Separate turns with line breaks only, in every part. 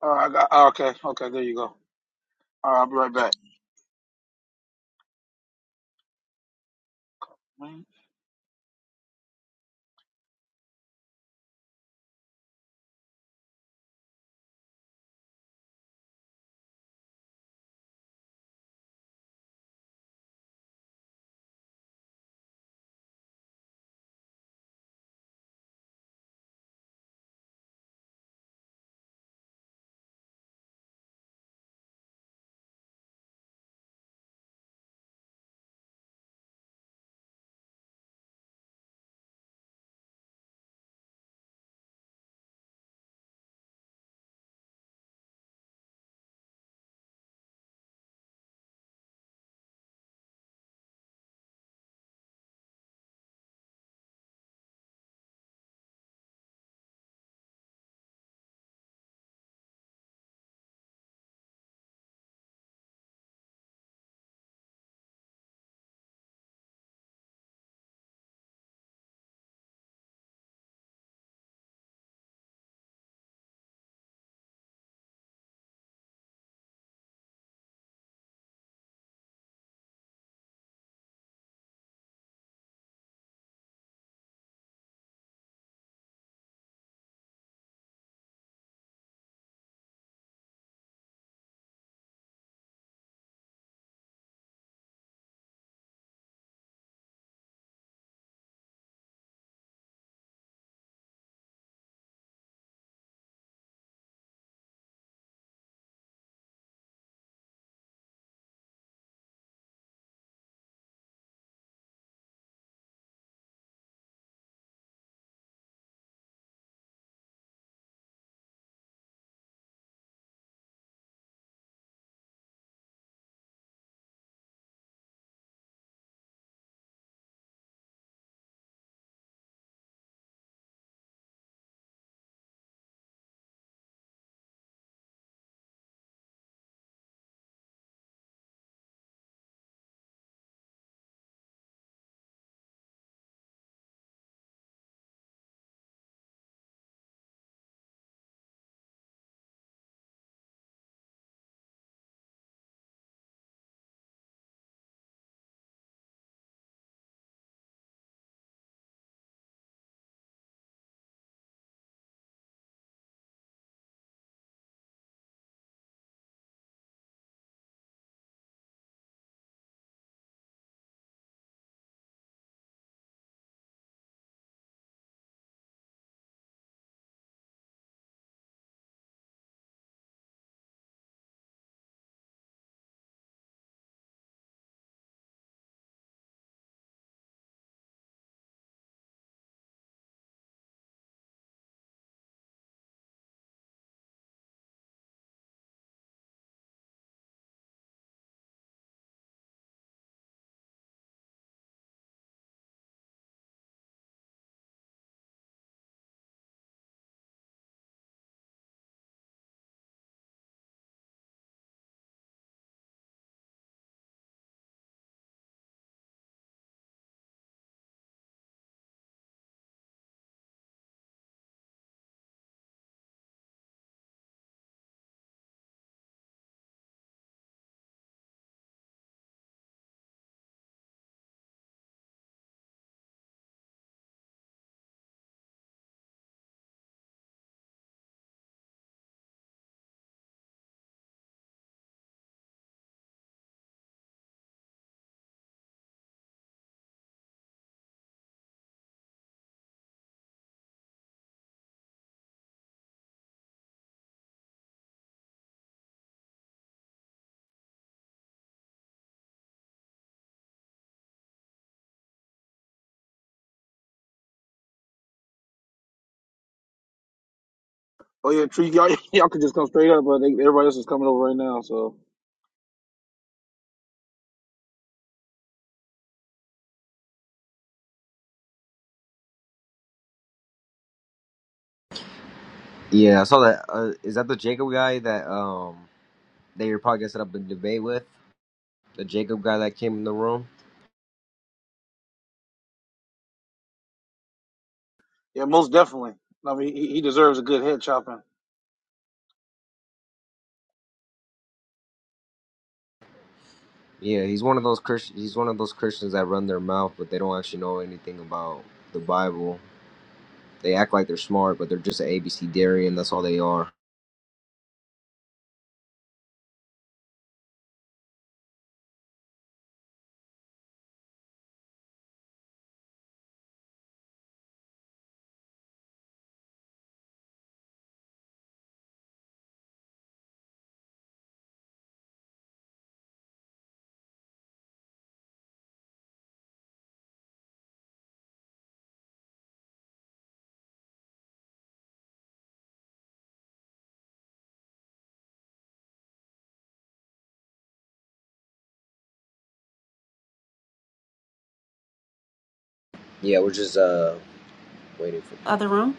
All right, I got, oh, okay, okay, there you go. All right, I'll be right back. Oh yeah, Tree, y'all, y'all can just come straight up, but they, everybody else is coming over right now. So
Yeah, I saw that. Uh, is that the Jacob guy that um they were probably gonna set up a debate with? The Jacob guy that came in the room.
yeah, most definitely. I mean, he, he deserves a good head chopping.
Yeah, he's one of those Christian. He's one of those Christians that run their mouth, but they don't actually know anything about the Bible. They act like they're smart, but they're just an ABC dairy, and that's all they are. Yeah, we're just uh waiting for people.
Other room?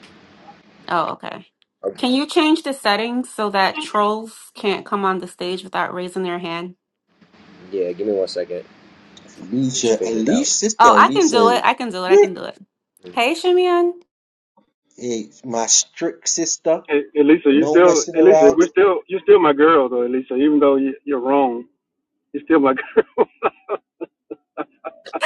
Oh, okay.
Okay.
Can you change the settings so that trolls can't come on the stage without raising their hand?
Yeah, give me one second. We should
Alicia,
figure it
Alicia,
out.
Oh,
sister
I can
Alicia
do it. I
is
can do it. I can do it. Hey, Shimeon.
hey, my strict sister.
Hey, Elisa, you
No
still,
messing
Elisa,
around.
we're still, you're still my girl though, Elisa. Even though you- you're wrong, you're still my girl.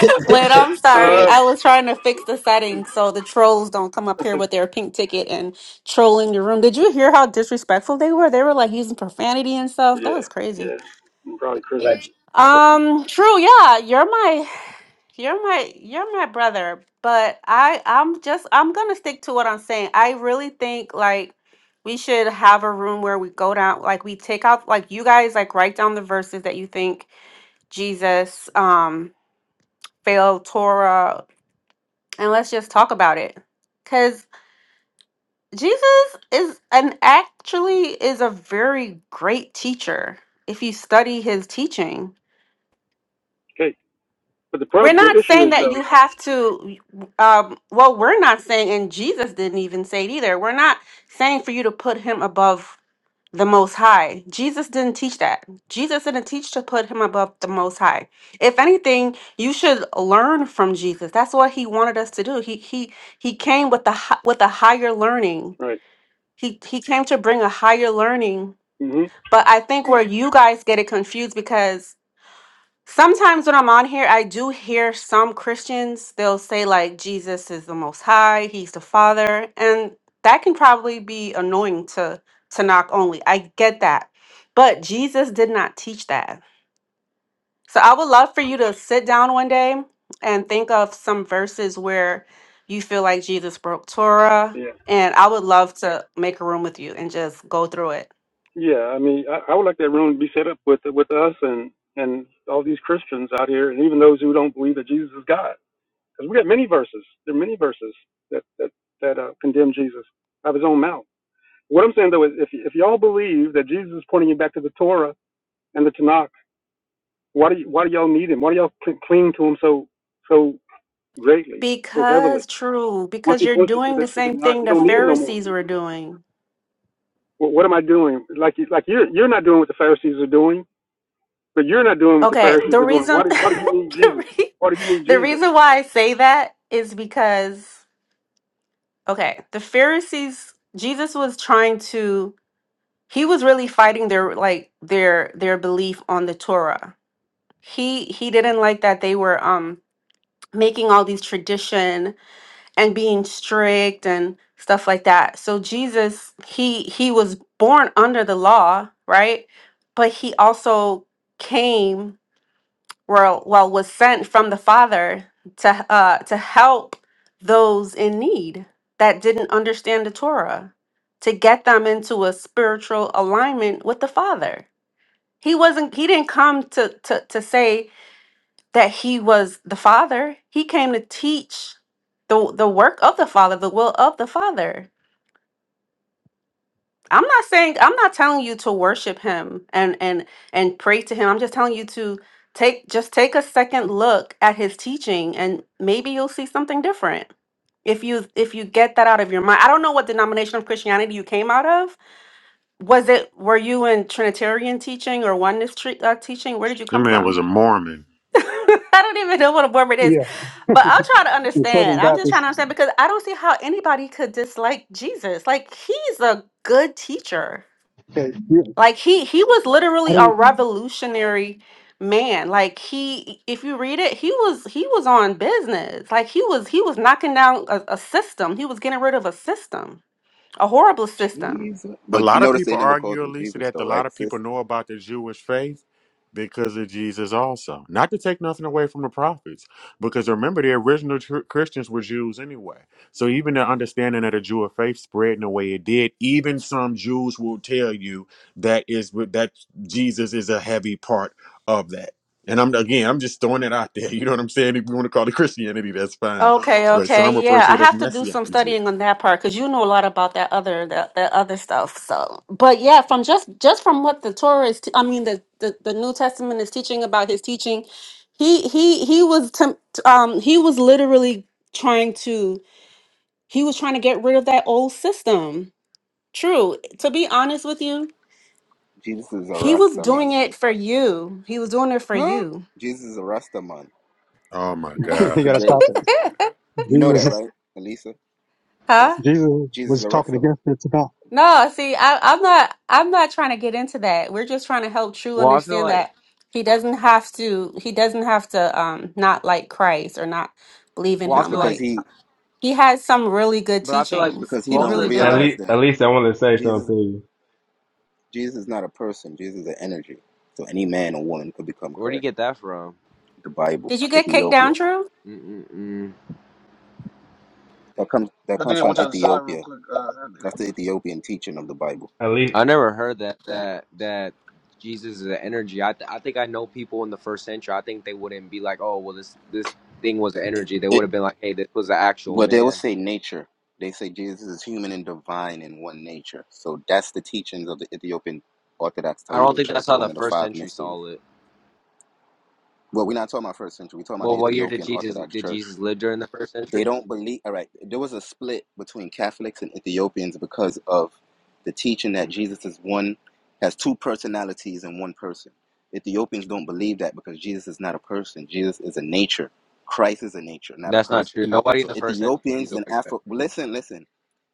Wait, I'm sorry.
uh,
I was trying to fix the settings so the trolls don't come up here with their pink ticket and trolling the room. Did you hear how disrespectful they were? They were like using profanity and stuff. That
yeah,
was crazy.
yeah, I'm probably Christian.
Like-
Um, true. Yeah, you're my You're my you're my brother, but I I'm just I'm gonna stick to what I'm saying. I really think like we should have a room where we go down like we take out like you guys like write down the verses that you think Jesus um failed Torah and let's just talk about it. Cause Jesus is and actually is a very great teacher if you study his teaching.
Okay, but the
We're
problem, the
not
issue
saying
is
that
though,
you have to, um, well, we're not saying, and Jesus didn't even say it either. We're not saying for you to put him above the Most High. Jesus didn't teach that. Jesus didn't teach to put him above the Most High. If anything, you should learn from Jesus. That's what he wanted us to do. He he he came with the hi- with a higher learning.
right?
He he came to bring a higher learning.
hmm
But I think where you guys get it confused because Sometimes when I'm on here, I do hear some Christians, they'll say, like, Jesus is the Most High, He's the Father. And that can probably be annoying to, to knock only. I get that. But Jesus did not teach that. So I would love for you to sit down one day and think of some verses where you feel like Jesus broke Torah.
Yeah,
And I would love to make a room with you and just go through it.
yeah. I mean, I, I would like that room to be set up with with us and and all these Christians out here, and even those who don't believe that Jesus is God, because we got many verses. There are many verses that that that uh, condemn Jesus out of his own mouth. What I'm saying though is, if if y'all believe that Jesus is pointing you back to the Torah and the Tanakh. Why do y- why do y'all need him? Why do y'all cl- cling to him so so greatly, so heavily?
Because, true,
Once
because
he
you're
points you to
doing
the
the
to the
same
Tanakh,
thing
you
the
don't need him no more.
Pharisees were doing
Wh- what am I doing? Like you- like you're you're not doing what the Pharisees are doing, but you're not doing what the
Okay,
Pharisees
the
are doing. Why
reason
do why do you need
the,
Jesus?
re-
Why do you need
the
Jesus?
reason why I say that is because okay, the Pharisees Jesus was trying to he was really fighting their like their their belief on the Torah. He he didn't like that they were um making all these tradition and being strict and stuff like that. So Jesus he he was born under the law, right? But he also came were well was sent from the father to uh to help those in need that didn't understand the torah to get them into a spiritual alignment with the father he wasn't he didn't come to to, to say that he was the father he came to teach the the work of the father the will of the father I'm not saying I'm not telling you to worship him and and and pray to him. I'm just telling you to take just take a second look at his teaching and maybe you'll see something different. If you if you get that out of your mind. I don't know what denomination of Christianity you came out of. Was it were you in Trinitarian teaching or oneness tre- uh, teaching? Where did you
That
come
man
from?
was a Mormon.
I don't even know what a word it is.
Yeah,
But I'll try to
the Southern
understand. I'm just trying to
Baptist.
understand because I don't see how anybody could dislike Jesus. Like he's a good teacher
Okay, you,
like he he was
I
literally a
don't.
revolutionary man like he if you read it he was he was on business like he was he was knocking down a, a system he was getting rid of a system a horrible system
Jesus.
A
But you
lot of
notice they
people
never called
argue,
him
Elisa,
Jesus,
that a
though,
lot
right,
of
sis?
people know about the Jewish faith because of Jesus also. Not to take nothing away from the prophets, because remember, the original tr- Christians were Jews anyway. So even the understanding of the Jewish faith spread in the way it did, even some Jews will tell you that is that Jesus is a heavy part of that. And I'm again, I'm just throwing it out there. You know what I'm saying? If you want to call it Christianity, that's fine.
Okay,
But some
okay,
refer
yeah,
to
I
it as
have to do some
Messianic Jew.
studying on that part because you know a lot about that other that, that other stuff. So, but yeah, from just just from what the Torah is, t- I mean the, the the New Testament is teaching about his teaching, he he he was temp- um he was literally trying to he was trying to get rid of that old system. True, to be honest with you,
Jesus is a
he was
Rastaman.
doing it for you. He was doing it for
Huh?
you,
Jesus is a Rastaman.
Oh my
Jesus is
You
God.
gotta
today.
stop it.
You know
Jesus,
that,
is-
right, Elisa?
huh?
Because
Jesus
Jesus is
was
a
talking
Rastaman.
against it about.
No, see, I, I'm not. I'm not trying to get into that. We're just trying to help True
well, I feel
understand
like.
that he doesn't have to. He doesn't have to um not like Christ or not believe in
Well, I
It's
him.
feel
because
like.
Like
he
he has some really good
But I feel like
teachings.
because he
He
most of
don't
really
the
At
do.
time.
realize
least, at
that
least I want to say something
Jesus
to you.
Jesus is not a person. Jesus is an energy. So any man or woman could become
Where do you
Christ.
get that from?
The Bible,
Did you get kicked down,
Ethiopia.
True?
Mm-mm-mm.
That comes that
But then
comes
I
from
want y'all to decide real
Ethiopia.
quick. Uh,
That's the Ethiopian teaching of the Bible.
At least
I never heard that that that Jesus is an energy. I th- I think I know people in the first century. I think they wouldn't be like, oh, well, this this thing was an
It,
energy. They
it,
would have been like, hey, this was an actual
Well, they will
man.
say nature. They say Jesus is human and divine in one nature. So that's the teachings of the Ethiopian Orthodox
I don't
Tewido
think that's
Church,
how the
one of the
first
five
century
mysteries.
saw it.
Well, we're not talking about first century. We're talking about
Well,
the
what year did
Ethiopian
Jesus
Orthodox
did
Church.
Jesus live during the first
They
century?
don't believe. All right, there was a split between Catholics and Ethiopians because of the teaching that Jesus is one, has two personalities in one person. Ethiopians don't believe that because Jesus is not a person. Jesus is a nature. Christ is a nature, not a
That's not
person.
true. Nobody in
So
the first century sees
Ethiopians
it
and
like that.
Afro. Listen, listen.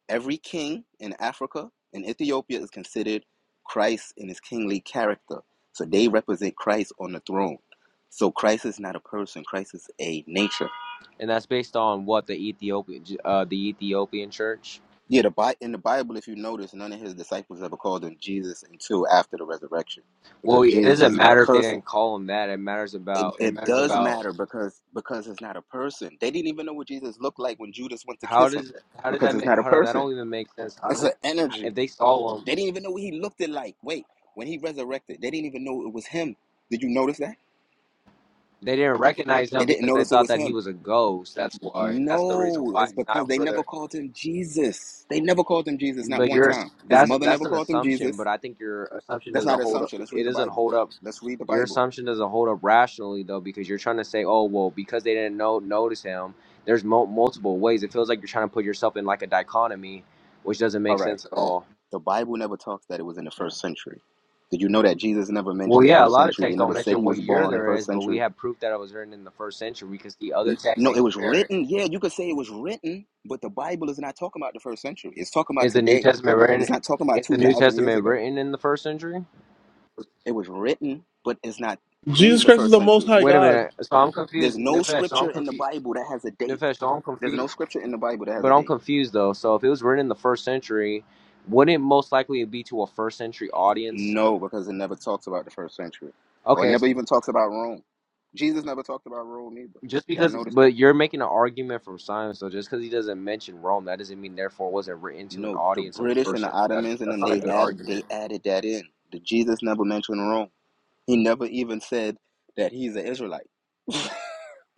Every king in Africa and Ethiopia is considered Christ in his kingly character. So they represent Christ on the throne. So Christ is not a person, Christ is a nature.
And that's based on what the Ethiopian uh, the Ethiopian church.
Yeah, the Bi- in the Bible, if you notice, none of his disciples ever called him Jesus until after the resurrection
Well,
because
it
Jesus
doesn't
is not a
matter if they
person.
didn't call him that. It matters
It,
about it
it
matters
does
about
matter because because it's not a person. They didn't even know what Jesus looked like when Judas went to
How
kiss him
does how does
because
that
it's
make?
not a
Hold on, that don't
person.
even make sense. How do
It's
they?
an
If
energy
they saw him,
They didn't even know what he looked it like. Wait, when he resurrected, they didn't even know it was him. Did you notice that?
they didn't recognize
They
him
didn't
because they
notice it
thought
was
that he
him.
was a ghost. That's why. That's the reason
No,
why.
it's
It's
because
not
they
for the.
never called him Jesus. They never called him Jesus, not
But
one
you're
time. His
that's
mother
that's
never
an
called him
assumption.
Jesus.
But I think your assumption
That's
doesn't
not an
hold up.
assumption. Let's
It
read the
doesn't
Bible.
hold up.
Let's read the
Your
Bible.
assumption doesn't hold up rationally though, because you're trying to say, oh well, because they didn't know notice him. There's mo- multiple ways. It feels like you're trying to put yourself in like a dichotomy, which doesn't
All
make
right.
sense at all.
The Bible never talks that it was in the first century. Did you know that Jesus never
Well,
mentions
yeah, a
first
lot of
century? They
texts don't
never said
mention
he was
what year
born
there
first
is, but
century.
we have proof that it was written in the first century. We can see other
N-
texts
No,
and
it was
compare it.
written. Yeah, you could say it was written, but the Bible is not talking about the first century. It's talking about
Is the New
today.
Testament written?
It's not talking about
Is the New
2,000 years
Testament
ago.
written in the first century?
It was written, but it's not in
Jesus
the
Christ is
first
the Most
century.
High
Wait a
God.
minute. So I'm
There's
confused,
no
Nefesh. So I'm
scripture in the
confused,
Bible that has a date.
Nefesh. So I'm
There's no
confused,
scripture in the Bible that has
but
a
I'm
date.
confused though. So if it was written in the first century, wouldn't it most likely be to a first century audience?
No, because it never talks about the first century. Or it
Okay,
never
s-
even talks about Rome. Jesus never talked about Rome either.
just
Y'all
because,
notice that?
but you're making an argument from Simon. So just because he doesn't mention Rome, that doesn't mean therefore it wasn't written to an
No, the
audience of the
British
first
and the
century. That's
Ottomans and
that's
them
not a
they
good
add
argument.
they added that in. The Jesus never mentioned Rome. He never even said that he's an Israelite.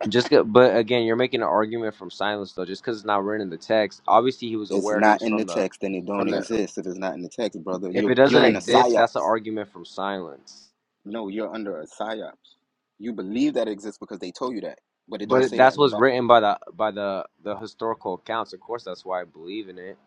Just go, but again, you're making an argument from silence though. Just because it's not written in the text, obviously he was
It's
aware he
not
was
in
from
the
the
text and it
from
don't
the.
exist. It is not in the text, brother.
If
You're
it doesn't
you're in a
exist, that's an
psyops.
argument from silence.
No, you're under a psyops. You believe that it exists because they told you that, but it don't
But
say that
that's
in the Bible.
what's written by the by the the historical accounts. Of course, that's why I believe in it.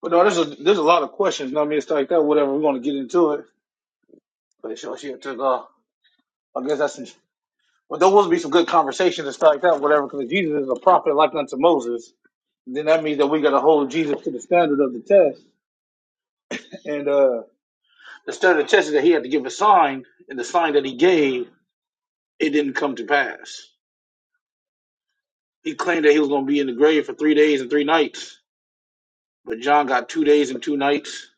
but no, there's a there's a lot of questions. You know what I mean, it's like that. Whatever, we're gonna get into it. But it sure shit took off. I guess that's. But there will be some good conversations and stuff like that. Whatever, because Jesus is a prophet like unto Moses. Then that means that we got to hold Jesus to the standard of the test. And uh instead of testing that he had to give a sign, and the sign that he gave, it didn't come to pass. He claimed that he was going to be in the grave for three days and three nights, but John got two days and two nights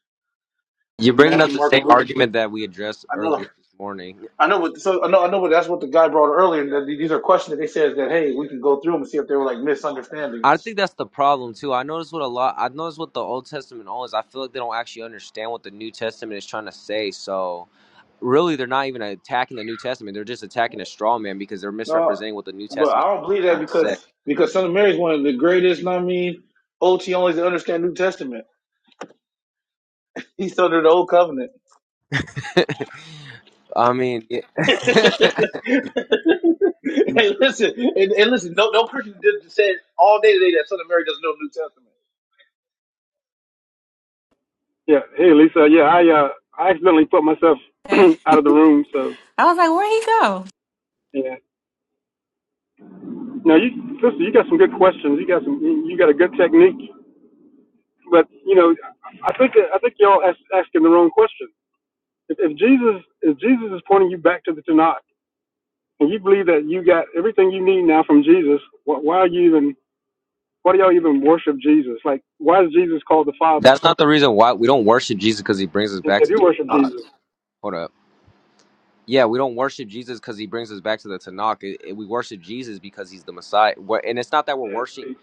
You're
of
bringing up
Matthew,
the
Mark, and
same
Luke.
argument that we addressed
I know,
earlier this morning.
I know, but so I know, I know, but that's what the guy brought earlier. That these are questions that they said that hey, we can go through them and see if they were like
I
misunderstandings.
think that's the problem too. I notice what a lot. I notice what the Old Testament owns. I feel like they don't actually understand what the New Testament is trying to say. So really they're not even attacking the New Testament. They're just attacking a straw man because they're
No,
misrepresenting what the New
but I
Testament is
don't
actually
believe that
trying to
because
say.
because Son of Mary is one of the greatest. I mean, OT only to understand New Testament. He's under the Old Covenant.
I mean, yeah.
hey, listen, and, and listen. No, no person did said all day today that Son of Mary doesn't know the New Testament.
Yeah. Hey, Lisa. Yeah, I uh I accidentally put myself
Okay.
out of the room. So
I was like, where'd he go?
yeah. Now you listen. You got some good questions. You got some. You got a good technique. But you know, I think that- I think y'all ask, asking the wrong question. If, if Jesus if Jesus is pointing you back to the Tanakh, and you believe that you got everything you need now from Jesus, why, why are you even? Why do y'all even worship Jesus? Like, why is Jesus called the Father?
that's not the reason why we don't worship Jesus because he brings us
If
back
if
to
you
the
worship
Tanakh.
Jesus,
Hold up. Yeah, we don't worship Jesus because he brings us back to the Tanakh. It- it- we worship Jesus because he's the Messiah. We're- and it's not that we're
yeah,
worshiping.
see,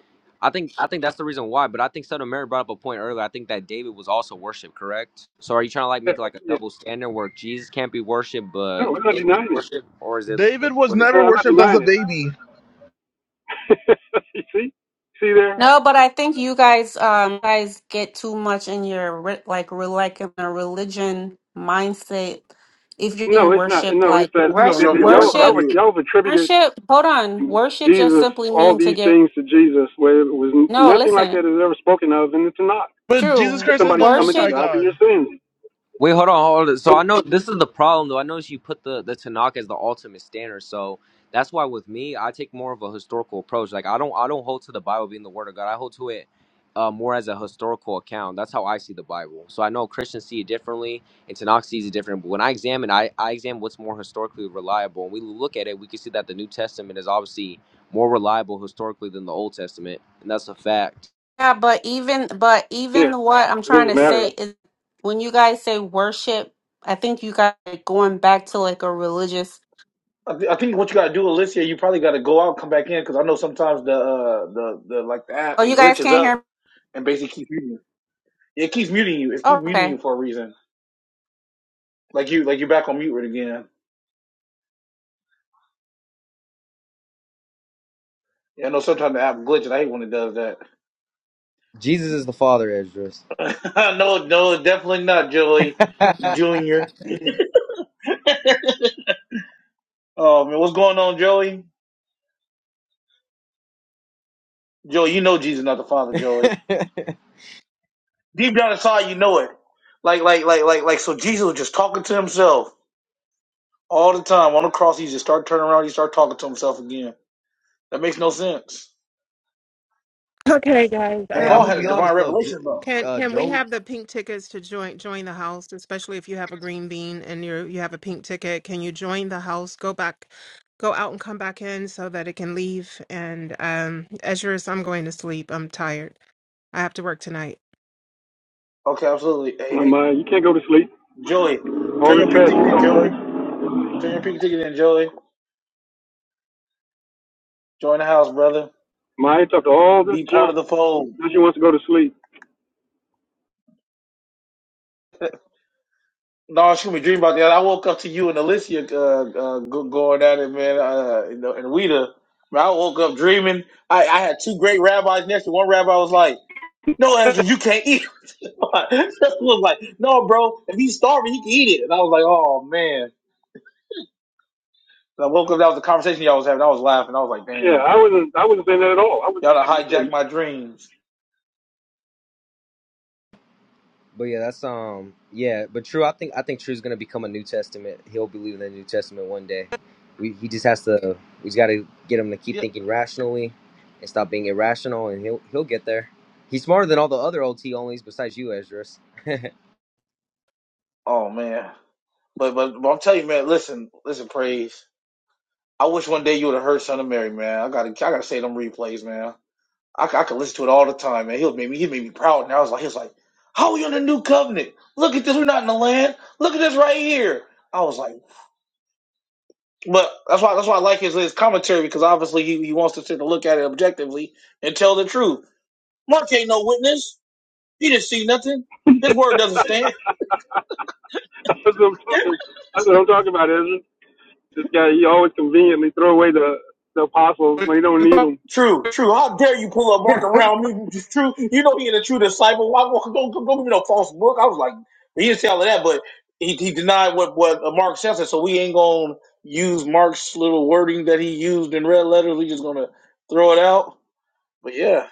I think I think that's the reason why. But I think Son of Mary brought up a point earlier. I think that David was also worshipped, correct? So are you trying to like make like a
yeah.
double standard where Jesus can't be worshipped, but
No, I'm not
David is
denying it.
worshipped, or is it
David was
what is?
never
No, I'm not
worshipped as a
denying
baby.
it. you see, see there.
No, but I think you guys, um, guys get too much in your re- like, re- like in a religion mindset. If you're
No,
being
it's not.
worship,
No, it's
like
I
that,
think your
rush,
that-
your
that
your mic
y'all
went on
y'all
worship,
would
mute.
y'all have attributed
worship. Hold on, worship just
Jesus,
simply
all
mean to
these
give.
things to Jesus, where it was
No,
nothing like that
listen,
is ever spoken of in the Tanakh.
But Jesus
true
That
Christ is
somebody's
the Most
coming to
worship.
High
God for
God.
your sins.
Wait, hold on, hold on. So
Nope.
I know this is the problem, though. I know she put the the Tanakh as the ultimate standard, so that's why with me, I take more of a historical approach. Like I don't, I don't hold to the Bible being the Word of God. I hold to it uh, more as a historical account. That's how I see the Bible. So I know Christians see it differently, and Tanakh sees it different. But when I examine, I I examine what's more historically reliable. And we look at it, we can see that the New Testament is obviously more reliable historically than the Old Testament, and that's a fact.
Yeah, but even, but
Yeah.
even what I'm
It
trying
doesn't
to say
matter.
is, when you guys say worship, I think you guys are going back to like a religious.
I, thi- I think what you gotta do, Alicia, you probably gotta go out, come back in, because I know sometimes the uh, the the like the app
Oh,
it
you guys
glitches
can't hear.
up
me?
and basically keeps muting. you. It keeps muting you. It keeps
Oh,
muting
okay.
you for a reason. Like you like you're back on mute right again. Yeah, I know sometimes the app glitches. I hate when it does that.
Jesus is the Father, Esdras.
no, no, definitely not, Joey Junior. Oh man, what's going on, Joey? Joey, you know Jesus not the Father, Joey. Deep down inside, you know it. Like, like, like, like, like. So Jesus was just talking to himself all the time on the cross. He just started turning around. He started talking to himself again. That makes no sense.
Okay, guys.
And
hey,
Paul
Um,
had a divine revelation though.
can can we have the pink tickets to join join the house, especially if you have a green bean and you you have a pink ticket? Can you join the house? Go back, go out and come back in so that it can leave. And um, Ezra's, I'm going to sleep. I'm tired. I have to work tonight.
Okay, absolutely. Hey,
My
hey,
you can't go to sleep.
Joey,
All
turn
this
your pink
trash
ticket
you
in, Joey.
talking.
Turn your pink ticket in, Joey. Join the house, brother.
My you talked all this
Be part of
junk.
the fold.
Now she wants to go to sleep.
No, she me dreaming about that. I woke up to you and Alicia uh, uh, go- going at it, man. Uh, and, and Rita. Man, I woke up dreaming. I, I had two great rabbis next to me. one rabbi was like. No, Ezra, you can't eat. it." Justin was like, no, bro, if he's starving, he can eat it. And I was like, oh man. And I woke up. That was the conversation y'all was having. I was laughing. I was like,
Yeah,
dang,
I wasn't. I wasn't saying that at all. I wasn't
y'all done
saying you
hijacked
can't.
my dreams.
But yeah, that's um yeah, but True, I think I think True's gonna become a New Testament. He'll believe in the New Testament one day. We he just has to we just gotta get him to keep
Yeah.
thinking rationally and stop being irrational and he'll he'll get there. He's smarter than all the other OT onlys besides you, Ezra's.
Oh man. But but, but I'm telling you, man. Listen, listen, praise. I wish one day you would have heard Son of Mary, man. I gotta I gotta say them replays, man. I I could listen to it all the time, man. He made me he made me proud. And I was like, he was like, how are we on the new covenant? Look at this. We're not in the land. Look at this right here. I was like. But that's why that's why I like his his commentary because obviously he, he wants to take a look at it objectively and tell the truth. Mark ain't no witness. He didn't see nothing. His word doesn't stand.
That's what I'm talking. That's what I'm talking about, Ezra. This guy, he always conveniently throw away the the apostles when he don't need them.
True, true. How dare you pull a Mark around me? It's True. You know he ain't a true disciple. Why don't, don't, don't give me no false book? I was like, he didn't say all of that, but he, he denied what, what uh, Mark said. so we ain't gonna use Mark's little wording that he used in red letters. We just gonna throw it out. But yeah,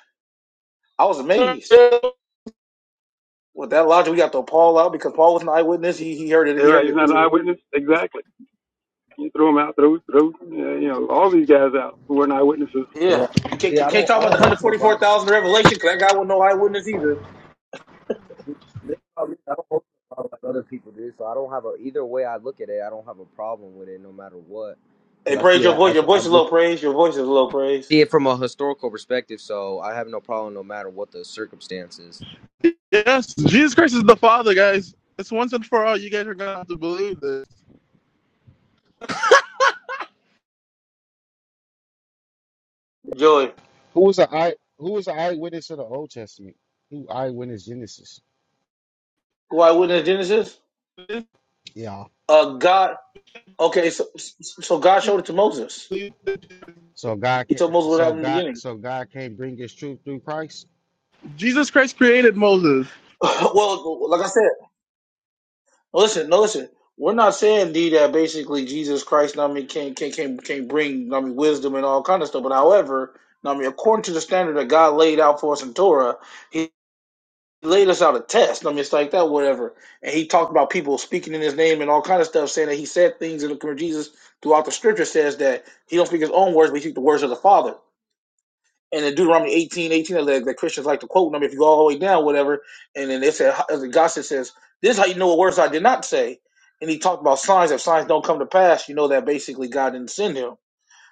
I was amazed. With that logic, we got to throw Paul out because Paul was an eyewitness. He, he heard it.
They're
He
right.
heard
He's not
it.
an eyewitness. Exactly. You throw them out, throw, throw, uh, you know, all these guys out who were not witnesses.
Yeah.
Well,
You can't,
yeah, I
can't
don't,
talk
I
about
don't
the
hold to the Bible.
144,000 revelation because that guy was no eyewitness either.
The thing about me, I don't hold to the Bible like other people do. So I don't have a either way I look at it. I don't have a problem with it, no matter what,
Hey,
because I
praise
see
your
that I
voice.
see,
Your
I
voice is
look
low praise. Your voice is low praise.
see it from a historical perspective, so I have no problem no matter what the circumstances.
Yes, Jesus Christ is the Father, guys. It's once and for all. You guys are gonna have to believe
Joy.
Who was the eye? Who was the eyewitness of the Old Testament? Who eyewitness Genesis?
Who eyewitness Genesis?
Yeah.
Uh, God. Okay, so, so so God showed it to Moses.
this.
So God
He
can
told Moses what
so
happened in the
God
beginning.
so God can't bring his truth through Christ.
Jesus Christ created Moses.
well, like I said. Listen, no, listen. We're not saying D that basically Jesus Christ, know what I mean, can can can can bring, know what I mean, wisdom and all kind of stuff. But however, know what I mean, according to the standard that God laid out for us in Torah, He laid us out a test. know what I mean, it's like that, whatever. And He talked about people speaking in His name and all kind of stuff, saying that He said things in the Jesus throughout the Scripture says that He don't speak His own words, but He speaks the words of the Father. And in Deuteronomy 18, 18, that, that Christians like to quote them if you go all the way down, whatever. And then they said, as the gospel says, this is how you know what words I did not say. And he talked about signs. If signs don't come to pass, you know that basically God didn't send him.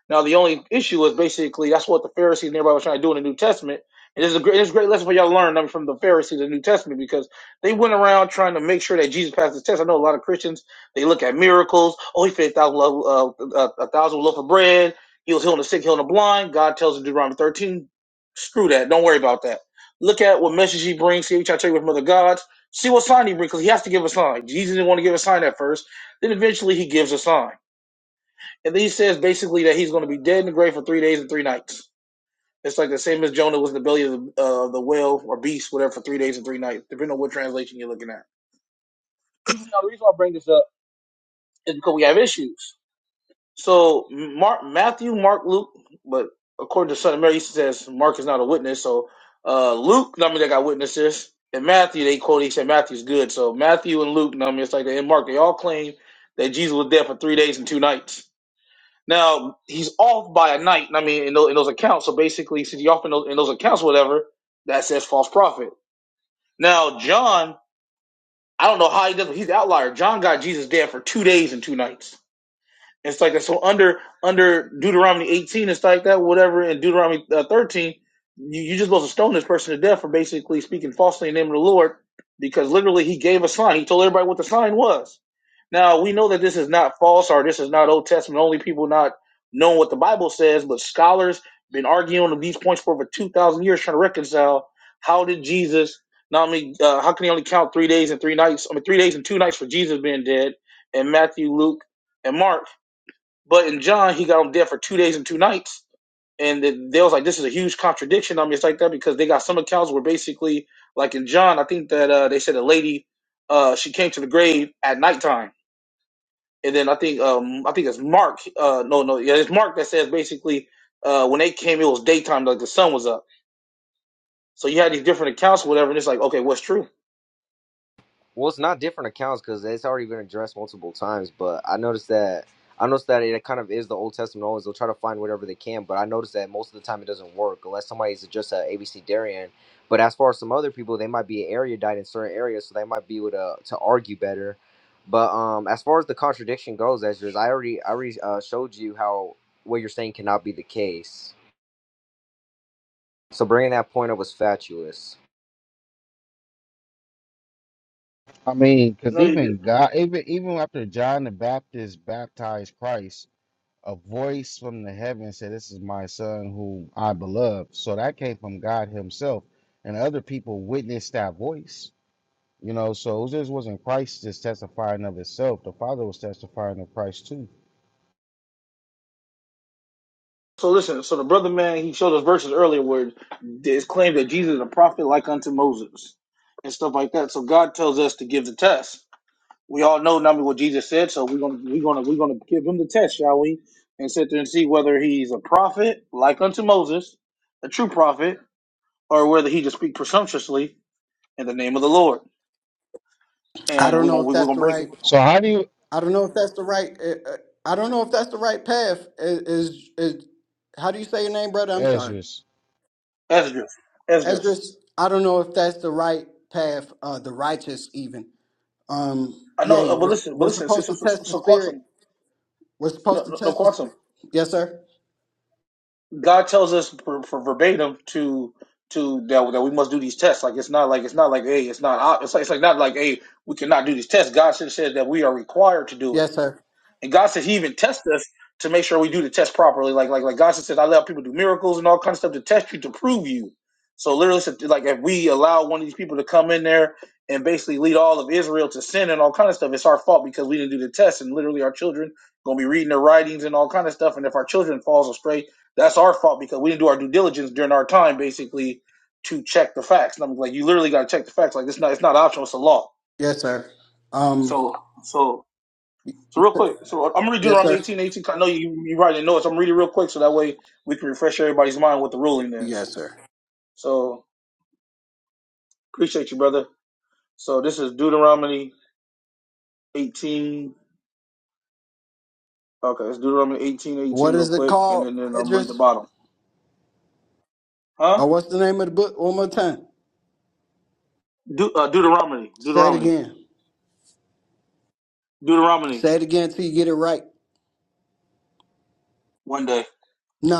Now the only issue is basically that's what the Pharisees and everybody was trying to do in the New Testament. And this is a great, this is a great lesson for y'all to learn I mean, from the Pharisees in the New Testament because they went around trying to make sure that Jesus passed the test. I know a lot of Christians they look at miracles. Oh, he fed a thousand loaf, uh, uh, a thousand loaf of bread. He was healing the sick, healing the blind. God tells us in Deuteronomy thirteen, screw that. Don't worry about that. Look at what message he brings. See what you tell you with other gods. See what sign he brings because he has to give a sign. Jesus didn't want to give a sign at first. Then eventually he gives a sign. And then he says basically that he's going to be dead in the grave for three days and three nights. It's like the same as Jonah was in the belly of the, uh, the whale or beast, whatever, for three days and three nights, depending on what translation you're looking at. Now, the reason why I bring this up is because we have issues. So, Mark, Matthew, Mark, Luke, but according to Son of Mary, he says Mark is not a witness. So, uh, Luke, I mean, they got witnesses. And Matthew, they quote, he said Matthew's good. So, Matthew and Luke, I mean, it's like, they- and Mark, they all claim that Jesus was dead for three days and two nights. Now he's off by a night. I mean, in those, in those accounts. So basically, since he's off in those, in those accounts, or whatever that says false prophet. Now John, I don't know how he does. but He's the outlier. John got Jesus dead for two days and two nights. It's like that. So under under Deuteronomy 18, it's like that. Whatever in Deuteronomy uh, 13, you you just supposed to stone this person to death for basically speaking falsely in the name of the Lord, because literally he gave a sign. He told everybody what the sign was. Now we know that this is not false or this is not Old Testament. Only people not knowing what the Bible says, but scholars been arguing on these points for over two thousand years trying to reconcile how did Jesus not only uh, how can he only count three days and three nights? I mean three days and two nights for Jesus being dead, and Matthew, Luke, and Mark but in John, he got them there for two days and two nights, and then they was like, "This is a huge contradiction." I mean, it's like that because they got some accounts where basically, like in John, I think that uh, they said a lady, uh, she came to the grave at nighttime, and then I think um, I think it's Mark, uh, no, no, yeah, it's Mark that says basically uh, when they came, it was daytime, like the sun was up. So you had these different accounts, or whatever, and it's like, okay, what's true?
Well, it's not different accounts because it's already been addressed multiple times. But I noticed that I noticed that it kind of is the Old Testament always. They'll try to find whatever they can, but I noticed that most of the time it doesn't work unless somebody's just a ABC Darian. But as far as some other people, they might be an erudite in certain areas, so they might be able to to argue better. But um, as far as the contradiction goes, Ezra, I already I already uh, showed you how what you're saying cannot be the case. So bringing that point up was fatuous.
I mean, because
No, you
even God, even even after John the Baptist baptized Christ, a voice from the heaven said, "This is my son, whom I beloved." So that came from God Himself, and other people witnessed that voice. You know, so it just wasn't Christ just testifying of Himself. The Father was testifying of Christ too.
So listen, so the brother man he showed us verses earlier where it's claimed that Jesus is a prophet like unto Moses and stuff like that. So God tells us to give the test. We all know not only what Jesus said, so we're gonna we're gonna we're gonna give him the test, shall we? And sit there and see whether he's a prophet like unto Moses, a true prophet, or whether he just speak presumptuously in the name of the Lord.
I
And
don't
we're
know
gonna
if
we're
that's
gonna
the
break it.
right.
So how do you,
I don't know if that's the right. uh, uh, I don't know if that's the right path. Is is, is how do you say your name, brother? I'm sorry.
Ezra?
Esdras, Esdras.
Esdras. I don't know if that's the right path. Uh, the righteous even. Um.
I
Yeah,
know, uh, but
we're
listen, but
we're
listen. So,
supposed
so,
to
so,
test the
so
spirit.
Quantum,
We're supposed
no,
to
no, no,
test the
Quantum.
spirit. Yes, sir.
God tells us for, for verbatim to to that, that we must do these tests. Like it's not like it's not like hey, it's not op- it's like, it's like not like hey, we cannot do these tests. God says says that we are required to do it.
Yes, sir.
And God says He even tests us to make sure we do the test properly. Like like like God says, I let people do miracles and all kinds of stuff to test you to prove you. So literally, so- like if we allow one of these people to come in there and basically lead all of Israel to sin and all kind of stuff, it's our fault because we didn't do the test. And literally, our children gonna be reading their writings and all kind of stuff. And if our children falls astray, that's our fault because we didn't do our due diligence during our time, basically, to check the facts. And I'm like, you literally gotta check the facts. Like it's not it's not optional. It's a law.
Yes, sir. Um.
So so so real quick, so I'm gonna read
Yes,
Deuteronomy
sir.
18:18. I know you you writing notes. I'm reading real quick so that way we can refresh everybody's mind what the ruling is.
Yes, sir.
So appreciate you, brother. So this is Deuteronomy 18. Okay, it's Deuteronomy 18:18
What
real
is it
quick, and
called,
then, then I'm gonna read the
Esdras?
bottom.
Or
Huh?
what's the name of the book? One more time.
De- uh, Deuteronomy,
Say it
Deuteronomy,
again.
Deuteronomy.
Say it again till you get it right.
One day,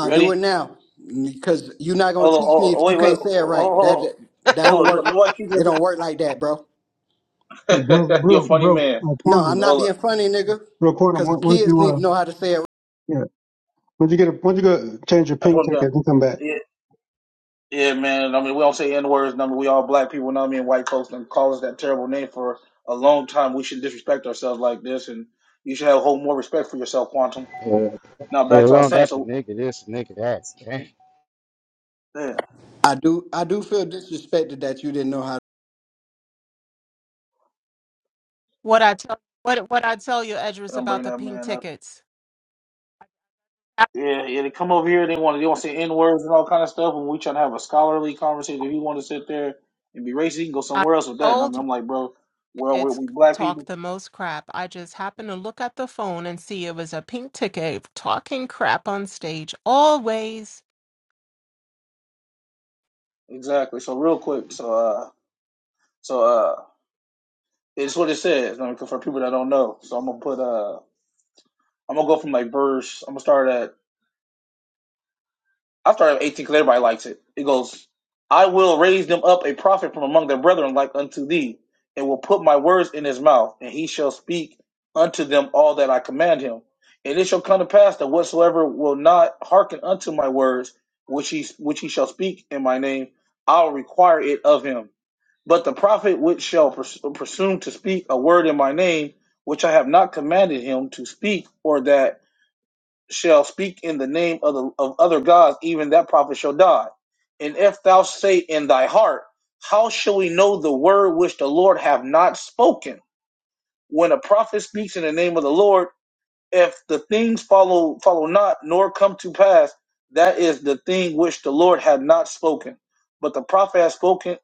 you
do it
ready?
now, because you're not gonna
Hold on,
teach me
hold on,
if you
wait, wait,
can't say it
hold
right. That
on,
that
hold
don't
on. No,
work.
no, I keep you
It don't work like that, bro.
up
Broke,
there. You're a
broke,
funny
broke.
man.
Uh,
No, I'm
quantum,
not
Hold on,
being funny, nigga.
broke quantum.
Because
where why do
kids
you,
need
uh,
to know how to say it.
yeah? Why do you get a? Why do you go change your
I
pink
put him down.
ticket and come back?
Yeah, Yeah, man. I mean, we don't say N words. I mean, we all black people. know what I mean, white folks and call us that terrible name for a long time. We should disrespect ourselves like this, and you should have hold more respect for yourself, Quantum. Now
Yeah,
back to
we
what I was
don't
saying.
got the
So
nigga this, nigga that. Damn.
yeah,
I do. I do feel disrespected that you didn't know how.
What I tell what what I tell you, Edris,
don't
about
bring
the
that
pink
man up.
tickets. I
Yeah, yeah. They come over here. They want. They want to say N words and all kind of stuff. And we trying to have a scholarly conversation. If you want to sit there and be racist, you can go
I
somewhere else with that. And I mean,
told you
I'm like, bro, well, we
it's
we black
talk
people.
the most crap. I just happened to look at the phone and see it was a pink ticket talking crap on stage always.
Exactly. So real quick. So uh, so uh, it's what it says. I mean, for people that don't know. So I'm gonna put uh. I'm gonna go from like verse. I'm gonna start at. I start at 18 because everybody likes it. It goes, "I will raise them up a prophet from among their brethren like unto thee, and will put my words in his mouth, and he shall speak unto them all that I command him. And it shall come to pass that whatsoever will not hearken unto my words, which he which he shall speak in my name, I'll require it of him. But the prophet which shall pres- presume to speak a word in my name, which I have not commanded him to speak, or that shall speak in the name of, the, of other gods, even that prophet shall die. And if thou say in thy heart, How shall we know the word which the Lord have not spoken? When a prophet speaks in the name of the Lord, if the things follow follow not, nor come to pass, that is the thing which the Lord had not spoken. But the prophet has spoken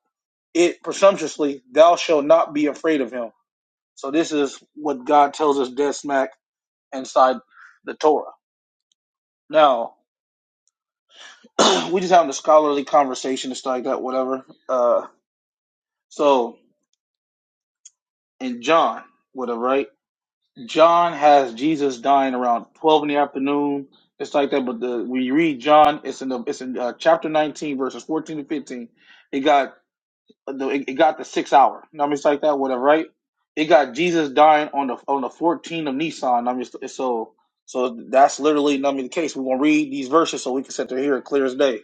it presumptuously, thou shalt not be afraid of him. So this is what God tells us dead smack inside the Torah. Now, we just having a scholarly conversation and stuff like that, whatever. Uh, so in John, whatever, right? John has Jesus dying around twelve in the afternoon, it's like that. But the when you read John, it's in the it's in uh, chapter nineteen, verses fourteen to fifteen. It got the it it got the six hour. You know what I mean, it's like that, whatever, right? It got Jesus dying on the on the fourteen of Nissan. I mean, so so that's literally not I mean, the case. We're gonna read these verses so we can sit there here clear as day,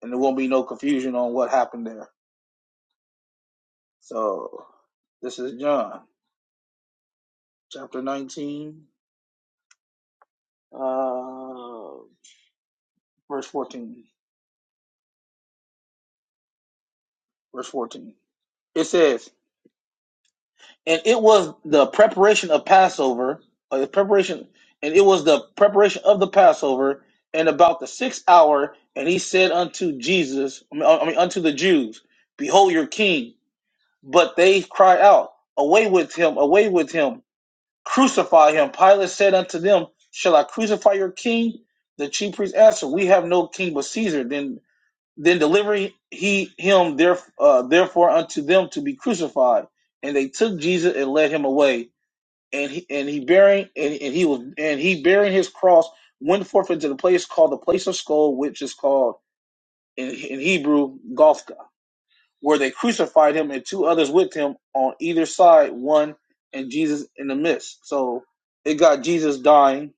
and there won't be no confusion on what happened there. So this is John chapter 19, uh, verse 14. Verse 14. It says, And it was the preparation of Passover, or the preparation, and it was the preparation of the Passover, and about the sixth hour, and he said unto Jesus, I mean, I mean unto the Jews, Behold your king. But they cried out, Away with him, away with him Crucify him. Pilate said unto them, Shall I crucify your king? The chief priests answered, We have no king but Caesar. Then then deliver he him there, uh, therefore unto them to be crucified. And they took Jesus and led him away. And he and he bearing and, and he was and he bearing his cross went forth into the place called the place of skull, which is called in, in Hebrew Golgotha where they crucified him and two others with him on either side, one and Jesus in the midst. So it got Jesus dying,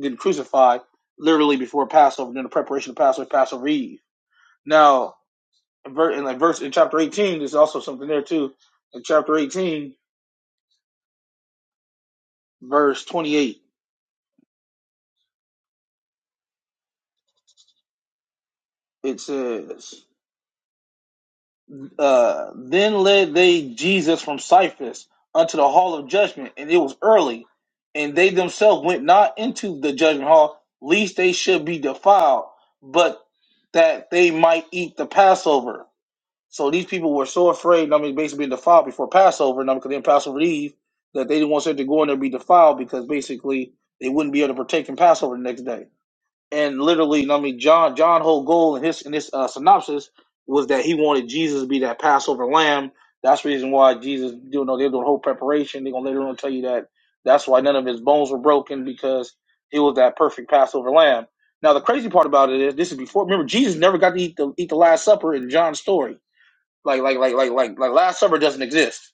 getting crucified, literally before Passover, during the preparation of Passover, Passover Eve. Now, in like verse in chapter 18, there's also something there too. In chapter 18, verse 28, it says. Uh, then led they Jesus from Cyprus unto the hall of judgment, and it was early. And they themselves went not into the judgment hall, lest they should be defiled, but that they might eat the Passover. So these people were so afraid, I mean, basically being defiled before Passover, and I mean, because they had Passover Eve, that they didn't want them to go in there and be defiled because basically they wouldn't be able to partake in Passover the next day and literally, I mean, John John whole goal in his in his uh, synopsis was that he wanted Jesus to be that Passover lamb. That's the reason why Jesus, you know, they're doing whole preparation. They're gonna later on tell you that that's why none of his bones were broken because he was that perfect Passover lamb. Now the crazy part about it is this is before. Remember, Jesus never got to eat the eat the Last Supper in John's story. Like like like like like like Last Supper doesn't exist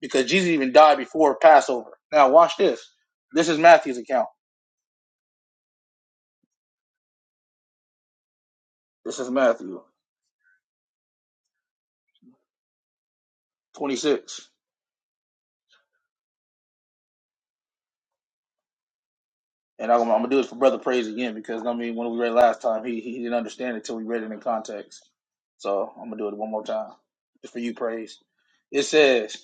because Jesus even died before Passover. Now watch this. This is Matthew's account. This is Matthew twenty six. And I'm, I'm gonna do it for Brother Praise again because I mean, when we read last time, he he didn't understand it till we read it in context. So I'm gonna do it one more time, just for you, Praise. It says,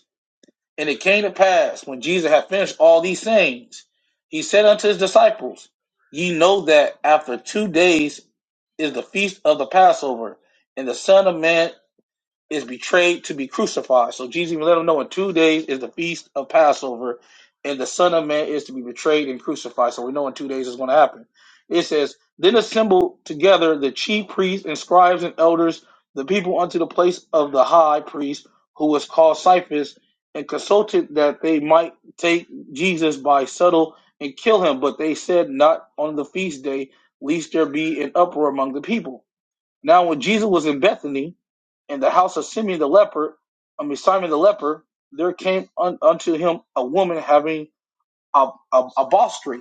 "And it came to pass when Jesus had finished all these things, he said unto his disciples, Ye know that after two days is the feast of the Passover, and the Son of Man is betrayed to be crucified. So Jesus even let them know in two days is the feast of Passover, and the Son of Man is to be betrayed and crucified. So we know in two days it's going to happen. It says, Then assembled together the chief priests and scribes and elders, the people unto the place of the high priest, who was called Caiaphas, and consulted that they might take Jesus by subtle and kill him. But they said, Not on the feast day, lest there be an uproar among the people. Now, when Jesus was in Bethany, in the house of Simeon the leper, I mean Simon the leper, there came un, unto him a woman having a, a, a bostry,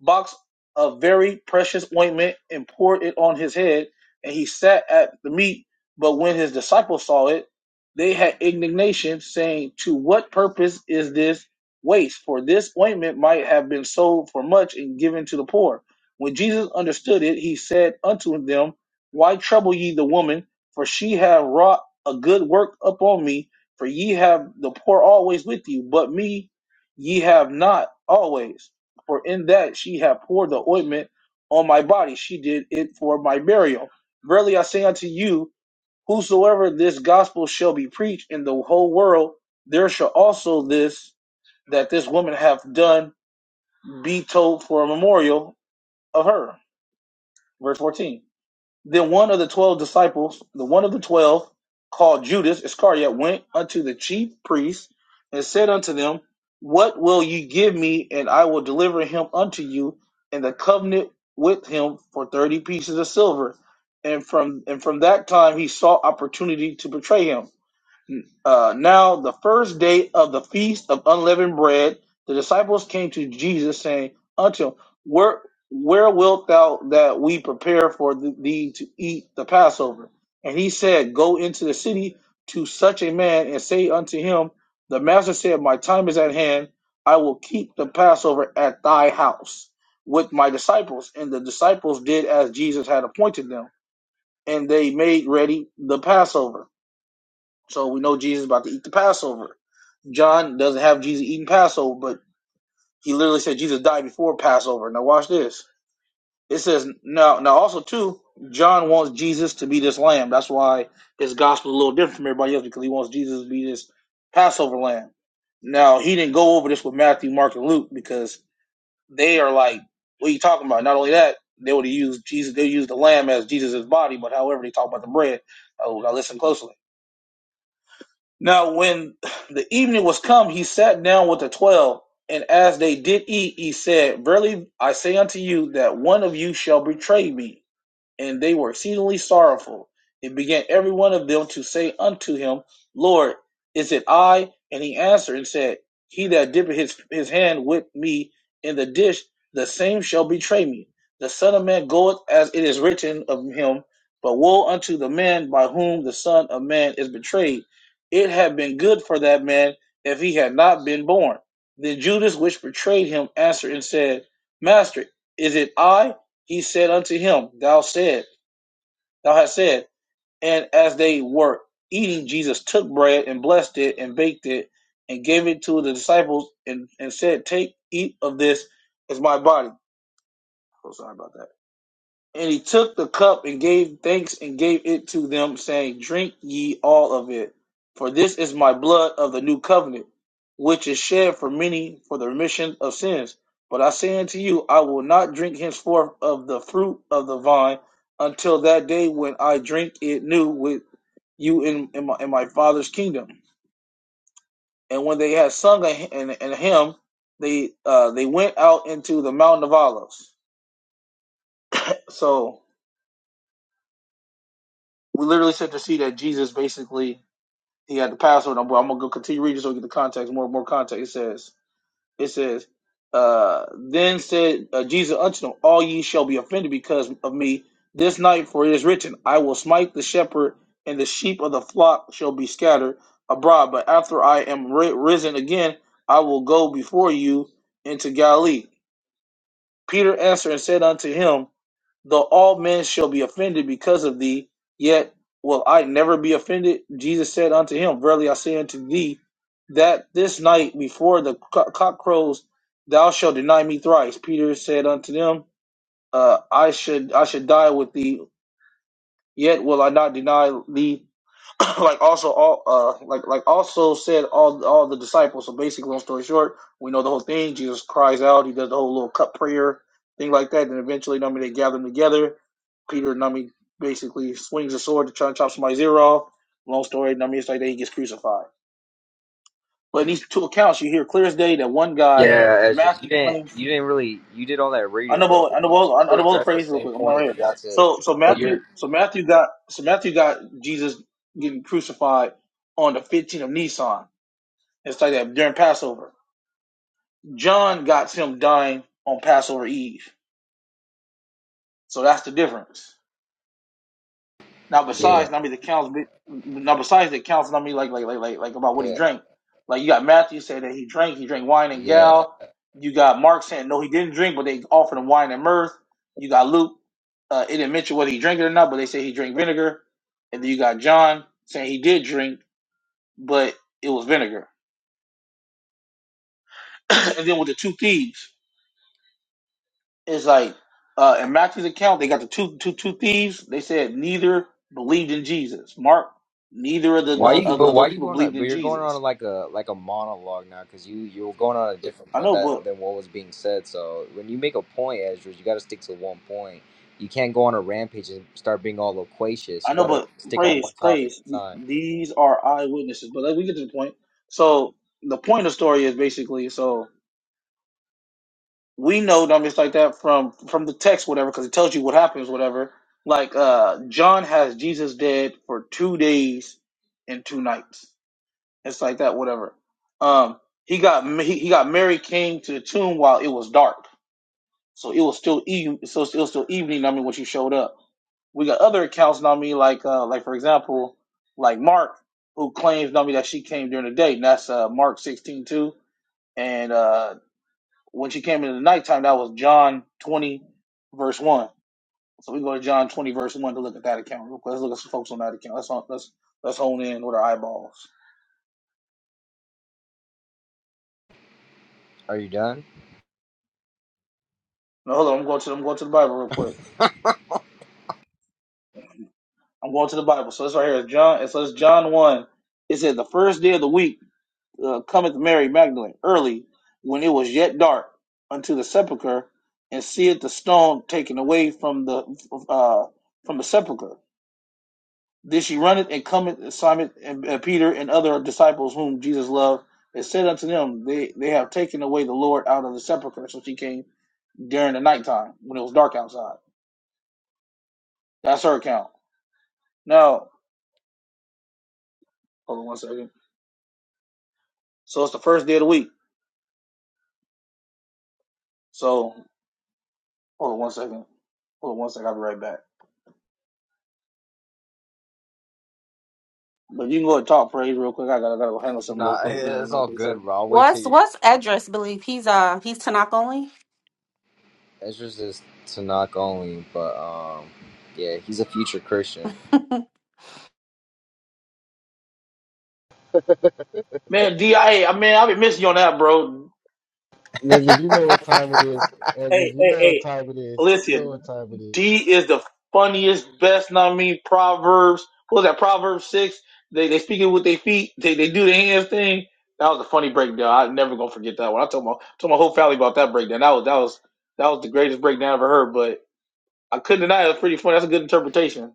box of very precious ointment and poured it on his head, and he sat at the meat. But when his disciples saw it, they had indignation, saying, To what purpose is this waste? For this ointment might have been sold for much and given to the poor. When Jesus understood it, he said unto them, Why trouble ye the woman? For she have wrought a good work upon me. For ye have the poor always with you, but me ye have not always. For in that she hath poured the ointment on my body. She did it for my burial. Verily I say unto you, whosoever this gospel shall be preached in the whole world, there shall also this that this woman hath done be told for a memorial of her. Verse 14. Then one of the twelve disciples, the one of the twelve, called Judas Iscariot, went unto the chief priests and said unto them, What will ye give me, and I will deliver him unto you and the covenant with him for thirty pieces of silver? And from and from that time he sought opportunity to betray him. Uh, now, the first day of the feast of unleavened bread, the disciples came to Jesus, saying unto him, Where, where wilt thou that we prepare for th- thee to eat the Passover? And he said, Go into the city to such a man and say unto him, The master said, My time is at hand. I will keep the Passover at thy house with my disciples. And the disciples did as Jesus had appointed them, and they made ready the Passover. So we know Jesus is about to eat the Passover. John doesn't have Jesus eating Passover, but he literally said Jesus died before Passover. Now watch this. It says now now also too, John wants Jesus to be this lamb. That's why his gospel is a little different from everybody else because he wants Jesus to be this Passover lamb. Now he didn't go over this with Matthew, Mark, and Luke because they are like, what are you talking about? Not only that, they would have used Jesus, they used the lamb as Jesus' body, but however they talk about the bread. Oh, now listen closely Now, when the evening was come, he sat down with the twelve, and as they did eat, he said, Verily I say unto you, that one of you shall betray me and they were exceedingly sorrowful. And began every one of them to say unto him, Lord, is it I? And he answered and said, He that dippeth his, his hand with me in the dish, the same shall betray me. The Son of Man goeth as it is written of him, but woe unto the man by whom the Son of Man is betrayed. It had been good for that man if he had not been born. Then Judas, which betrayed him, answered and said, Master, is it I? He said unto him, Thou said, Thou hast said. And as they were eating, Jesus took bread and blessed it and baked it and gave it to the disciples and, and said, Take, eat of this as my body. Oh, sorry about that. And he took the cup and gave thanks and gave it to them, saying, Drink ye all of it, for this is my blood of the new covenant, which is shed for many for the remission of sins. But I say unto you, I will not drink henceforth of the fruit of the vine until that day when I drink it new with you in, in, my, in my Father's kingdom. And when they had sung a, hy- an, an hymn, they uh, they went out into the mountain of olives. So we literally set to see that Jesus basically he had the password. I'm, I'm gonna go continue reading so we get the context, more more context. It says, it says, uh, then said uh, Jesus unto them, All ye shall be offended because of me this night, for it is written, I will smite the shepherd, and the sheep of the flock shall be scattered abroad. But after I am ri- risen again, I will go before you into Galilee. Peter answered and said unto him, though all men shall be offended because of thee, yet will I never be offended. Jesus said unto him, Verily I say unto thee, that this night before the co- cock crows, thou shalt deny me thrice. Peter said unto them, uh, I should I should die with thee, yet will I not deny thee like also all uh like like also said all all the disciples. So basically, long story short, we know the whole thing. Jesus cries out. He does the whole little cup prayer thing like that. And eventually, I mean, they gather them together. Peter, I mean, basically swings a sword to try and chop somebody's ear off. Long story, I mean, it's like that he gets crucified. But in these two accounts, you hear clear as day that one guy
Yeah,
that
Ezra, you
Matthew
didn't
claims
you didn't really you did all that reading, bro.
Honorable,
But you, you
honorable,
still
honorable
addressed the
praise, real
same
quick. I'm not right
point. You
here.
got to,
So, so
but you're
Matthew, so Matthew got, so Matthew got Jesus getting crucified on the 15th of Nisan. It's like that during Passover. John got him dying on Passover Eve. So that's the difference. Now
yeah
besides, I mean the counts. Now besides the counts, I mean like like like like like about what he
yeah
drank. Like you got Matthew saying that he drank. He drank wine and
yeah.
gal. You got Mark saying no, he didn't drink, but they offered him wine and mirth. You got Luke. Uh, it didn't mention whether he drank it or not, but they say he drank vinegar. And then you got John saying he did drink, but it was vinegar. and then with the two thieves. It's like uh, in Matthew's account, they got the two two two thieves. They said neither believed in Jesus. Mark, neither of the
Why
uh,
you
of,
but
of those
why you
people
going
believed
on? But
in
you're going on
Jesus.
like a like a monologue now because you you're going on a different
I
point
know, but
that, than what was being said. So when you make a point, Ezra, you got to stick to one point. You can't go on a rampage and start being all loquacious.
I
You
know,
got to
but
stick on one
praise,
topic
praise.
at a time.
These are eyewitnesses. But let we get to the point. So the point of the story is basically so we know numbers like that from from the text, whatever, because it tells you what happens, whatever. Like uh John has Jesus dead for two days and two nights It's like that, whatever. Um, he got he, he got Mary King to the tomb while it was dark, so it was still even so it was still evening. I mean, when she showed up, we got other accounts. I mean, like uh, like for example, like Mark who claims I mean that she came during the day. And that's uh, Mark sixteen two, and uh, when she came in the nighttime, that was John twenty verse one. So we go to John twenty verse one to look at that account. real quick. Let's look at some folks on that account. Let's hone- let's let's hone in with our eyeballs.
Are you done?
No, hold on. I'm going to I'm going to the Bible real quick. I'm going to the Bible. So this right here is John. So it's John one. It said the first day of the week uh, cometh Mary Magdalene early, when it was yet dark, unto the sepulchre, and seeth the stone taken away from the uh, from the sepulchre. Then she runneth and cometh to Simon and and Peter and other disciples whom Jesus loved, and said unto them, They they have taken away the Lord out of the sepulchre. So she came during the nighttime when it was dark outside. That's her account. Now, hold on one second. So it's the first day of the week. So Hold on one second. Hold on one second. I'll be right back. But you can go and talk praise real quick. I gotta, gotta go handle something real
Nah,
quick. Give me
it's
one
all
quick
good,
second.
bro. I'll wait till
What's
you.
what's Edris believe? He's uh he's Tanakh only.
Ezra's is Tanakh only, but um, yeah, he's a future Christian.
Man, D, I, A, I mean, I've been missing you on that, bro.
Edges, you know what time it is.
Hey,
Edges, you
hey,
know what
hey,
time it is. You know
listen,
what time it is.
D is the funniest, best, know what I mean, Proverbs. What was that, Proverbs 6? They they speak it with their feet. They they do the hands thing. That was a funny breakdown. I'm never gonna forget that one. I told my told my whole family about that breakdown. That was that was that was the greatest breakdown I ever heard. But I couldn't deny it. it was pretty funny. That's a good interpretation.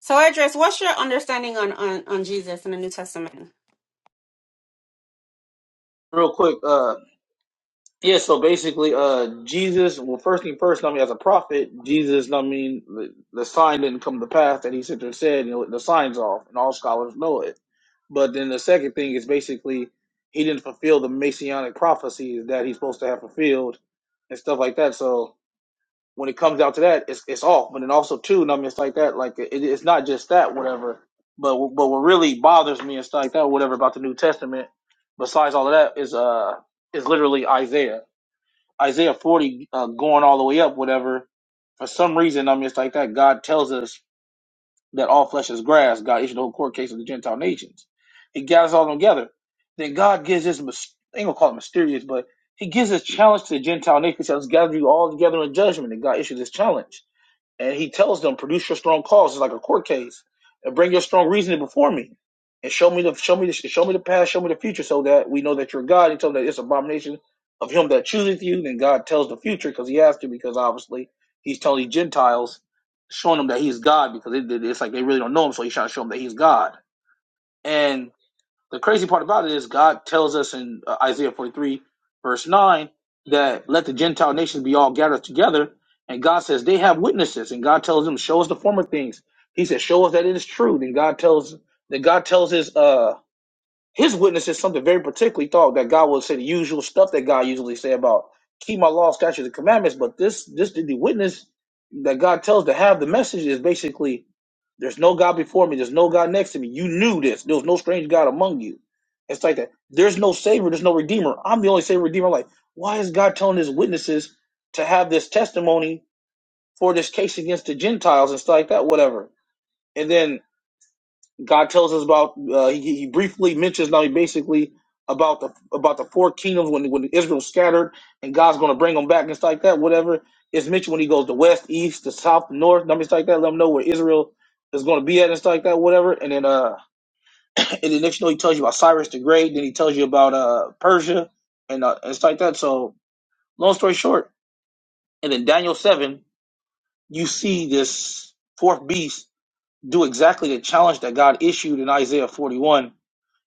so Edris, what's your understanding on, on on Jesus in the New Testament?
Real quick, uh, Yeah, so basically, uh, Jesus. Well, first thing first, I mean, as a prophet, Jesus. I mean, the, the sign didn't come to pass that he said there said. You know, the sign's off, and all scholars know it. But then the second thing is basically he didn't fulfill the messianic prophecies that he's supposed to have fulfilled, and stuff like that. So when it comes out to that, it's it's off. But then also too, and I mean, it's like that. Like it, it's not just that, whatever. But but what really bothers me and stuff like that, whatever about the New Testament, besides all of that, is uh is literally Isaiah Isaiah 40 uh, going all the way up, whatever. For some reason, I'm just like that. God tells us that all flesh is grass. God issued the whole court case of the Gentile nations. He gathers all together. Then God gives this, mys- I ain't gonna call it mysterious, but he gives this challenge to the Gentile nations. He says, gather you all together in judgment. And God issued this challenge. And he tells them, produce your strong cause. It's like a court case, and bring your strong reasoning before me, and show me the show me the show me the past, show me the future, so that we know that you're God. He told them that it's an abomination of him that chooseth you. Then God tells the future because he has to, because obviously he's telling these Gentiles, showing them that he's God, because it- it's like they really don't know him, so he's trying to show them that he's God. And the crazy part about it is God tells us in uh, Isaiah 43, verse 9, that let the Gentile nations be all gathered together. And God says they have witnesses. And God tells them, show us the former things. He says, show us that it is true. Then God tells that God tells his uh his witnesses something very particularly thought that God will say the usual stuff that God usually say about keep my law, statutes, and commandments. But this this the witness that God tells to have the message is basically there's no God before me. There's no God next to me. You knew this. There was no strange God among you. It's like that. There's no Savior. There's no Redeemer. I'm the only Savior, Redeemer. I'm Like, why is God telling His witnesses to have this testimony for this case against the Gentiles and stuff like that? Whatever. And then God tells us about. Uh, he, he briefly mentions now. He basically about the about the four kingdoms when when Israel scattered and God's going to bring them back and stuff like that. Whatever it's mentioned when he goes the west, east, the south, the north, numbers like that. Let them know where Israel is going to be at and stuff like that. Whatever. And then uh, and then next you know he tells you about Cyrus the Great. Then he tells you about uh Persia and uh, and stuff like that. So long story short, and then Daniel seven, you see this fourth beast do exactly the challenge that God issued in Isaiah forty one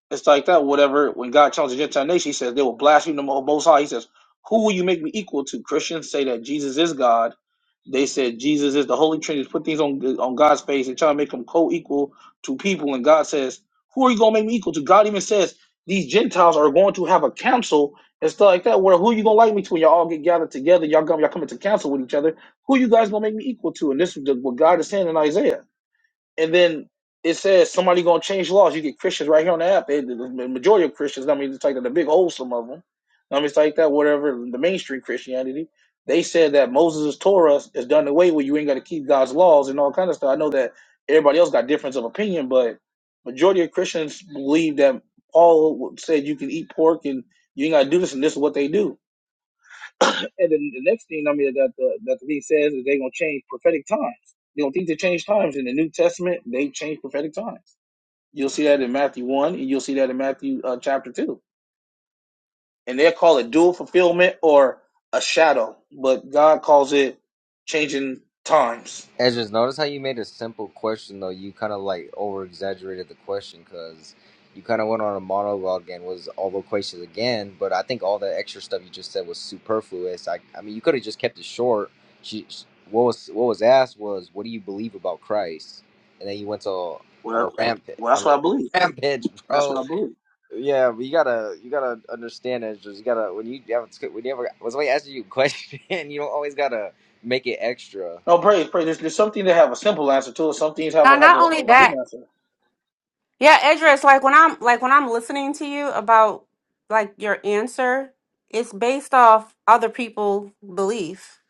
It's like that, whatever. When God challenges the Gentile nation, he says they will blaspheme the Most High. He says, Who will you make me equal to? Christians say that Jesus is God. They said Jesus is the Holy Trinity. Put things on on God's face and try to make them co equal to people. And God says, Who are you going to make me equal to? God even says, These Gentiles are going to have a council and stuff like that. Where who you going to like me to when y'all all get gathered together? Y'all, come, y'all come into council with each other. Who you guys going to make me equal to? And this is the, what God is saying in Isaiah and then it says somebody gonna change laws. You get Christians right here on the app. It, the majority of Christians, I mean, it's like the big old some of them. I mean, it's like that. Whatever the mainstream Christianity, they said that Moses' Torah is done away with. You ain't got to keep God's laws and all kind of stuff. I know that everybody else got difference of opinion, but majority of Christians believe that Paul said you can eat pork and you ain't got to do this, and this is what they do. And then the next thing I mean that the that the league says is they're gonna change prophetic times. They don't think they change times in the New Testament. They change prophetic times. You'll see that in Matthew one, and you'll see that in Matthew uh, chapter two. And they will call it dual fulfillment or a shadow, but God calls it changing times.
Ezra's, notice how you made a simple question though. You kind of like over exaggerated the question because you kind of went on a monologue and was all the questions again. But I think all the extra stuff you just said was superfluous. I, I mean, you could have just kept it short. She, sh what was what was asked was, what do you believe about Christ? And then you went to on a
Well,
rampage,
well,
on
that's
a
what I believe.
rampage,
That's
bro.
what I believe.
Yeah, but you gotta you gotta understand that just you gotta when you have when you ever when somebody asks you a question, you don't always gotta make it extra.
No, praise, praise. There's, there's some things that have a simple answer to it. Some things have a
Now,
have
not only
a, a big
that,
answer.
yeah, Edris. Like when I'm like when I'm listening to you about like your answer, it's based off other people' belief.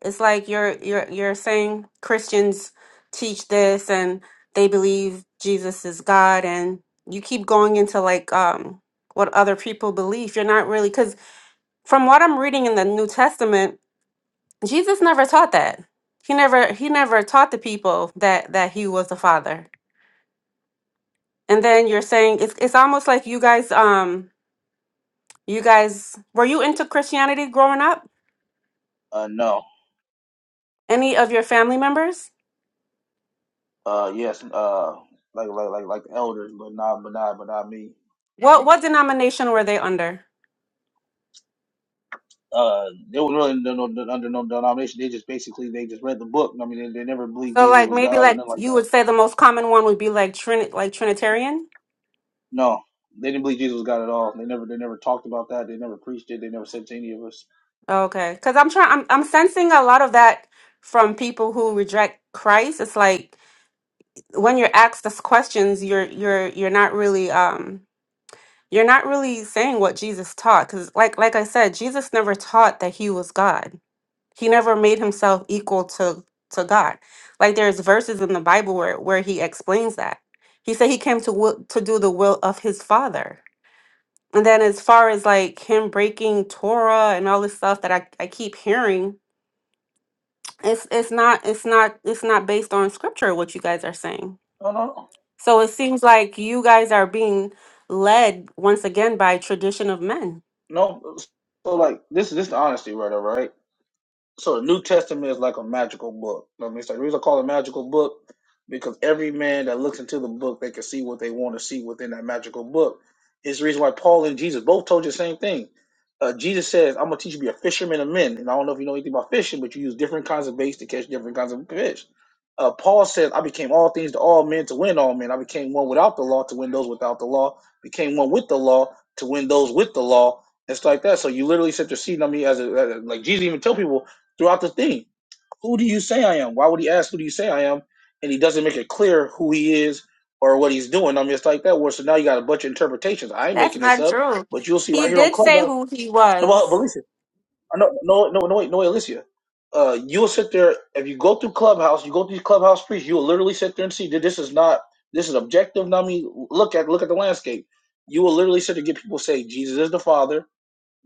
It's like you're you're you're saying Christians teach this and they believe Jesus is God, and you keep going into like um what other people believe. You're not really because From what I'm reading in the New Testament, Jesus never taught that. He never he never taught the people that that he was the father. And then you're saying it's it's almost like you guys um you guys were you into Christianity growing up?
Uh, no.
Any of your family members?
Uh, yes. Uh, like like like like the elders, but not but not but not me.
What what denomination were they under?
Uh, they were really under no, no, under no denomination. They just basically they just read the book. I mean, they, they never believed
So
Jesus
like
was
maybe
God or
like
nothing like
you
that.
would say the most common one would be like Trini- like Trinitarian.
No, they didn't believe Jesus was God at all. They never they never talked about that. They never preached it. They never said to any of us.
Okay, because I'm trying. I'm I'm sensing a lot of that from people who reject Christ. It's like when you're asked these questions you're you're you're not really um you're not really saying what jesus taught because like like i said jesus never taught that he was god he never made himself equal to to god like there's verses in the bible where where he explains that he said he came to will, to do the will of his father and then as far as like him breaking torah and all this stuff that i, I keep hearing it's it's not it's not it's not based on scripture what you guys are saying
No, no, no.
So it seems like you guys are being led once again by tradition of men.
No, So like this this is the honesty right over right. so the New Testament is like a magical book. I mean, it's like the reason I call it a magical book because every man that looks into the book, they can see what they want to see within that magical book. It's the reason why Paul and Jesus both told you the same thing. Uh, Jesus says, "I'm gonna teach you to be a fisherman of men." And I don't know if you know anything about fishing, but you use different kinds of baits to catch different kinds of fish. Uh, Paul says, "I became all things to all men to win all men. I became one without the law to win those without the law. Became one with the law to win those with the law." It's like that. So you literally sit there seeing on me as a, as a- like Jesus even tell people throughout the thing. Who do you say I am? Why would he ask who do you say I am? And he doesn't make it clear who he is or what he's doing. I mean, it's like that. Where so now you got a bunch of interpretations. I ain't
That's
making this
not
up,
true.
but you'll see right
He
here on
did say
Clubhouse.
who he
No, but, but
was.
listen, I know, no, no, no, wait, no, wait, Alicia. Uh, you'll sit there if you go through Clubhouse. You go through these Clubhouse priests. You'll literally sit there and see that this is not this is objective. I mean, look at look at the landscape. You will literally sit there and get people say Jesus is the Father.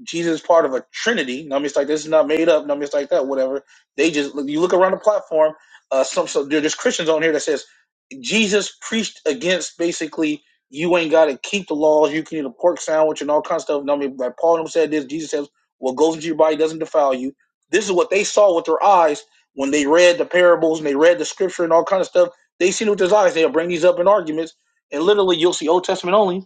Jesus is part of a trinity. No, I mean, it's like this is not made up. No, I mean, it's like that. Whatever. They just you look around the platform. Uh, some so there- there's Christians on here that says Jesus preached against basically you ain't got to keep the laws. You can eat a pork sandwich and all kinds of stuff. No, I mean, like Paul and them said this. Jesus says, "What goes into your body doesn't defile you." This is what they saw with their eyes when they read the parables and they read the scripture and all kind of stuff. They seen it with their eyes. They'll bring these up in arguments, and literally you'll see Old Testament only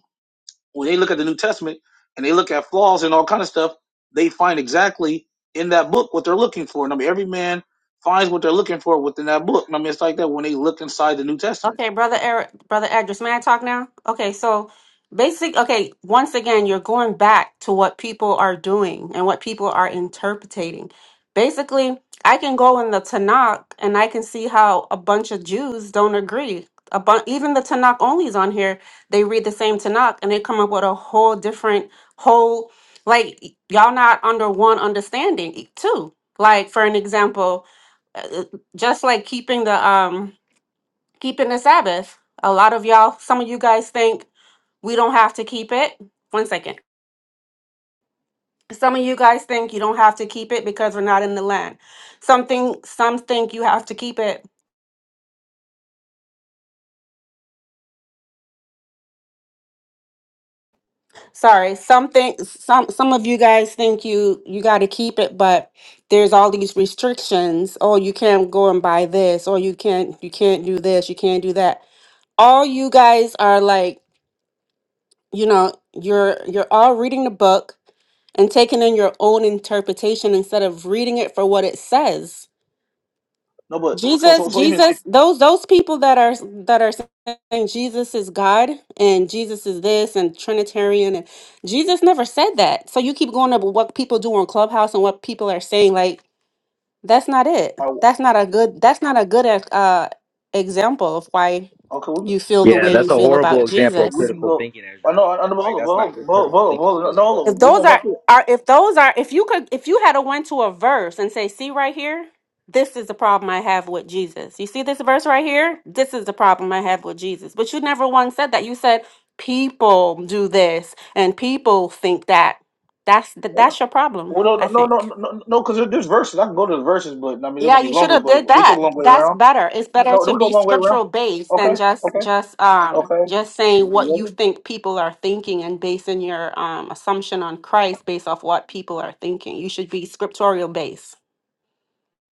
when they look at the New Testament and they look at flaws and all kind of stuff, they find exactly in that book what they're looking for. And I mean, every man finds what they're looking for within that book. And I mean, it's like that when they look inside the New Testament.
Okay, brother Eric, brother Edris, may I talk now? Okay, so basic, okay, once again, you're going back to what people are doing and what people are interpreting. Basically, I can go in the Tanakh and I can see how a bunch of Jews don't agree. A bu- even the Tanakh onlys on here, they read the same Tanakh and they come up with a whole different whole like y- y'all not under one understanding too. Like for an example, uh, just like keeping the um keeping the Sabbath. A lot of y'all, some of you guys think we don't have to keep it. One second. Some of you guys think you don't have to keep it because we're not in the land. Something some think you have to keep it. Sorry, some think some some of you guys think you you got to keep it, but there's all these restrictions. Oh, you can't go and buy this, or you can't you can't do this, you can't do that. All you guys are like you know you're you're all reading the book and taking in your own interpretation instead of reading it for what it says
No, but so
jesus
so so even so,
jesus those those people that are that are saying jesus is god and jesus is this and trinitarian and jesus never said that so you keep going up with what people do on clubhouse and what people are saying like that's not it
all right,
that's not a good that's not a good uh example of why
okay, we,
you feel the
Yeah,
way
that's
you
a
feel about
horrible example of
jesus
we can
critical
go.
thinking,
I
Ezra.
know, I know, but
Like
hold
that's not
on,
good
but hold on, but
critical
hold on, but
thinking
hold on,
skills at
no, hold
all.
If
on, we
those
gonna go
are
through. It.
are if those are if you could if you had a went to a verse and say, see right here, this is the problem I have with Jesus. You see this verse right here? This is the problem I have with Jesus. But you never once said that. You said people do this and people think that. That's th- that's your problem,
Well, no,
I
no, no,
think.
no, no, no, because there, there's verses. I can go to the verses, but I mean they're
Yeah,
gonna be
you should
longer.
have did
But we take a
that.
long way
That's
around.
better. It's better
No, do
to
we go a
be
long way around?
scriptural based
Okay,
than just
okay,
just um
okay.
just saying what
You
you
ready?
think people are thinking and basing your um assumption on Christ based off what people are thinking. You should be scriptorial based.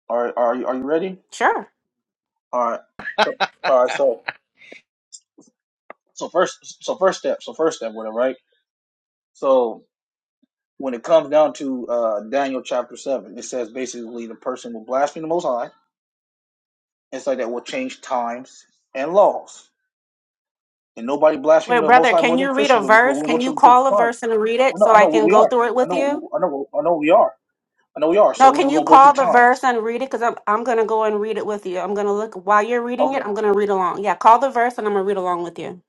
All right, are you are you ready?
Sure.
All right. So- All right. So so first so first step so first step with it right. So when it comes down to uh, Daniel chapter seven, it says basically the person will blaspheme the Most High, and so that will change times and laws. And nobody blasphemed
Wait,
the Most
brother,
High more
can
than
you read
Christians.
a
But before
verse?
we go
Can
to,
you
to the
call a
times,
verse and read
I
it
know
so
I
I
know
can
we
go
are.
through it
I
with
know
you?
I know I know we are. I know we are. So
No,
we,
can
we're
you
gonna go through
call the
times.
verse and read it? Because I'm I'm gonna go and read it with you. I'm gonna look while you're reading
Okay.
it, I'm gonna read along. Yeah, call the verse and I'm gonna read along with you.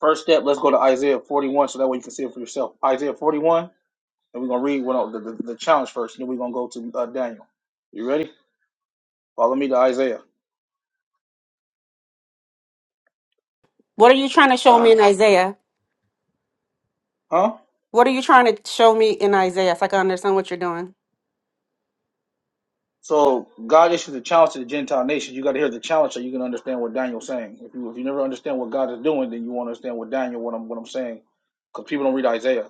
First step. Let's go to Isaiah forty one, so that way you can see it for yourself. Isaiah forty one. And we're going to read what the, the, the challenge first, and then we're going to go to uh, Daniel. You ready? Follow me to Isaiah.
What are you trying to show me in Isaiah?
Huh?
What are you trying to show me in Isaiah so I can understand what you're doing?
So God issues a challenge to the Gentile nations. You got to hear the challenge so you can understand what Daniel's saying. If you if you never understand what God is doing, then you won't understand what Daniel what I'm what I'm saying because people don't read Isaiah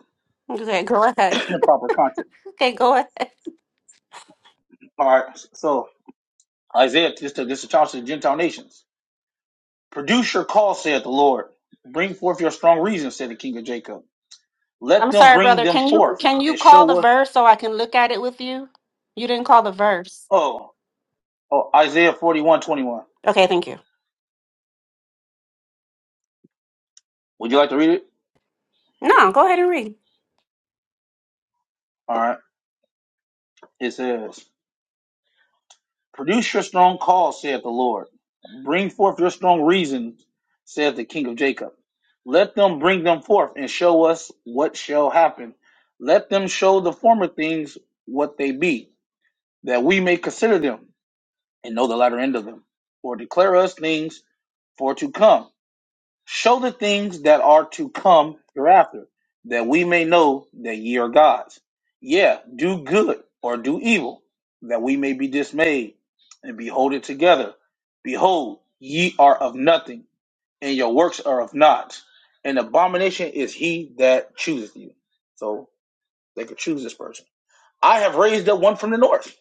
Okay, go ahead.
in proper context.
Okay, go ahead.
All right. So Isaiah this is a this is a challenge to the Gentile nations. Produce your cause, saith the Lord. Bring forth your strong reasons, said the King of Jacob. Let
I'm
them
sorry,
bring
brother.
them
Can you
forth
can you
and
call the
show us.
verse so I can look at it with you? You didn't call the verse.
Oh. Oh, Isaiah forty-one twenty-one.
Okay, thank you.
Would you like to read it?
No, go ahead and read.
All right. It says, Produce your strong cause, saith the Lord. Bring forth your strong reason, saith the King of Jacob. Let them bring them forth and show us what shall happen. Let them show the former things what they be, that we may consider them and know the latter end of them, or declare us things for to come. Show the things that are to come hereafter, that we may know that ye are gods. Yeah, do good or do evil, that we may be dismayed and be holding together. Behold, ye are of nothing, and your works are of naught. An abomination is he that chooseth you. So they could choose this person. I have raised up one from the north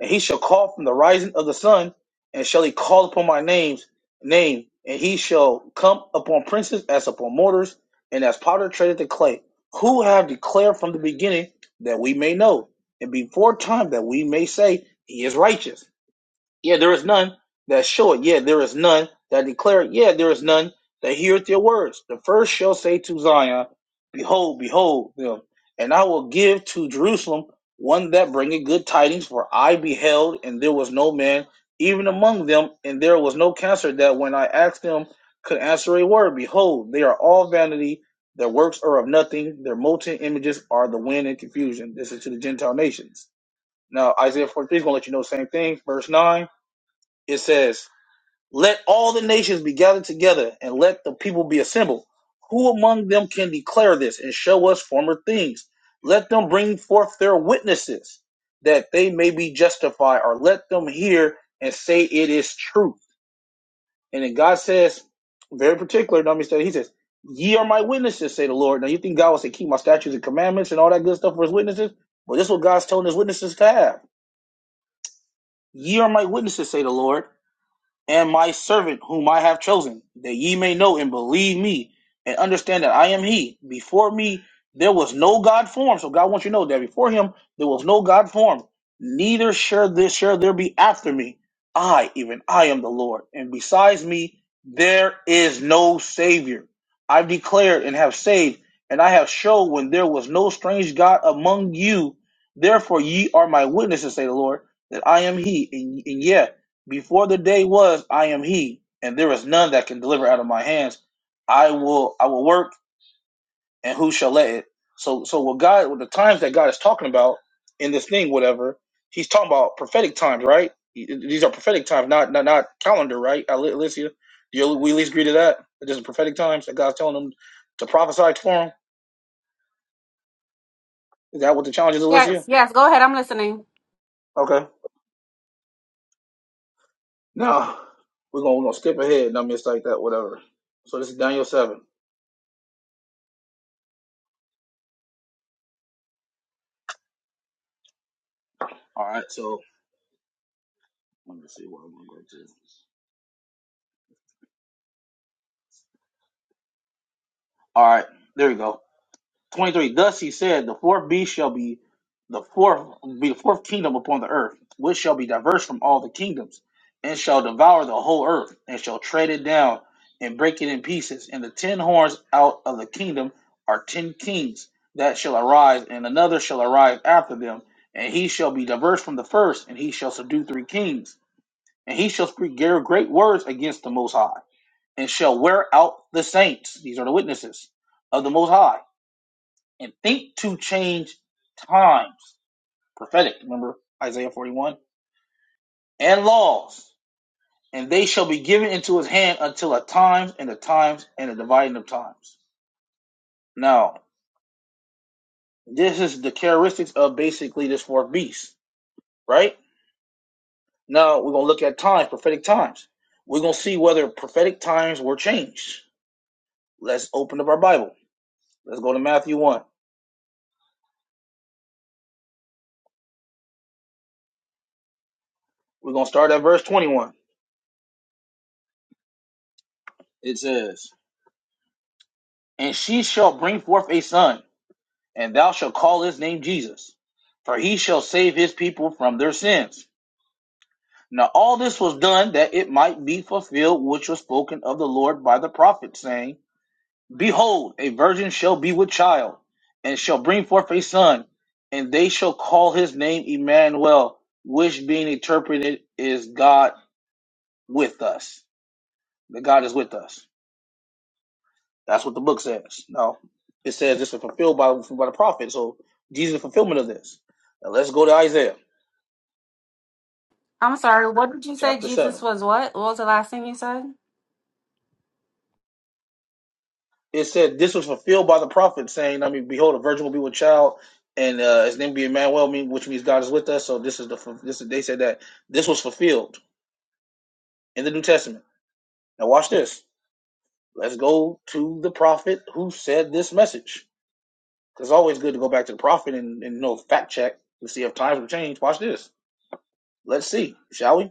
and he shall call from the rising of the sun, and shall he call upon my name's name, and he shall come upon princes as upon mortars, and as potter treadeth the clay, who have declared from the beginning that we may know, and before time that we may say he is righteous. Yeah, there is none that show it. Yeah, there is none that declare it. Yeah, there is none that heareth your words. The first shall say to Zion, Behold, behold them. And I will give to Jerusalem one that bringeth good tidings, for I beheld, and there was no man even among them, and there was no counselor that when I asked them could answer a word. Behold, they are all vanity. Their works are of nothing. Their molten images are the wind and confusion. This is to the Gentile nations. Now, Isaiah 43 is going to let you know the same thing. Verse 9. It says, Let all the nations be gathered together, and let the people be assembled. Who among them can declare this and show us former things? Let them bring forth their witnesses, that they may be justified, or let them hear and say it is true. And then God says, very particular, don't misunderstand, He says, Ye are my witnesses, say the Lord. Now you think God will say, Keep my statutes and commandments and all that good stuff for his witnesses? Well, this is what God's telling his witnesses to have. Ye are my witnesses, say the Lord and my servant whom I have chosen, that ye may know and believe me and understand that I am he. Before me there was no God formed. So God wants you to know that before him there was no God formed. Neither shall this shall there be after me. I, even I am the Lord, and besides me there is no Savior. I've declared and have saved, and I have showed when there was no strange God among you. Therefore ye are my witnesses, say the Lord, that I am he. And, and yeah, before the day was, I am he, and there is none that can deliver out of my hands. I will I will work and who shall let it? So so what God what the times that God is talking about in this thing, whatever, he's talking about prophetic times, right? These are prophetic times, not not, not calendar, right? Ali- Alicia, do you, we at least agree to that? That This is prophetic times that God's telling them to prophesy for him. Is that what the challenge is,
Yes,
Alicia?
yes, go ahead. I'm listening.
Okay. Now we're gonna, we're gonna skip ahead, not miss like that, whatever. So this is Daniel seven. All right. So. Let me see where I'm gonna go to. All right, there we go. Twenty three. Thus he said, the fourth beast shall be the fourth be the fourth kingdom upon the earth, which shall be diverse from all the kingdoms, and shall devour the whole earth, and shall tread it down and break it in pieces. And the ten horns out of the kingdom are ten kings that shall arise, and another shall arise after them, and he shall be diverse from the first, and he shall subdue three kings, and he shall speak great words against the Most High and shall wear out the saints, these are the witnesses of the Most High, and think to change times, prophetic, remember Isaiah 41, and laws, and they shall be given into his hand until a time and a times and a dividing of times. Now, this is the characteristics of basically this fourth beast, right? Now we're gonna look at times, prophetic times. We're gonna see whether prophetic times were changed. Let's open up our Bible. Let's go to Matthew 1. We're gonna start at verse 21. It says, And she shall bring forth a son, and thou shalt call his name Jesus, for he shall save his people from their sins. Now all this was done that it might be fulfilled which was spoken of the Lord by the prophet, saying, Behold, a virgin shall be with child, and shall bring forth a son, and they shall call his name Emmanuel, which being interpreted is God with us. That God is with us. That's what the book says. No, it says this is fulfilled by by the prophet. So Jesus is fulfillment of this. Now let's go to Isaiah
I'm sorry. What did you say
chapter
Jesus
seven.
was what? What was the last thing you said?
It said this was fulfilled by the prophet, saying, "I mean, behold, a virgin will be with child, and uh, his name be Emmanuel, mean- which means God is with us." So this is the fu- this is, they said that this was fulfilled in the New Testament. Now watch this. Let's go to the prophet who said this message. 'Cause It's always good to go back to the prophet and, and you know fact check to see if times will change. Watch this. Let's see, shall we?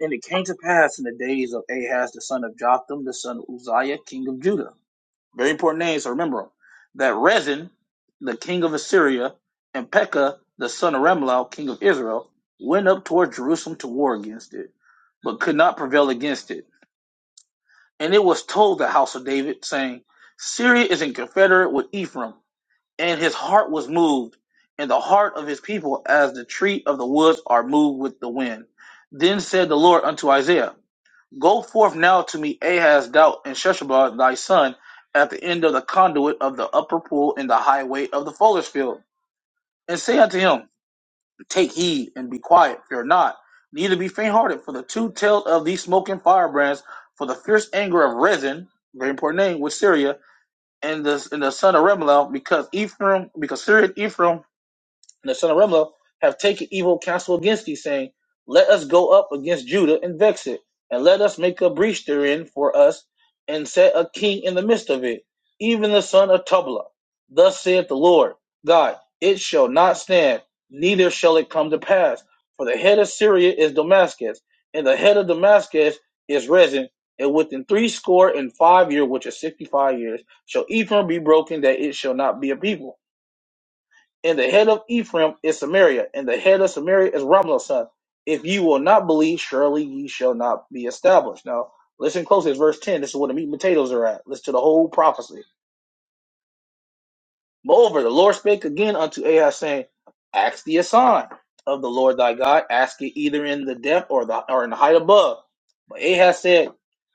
And it came to pass in the days of Ahaz, the son of Jotham, the son of Uzziah, king of Judah. Very important names, so remember them. That Rezin, the king of Assyria, and Pekah, the son of Remlau, king of Israel, went up toward Jerusalem to war against it, but could not prevail against it. And it was told the house of David, saying, Syria is in confederate with Ephraim and his heart was moved, and the heart of his people as the tree of the woods are moved with the wind. Then said the Lord unto Isaiah, Go forth now to meet Ahaz, Doubt, and Sheshbaz thy son, at the end of the conduit of the upper pool in the highway of the fuller's field, and say unto him, Take heed and be quiet, fear not, neither be faint-hearted, for the two tailed of these smoking firebrands, for the fierce anger of Rezin, very important name, with Syria, and the and the son of Remalel, because Ephraim, because Syrian Ephraim and the son of Remlo have taken evil counsel against thee, saying, Let us go up against Judah and vex it, and let us make a breach therein for us, and set a king in the midst of it, even the son of Tubala. Thus saith the Lord God, It shall not stand, neither shall it come to pass. For the head of Syria is Damascus, and the head of Damascus is Rezin. And within three score and five years, which is sixty five years, shall Ephraim be broken, that it shall not be a people and the head of Ephraim is Samaria, and the head of Samaria is Ramlah's son. If you will not believe, surely ye shall not be established. Now, listen closely. It's verse 10. This is where the meat and potatoes are at. Listen to the whole prophecy. Moreover, the Lord spake again unto Ahaz, saying, Ask thee a sign of the Lord thy God, ask it either in the depth or the or in the height above. But Ahaz said,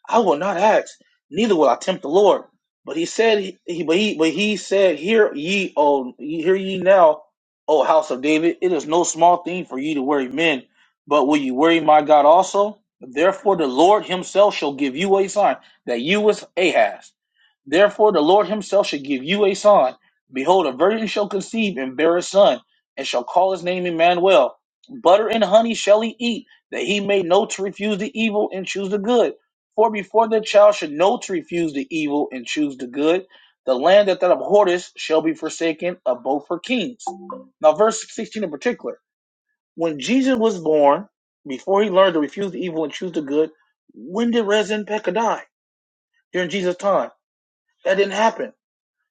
I will not ask, neither will I tempt the Lord. But he said, he, but he, but he said, Hear ye, O hear ye now, O house of David, it is no small thing for you to worry men, but will you worry my God also? Therefore, the Lord Himself shall give you a sign that you was Ahaz. Therefore, the Lord himself shall give you a sign. Behold, a virgin shall conceive and bear a son, and shall call his name Emmanuel. Butter and honey shall he eat, that he may know to refuse the evil and choose the good. For before the child should know to refuse the evil and choose the good, the land that thou abhorrest shall be forsaken of both her kings. Now, verse 16 in particular. When Jesus was born, before he learned to refuse the evil and choose the good, when did Rez and Pekah die during Jesus' time? That didn't happen.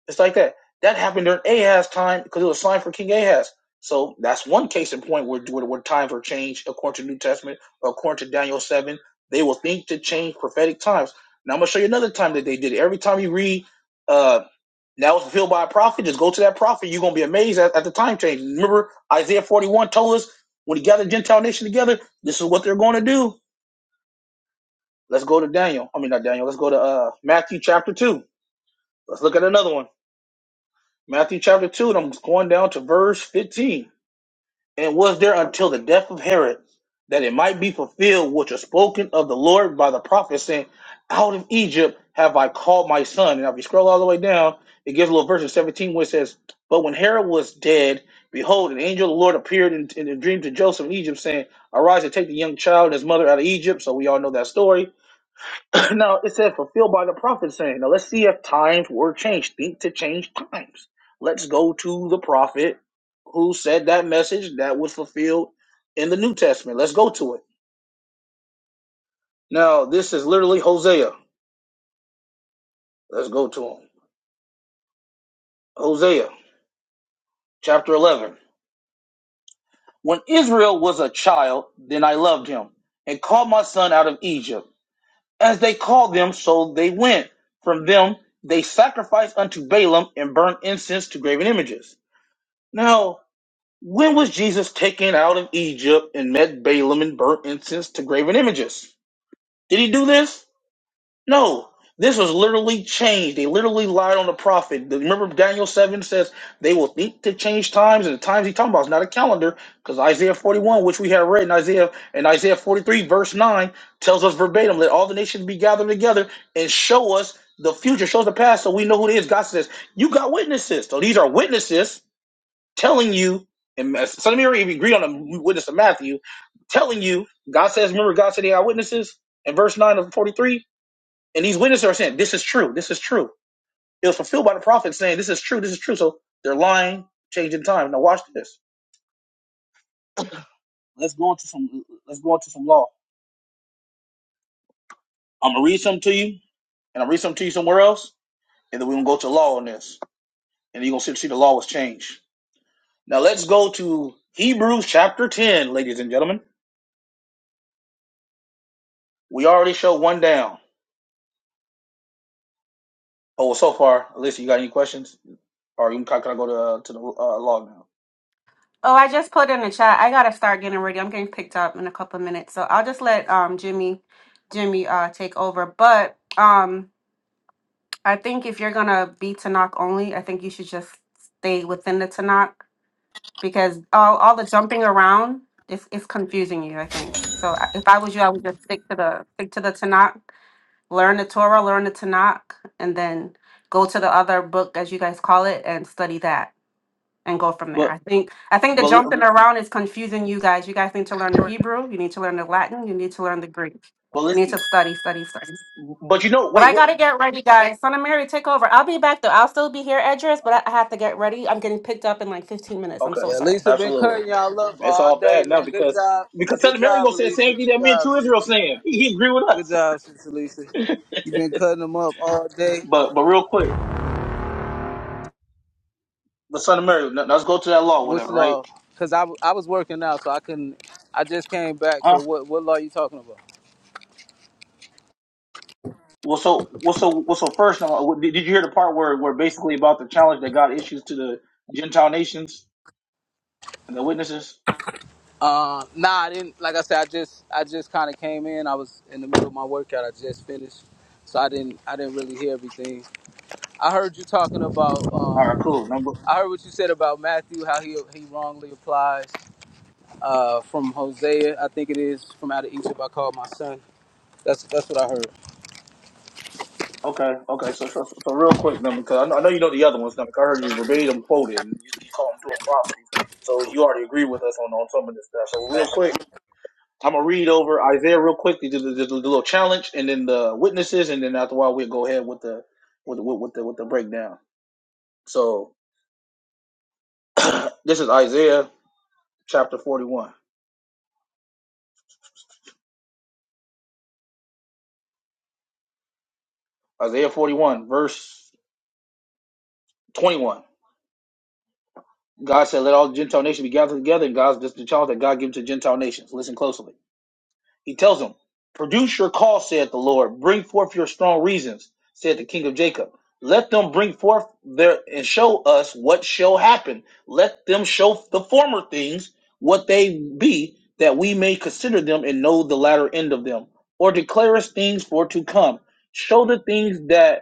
It's like that. That happened during Ahaz's time because it was signed for King Ahaz. So that's one case in point where, where, where times were changed according to New Testament, according to Daniel 7. They will think to change prophetic times. Now I'm going to show you another time that they did it. Every time you read, uh, that was fulfilled by a prophet, just go to that prophet. You're going to be amazed at, at the time change. Remember, Isaiah 41 told us when he gathered the Gentile nation together, this is what they're going to do. Let's go to Daniel. I mean, not Daniel. Let's go to uh, Matthew chapter 2. Let's look at another one. Matthew chapter 2, and I'm going down to verse 15. And was there until the death of Herod that it might be fulfilled which was spoken of the Lord by the prophet, saying, Out of Egypt have I called my son. And if you scroll all the way down, it gives a little verse in 17 where it says, But when Herod was dead, behold, an angel of the Lord appeared in, in a dream to Joseph in Egypt, saying, Arise and take the young child and his mother out of Egypt. So we all know that story now it said fulfilled by the prophet saying, now let's see if times were changed. Think to change times. Let's go to the prophet who said that message that was fulfilled in the New Testament. Let's go to it. Now this is literally Hosea. Let's go to him. Hosea chapter 11. When Israel was a child, then I loved him and called my son out of Egypt. As they called them, so they went. From them they sacrificed unto Balaam and burnt incense to graven images. Now When was Jesus taken out of Egypt and met Balaam and burnt incense to graven images? Did he do this? No. This was literally changed. They literally lied on the prophet. Remember, Daniel 7 says they will think to change times, and the times he's talking about is not a calendar, because Isaiah 41, which we have read in Isaiah, and Isaiah 43, verse 9, tells us verbatim, let all the nations be gathered together and show us the future, shows the past, so we know who it is. God says, You got witnesses. So these are witnesses telling you, and as- so let me even agreed on them. We witness of Matthew, telling you, God says, remember, God said they are witnesses in verse 9 of 43. And these witnesses are saying, this is true, this is true. It was fulfilled by the prophet saying, this is true, this is true. So they're lying, changing time. Now watch this. Let's do some law. I'm going to read something to you, and I'll read something to you somewhere else, and then we're going to go to law on this. And you're going to see the law was changed. Now let's go to Hebrews chapter 10, ladies and gentlemen. We already showed one down. Oh, well, so far, Alyssa, you got any questions? Or you can, can I go to to the uh, log now?
Oh, I just put in the chat. I gotta start getting ready. I'm getting picked up in a couple of minutes. So I'll just let um Jimmy Jimmy uh take over. But um I think if you're gonna be Tanakh only, I think you should just stay within the Tanakh because all, all the jumping around is is confusing you. I think so. I- If I was you, I would just stick to the stick to the Tanakh, learn the Torah, learn the Tanakh, and then go to the other book as you guys call it and study that and go from there.
But
I think I think the
but
jumping around is confusing you guys. You guys need to learn the Hebrew. You need to learn the Latin. You need to learn the Greek.
but
You need to
listen.
study, study, study.
But you know,
But
wait.
I
What,
gotta get ready, guys. Son of Mary, take over. I'll be back though. I'll still be here, Edris, but I I have to get ready. I'm getting picked up in like 15 minutes. I'm
okay,
so
Yeah,
sorry.
Lisa been
absolutely.
cutting y'all up
It's
all
all
day,
bad now
man. Good
because
job.
because
Good
Son of Mary
job,
gonna say the
Elisa.
same
Good
thing that me and
job,
True Israel
sis.
saying. He, he agree with
Good
us.
job, sis Elisa. you been cutting them up all day.
But but real quick, the Son of Mary. let- Let's go to that law,
Which
whatever, right?
law? Because I, w- I was working out, so I couldn't. I just came back.
Huh?
So what, what law you talking about?
Well, so well, so well, so first, now, what- did did you hear the part where where basically about the challenge that God issues to the Gentile nations and the witnesses?
Uh, nah, I didn't. Like I said, I just I just kind of came in. I was in the middle of my workout. I just finished, so I didn't I didn't really hear everything. I heard you talking about. Um,
All right, cool. Number
I heard what you said about Matthew, how he he wrongly applies. uh, from Hosea, I think it is, from out of Egypt, I called my son. That's that's what I heard.
Okay, okay. So, so, so real quick, then, because I know, I know you know the other ones, now, because I heard you verbatim quoted, and you, you call them dual prophecies. So you already agree with us on, on some of this stuff. So real quick, I'm gonna read over Isaiah real quick, the, the, the, the little challenge, and then the witnesses, and then after a while we'll go ahead with the with with, with the with the breakdown. So this is Isaiah chapter 41, Isaiah 41 verse 21. God said, "Let all Gentile nations be gathered together." And God's this is the challenge that God gives to Gentile nations. Listen closely. He tells him, Produce your cause, saith the Lord. Bring forth your strong reasons, said the king of Jacob. Let them bring forth their and show us what shall happen. Let them show the former things what they be, that we may consider them and know the latter end of them, or declare us things for to come. Show the things that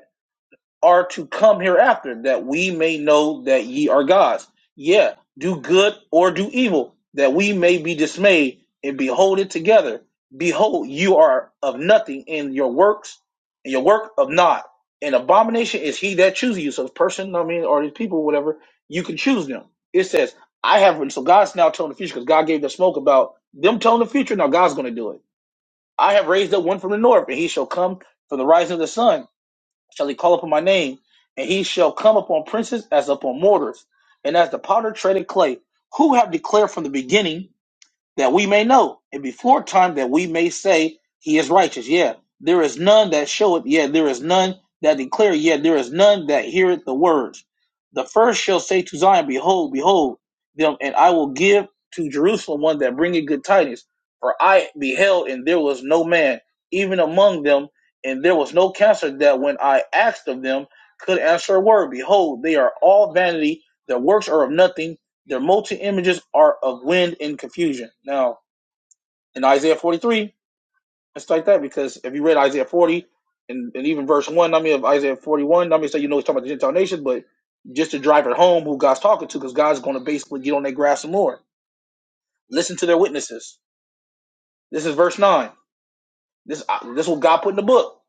are to come hereafter, that we may know that ye are gods. Yeah, do good or do evil, that we may be dismayed and behold it together. Behold, you are of nothing in your works, and your work of naught. An abomination is he that chooses you. So this person, I mean, or these people, whatever, you can choose them. It says, I have so God's now telling the future because God gave the smoke about them telling the future. Now God's going to do it. I have raised up one from the north, and he shall come from the rising of the sun shall he call upon my name, and he shall come upon princes as upon mortars, and as the powder treaded clay, who have declared from the beginning that we may know, and before time that we may say he is righteous. Yeah, there is none that showeth. Yeah, there is none that declare. Yeah, there is none that heareth the words. The first shall say to Zion, Behold, behold them, and I will give to Jerusalem one that bringeth good tidings. For I beheld, and there was no man, even among them, and there was no counselor that when I asked of them could answer a word. Behold, they are all vanity, their works are of nothing their molten images are of wind and confusion. Now, in Isaiah 43, it's like that because if you read Isaiah 40 and, and even verse 1, I mean, of Isaiah 41, I mean, so you know, he's talking about the Gentile nations, but just to drive it home who God's talking to because God's going to basically get on their grass some more. Listen to their witnesses. This is verse 9. This uh, this is what God put in the book.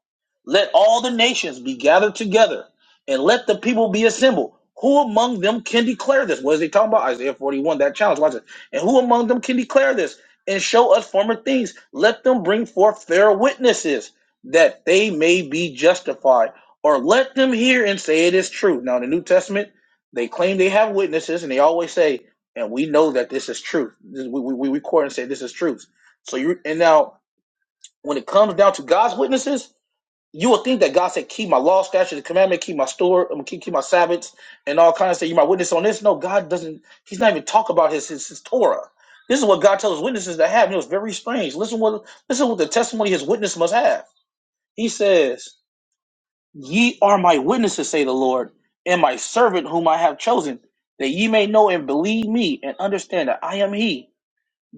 Let all the nations be gathered together, and let the people be assembled. Who among them can declare this? What is he talking about? Isaiah 41, that challenge. Watch it. And who among them can declare this and show us former things? Let them bring forth their witnesses that they may be justified, or let them hear and say it is true. Now, in the New Testament, they claim they have witnesses, and they always say, and we know that this is truth. This- We, we, we record and say this is truth. So you and now when it comes down to God's witnesses, you will think that God said, "Keep my law, statutes, and commandment, keep my store, um, keep keep my Sabbaths, and all kinds of stuff." You my witness on this. No, God doesn't. He's not even talk about his, his his Torah. This is what God tells his witnesses to have. And it was very strange. Listen what listen what the testimony his witness must have. He says, "Ye are my witnesses," say the Lord, "and my servant whom I have chosen, that ye may know and believe me, and understand that I am He."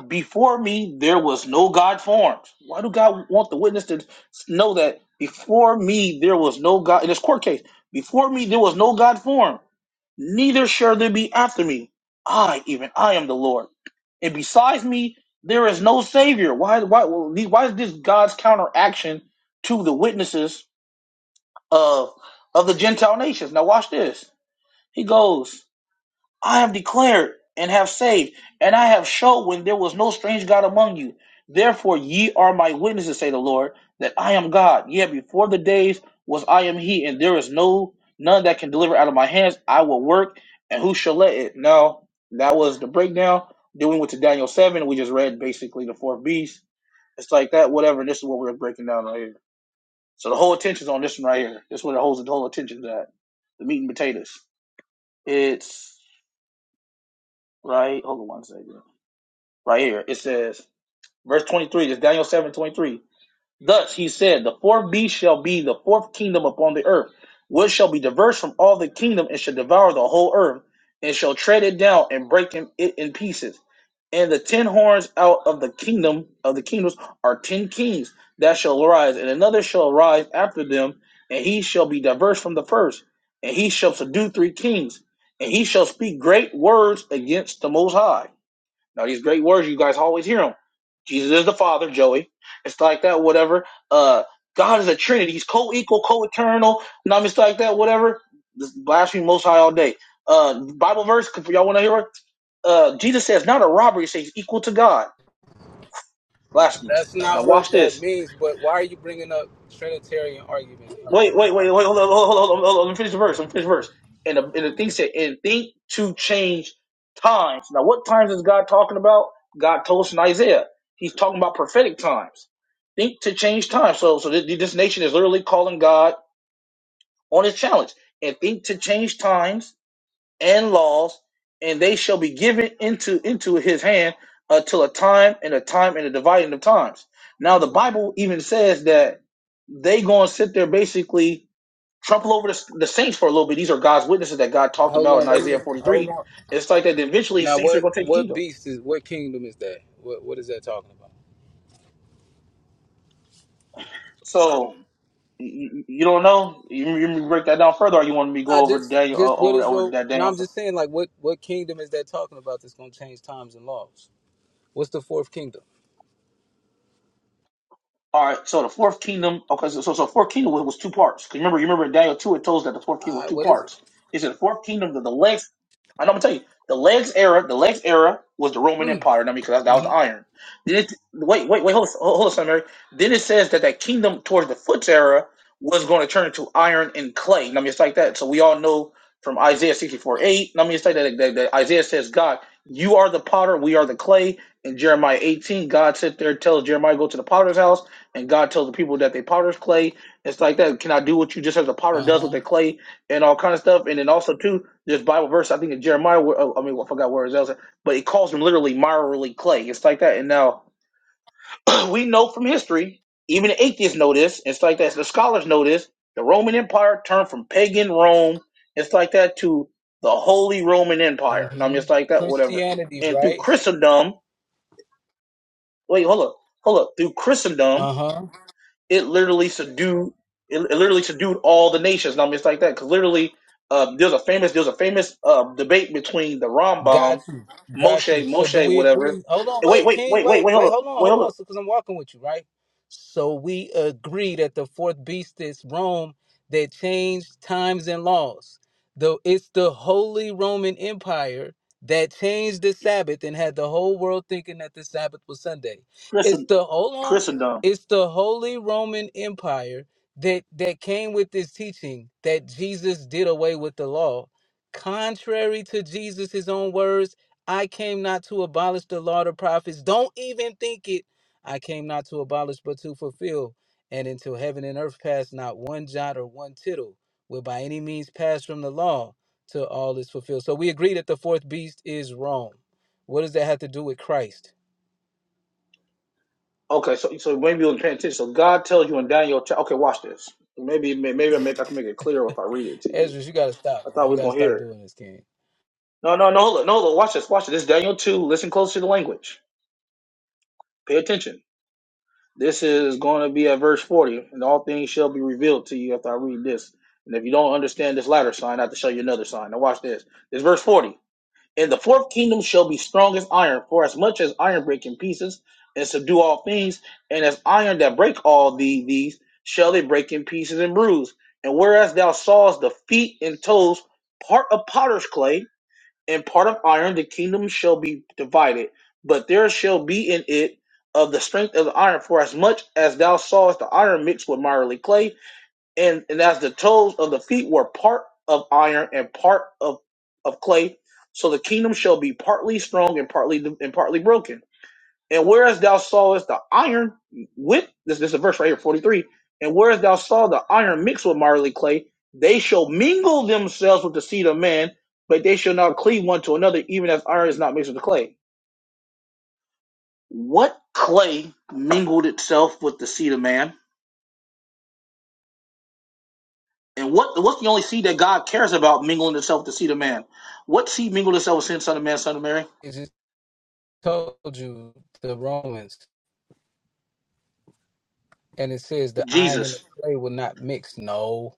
Before me, there was no God formed. Why do God want the witness to know that before me, there was no God? In this court case, before me, there was no God formed, neither shall there be after me. I, even I am the Lord. And besides me, there is no Savior. Why, why, why is this God's counteraction to the witnesses of, of the Gentile nations? Now, watch this. He goes, I have declared and have saved, and I have showed when there was no strange God among you. Therefore, ye are my witnesses, say the Lord, that I am God. Yet before the days was I am He, and there is no none that can deliver out of my hands. I will work, and who shall let it? Now, that was the breakdown. Then we went to Daniel 7. We just read basically the fourth beast. It's like that, whatever. And this is what we're breaking down right here. So the whole attention's on this one right here. This is where the whole, the whole attention's at. The meat and potatoes. It's right. Hold on one second. right here. It says, verse 23, it's Daniel 7 23. Thus he said, The fourth beast shall be the fourth kingdom upon the earth, which shall be diverse from all the kingdom and shall devour the whole earth, and shall tread it down and break in- it in pieces. And the ten horns out of the kingdom of the kingdoms are ten kings that shall arise, and another shall arise after them, and he shall be diverse from the first, and he shall subdue three kings, and he shall speak great words against the Most High now these great words you guys always hear them. Jesus is the Father, Joey. It's like that, whatever. Uh, God is a Trinity. He's co-equal, co-eternal. And I'm just like that, whatever. This blasphemy Most High all day. Uh, Bible verse. If y'all want to hear it, uh, Jesus says, "Not a robbery says equal to God." Blasphemous.
That's
Now
not what
watch
that
this.
means. But why are you bringing up Trinitarian argument?
Wait, wait, wait, wait. Hold on, hold on, hold on. Hold on. Let me finish the verse. Let me finish the verse. And the, and the thing said, and think to change times. Now, what times is God talking about? God told us in Isaiah. He's talking about prophetic times. Think to change times. So, so this, this nation is literally calling God on his challenge. And think to change times and laws, and they shall be given into into his hand until a time and a time and a dividing of times. Now, the Bible even says that they gonna sit there basically trample over the, the saints for a little bit. These are God's witnesses that God talked about
Hold on,
in
let me
Isaiah
hold
43.
on.
It's like that eventually his
Now,
saints are
what
going to take the
what
kingdom.
beast is what kingdom is that? What what is that talking about?
So you, you don't know. You, you break that down further, or you want me to
Nah,
go over
just
Daniel uh,
just what
over
is
over
your?
that
No,
Daniel.
I'm just saying like what what kingdom is that talking about that's gonna change times and laws? What's the fourth kingdom?
All right, so the fourth kingdom, okay, so so, so fourth kingdom was, was two parts. 'Cause remember, you remember in Daniel two, it told us that the fourth kingdom
All
was
right,
two
what is it?
parts. It said the fourth kingdom the the legs. I'm gonna tell you, the legs era, the legs era was the Roman Empire. I mean, because that, that was the iron. Then it, wait, wait, wait, hold, hold, hold on, son, Mary. Then it says that that kingdom towards the foot's era was going to turn into iron and clay. I mean, it's like that. So we all know from Isaiah sixty four eight. I mean, it's like that, that, that Isaiah says, God, you are the potter, we are the clay. In Jeremiah eighteen, God sit there and tells Jeremiah go to the potter's house and God tells the people that they potter's clay It's like that. Can I do what you just as the potter
Uh
does with
huh.
the clay and all kind of stuff? And then also too, this Bible verse I think in Jeremiah. oh, I mean, I forgot where it was, but it calls them literally miry clay. It's like that. And now we know from history, even the atheists know this. It's like that. The scholars know this. The Roman Empire turned from pagan Rome. It's like that to the Holy Roman Empire. And I'm
hmm
just like that, whatever.
Christianity,
And through
right?
Christendom, wait, hold up, hold up. Through Christendom,
Uh huh.
it literally subdued it, it literally subdued all the nations. Now it's like that because literally um, there's a famous there's a famous uh, debate between the
Got
Rambam,
you. Got you.
Moshe
So do
Moshe
we
whatever.
agree? Hold on,
And wait
wait,
wait
King,
wait wait
wait,
wait
wait,
hold up
hold on,
wait
hold
hold
on,
up
because I'm walking with you, right? So we agree that the fourth beast is Rome that changed times and laws. Though it's the Holy Roman Empire that changed the Sabbath and had the whole world thinking that the Sabbath was Sunday. It's
Christen,
the hold on.
Christendom.
It's the Holy Roman Empire that that came with this teaching that Jesus did away with the law contrary to Jesus' own words, I came not to abolish the law of the prophets. Don't even think it. I came not to abolish, but to fulfill. And until heaven and earth pass, not one jot or one tittle will by any means pass from the law till all is fulfilled. So we agree that the fourth beast is Rome. What does that have to do with Christ?
Okay, so so maybe you'll pay attention. So God tells you in Daniel. cha- Okay, watch this. Maybe may- maybe I make I can make it clearer if I read it to you.
Ezra, you gotta stop.
I thought we
You
was
gotta
gonna
stop
hear it.
doing this, King.
No no no hold up, no hold up, watch this watch this. This is Daniel two. Listen close to the language. Pay attention. This is going to be at verse 40, and all things shall be revealed to you after I read this. And if you don't understand this latter sign, I have to show you another sign. Now, watch this. This is verse 40. And the fourth kingdom shall be strong as iron, for as much as iron break in pieces and subdue all things, and as iron that break all the, these, shall they break in pieces and bruise. And whereas thou sawest the feet and toes part of potter's clay, and part of iron the kingdom shall be divided but there shall be in it of the strength of the iron for as much as thou sawest the iron mixed with miry clay and, and as the toes of the feet were part of iron and part of, of clay so the kingdom shall be partly strong and partly and partly broken and whereas thou sawest the iron with this, this is a verse right here, 43. And whereas thou saw the iron mixed with marley clay, they shall mingle themselves with the seed of man, but they shall not cleave one to another, even as iron is not mixed with the clay. What clay mingled itself with the seed of man? And what what's the only seed that God cares about mingling itself with the seed of man? What seed mingled itself with sin, son of man, son of Mary?
It just told you the Romans, and it says the iron and the
Jesus.
clay will not mix. No,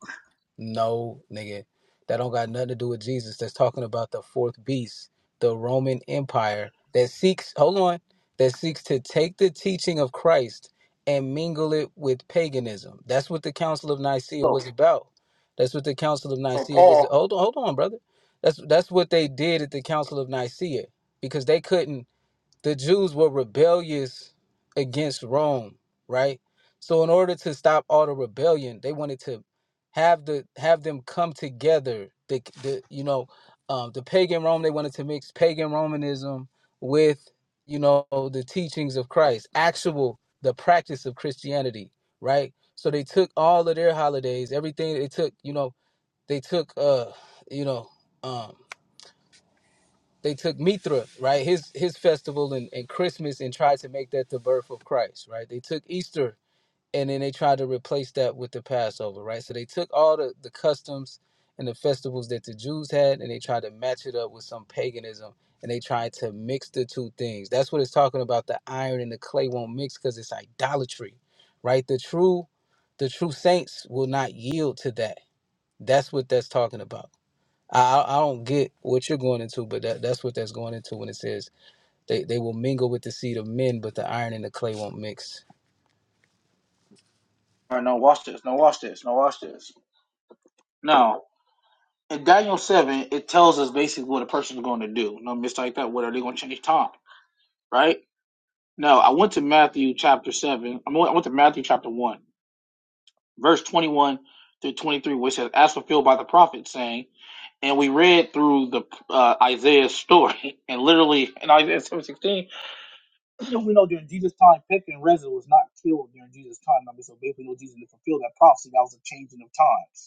No, nigga. That don't got nothing to do with Jesus. That's talking about the fourth beast, the Roman Empire that seeks, hold on, that seeks to take the teaching of Christ and mingle it with paganism. That's what the Council of Nicaea
So
was about. That's what the Council of
so
Nicaea was.
Paul,
Hold on, hold on, brother. That's that's what they did at the Council of Nicaea because they couldn't the Jews were rebellious against Rome, right? So in order to stop all the rebellion, they wanted to have the have them come together. The the you know um, the pagan Rome they wanted to mix pagan Romanism with you know the teachings of Christ, actual the practice of Christianity, right? So they took all of their holidays, everything they took, you know, they took uh you know um they took Mithra, right, his his festival and, and Christmas, and tried to make that the birth of Christ, right? They took Easter and then they tried to replace that with the Passover, right? So they took all the, the customs and the festivals that the Jews had and they tried to match it up with some paganism and they tried to mix the two things. That's what it's talking about. The iron and the clay won't mix because it's idolatry, right? The true the true saints will not yield to that. That's what that's talking about I, I don't get what you're going into, but that, that's what that's going into when it says they, they will mingle with the seed of men, but the iron and the clay won't mix.
all right, no, watch this, no, watch this, no, watch this. No. in Daniel seven, it tells us basically what a person's going to do. No mistake like that. What are they going to change time? Right? No, I went to Matthew chapter seven. I went I went to Matthew chapter one, verse twenty-one through twenty-three, which says, "As fulfilled by the prophet, saying." And we read through the uh, Isaiah's story, and literally in Isaiah seven sixteen, we know during Jesus' time, Petra and Reza was not killed during Jesus' time. I mean, so basically, we know Jesus to fulfill that prophecy. That was a changing of times